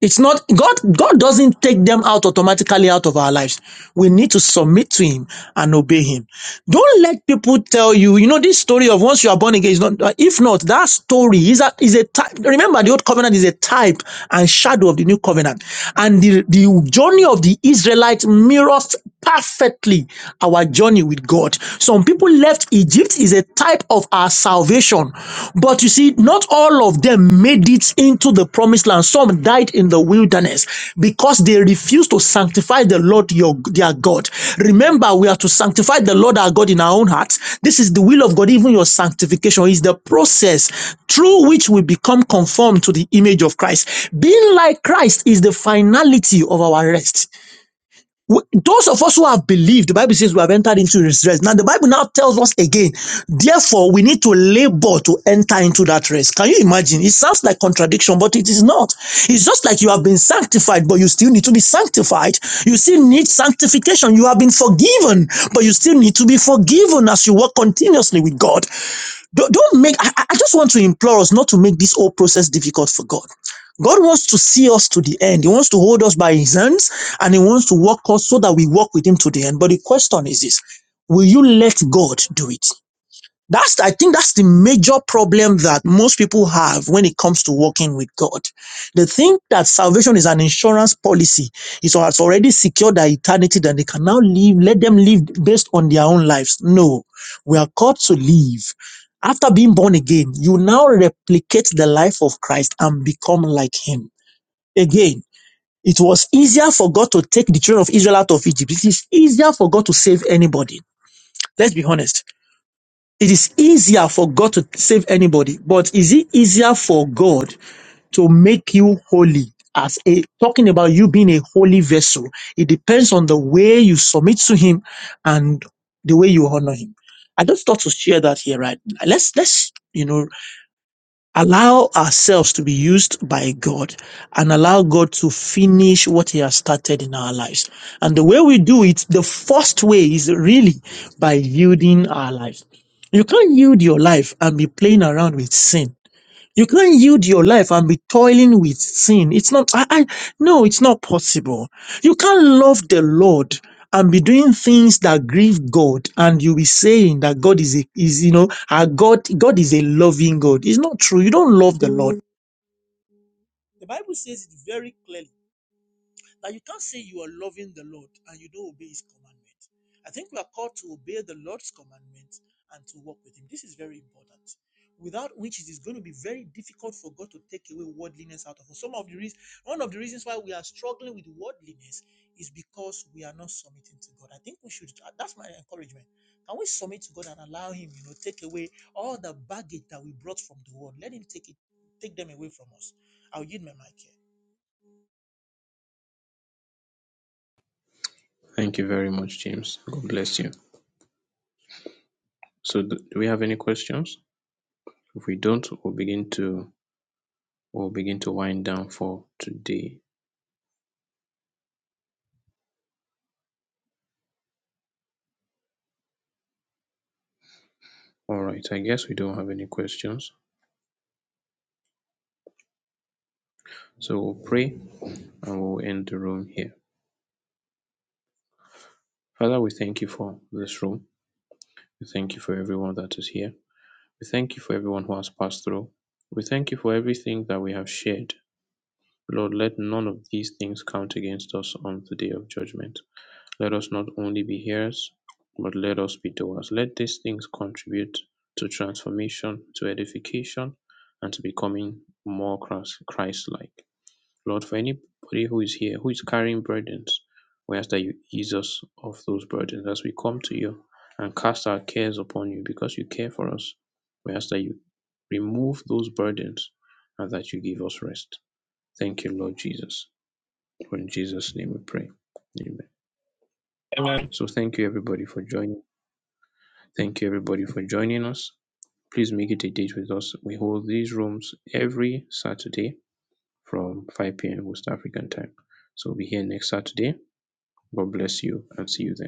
[SPEAKER 3] It's not God. God doesn't take them out automatically out of our lives. We need to submit to Him and obey Him. Don't let people tell you. You know this story of once you are born again is not. If not, that story is a is a type. Remember, the old covenant is a type and shadow of the new covenant, and the the journey of the Israelites mirrors perfectly our journey with God. Some people left Egypt. Egypt is a type of our salvation. But you see, not all of them made it into the promised land. Some died in the wilderness because they refused to sanctify the Lord your, their God. Remember, we are to sanctify the Lord our God in our own hearts. This is the will of God. Even your sanctification is the process through which we become conformed to the image of Christ. Being like Christ is the finality of our rest. We- Those of us who have believed, the Bible says we have entered into his rest. Now, the Bible now tells us again, therefore, we need to labor to enter into that rest. Can you imagine? It sounds like contradiction, but it is not. It's just like you have been sanctified, but you still need to be sanctified. You still need sanctification. You have been forgiven, but you still need to be forgiven as you work continuously with God. Don't, don't make, I, I just want to implore us not to make this whole process difficult for God. God wants to see us to the end. He wants to hold us by his hands and he wants to walk us so that we walk with him to the end. But the question is this, will you let God do it? That's, I think that's the major problem that most people have when it comes to walking with God. They think that salvation is an insurance policy. It's al- has already secured their eternity that they can now live, let them live based on their own lives. No, we are called to live. After being born again, you now replicate the life of Christ and become like him. Again, it was easier for God to take the children of Israel out of Egypt. It is easier for God to save anybody. Let's be honest it is easier for God to save anybody, but is it easier for God to make you holy? As a talking about you being a holy vessel, it depends on the way you submit to Him and the way you honor Him. I just thought to share that here, right? Let's let's you know allow ourselves to be used by God and allow God to finish what He has started in our lives. And the way we do it, the first way is really by yielding our lives. You can't yield your life and be playing around with sin you can't yield your life and be toiling with sin. It's not, I, I, no, it's not possible. You can't love the Lord and be doing things that grieve God and you be saying that God is a, is, you know, our God, God is a loving God. It's not true. You don't love the Lord. The Bible says it very clearly. Now you can't say you are loving the Lord and you don't obey his commandment. I think we are called to obey the Lord's commandments and to walk with him. This is very important. Without which it is going to be very difficult for God to take away worldliness out of us. Some of the reasons, one of the reasons why we are struggling with worldliness is because we are not submitting to God. I think we should uh, that's my encouragement. Can we submit to God and allow him, you know, take away all the baggage that we brought from the world? Let him take it, take them away from us. I'll yield my mic here.
[SPEAKER 1] Thank you very much, James. God bless you. So, do do we have any questions? If we don't, we'll begin to we'll begin to wind down for today. All right, I guess we don't have any questions. So we'll pray and we'll end the room here. Father, we thank you for this room. We thank you for everyone that is here. We thank you for everyone who has passed through. We thank you for everything that we have shared. Lord, let none of these things count against us on the day of judgment. Let us not only be hearers, but let us be doers. Let these things contribute to transformation, to edification, and to becoming more Christ like. Lord, for anybody who is here, who is carrying burdens, we ask that you ease us of those burdens as we come to you and cast our cares upon you because you care for us. We ask that you remove those burdens and that you give us rest. Thank you, Lord Jesus. For in Jesus' name we pray. Amen.
[SPEAKER 7] Amen.
[SPEAKER 1] So thank you everybody for joining. Thank you everybody for joining us. Please make it a date with us. We hold these rooms every Saturday from 5 p.m. West African time. So we'll be here next Saturday God bless you and see you then.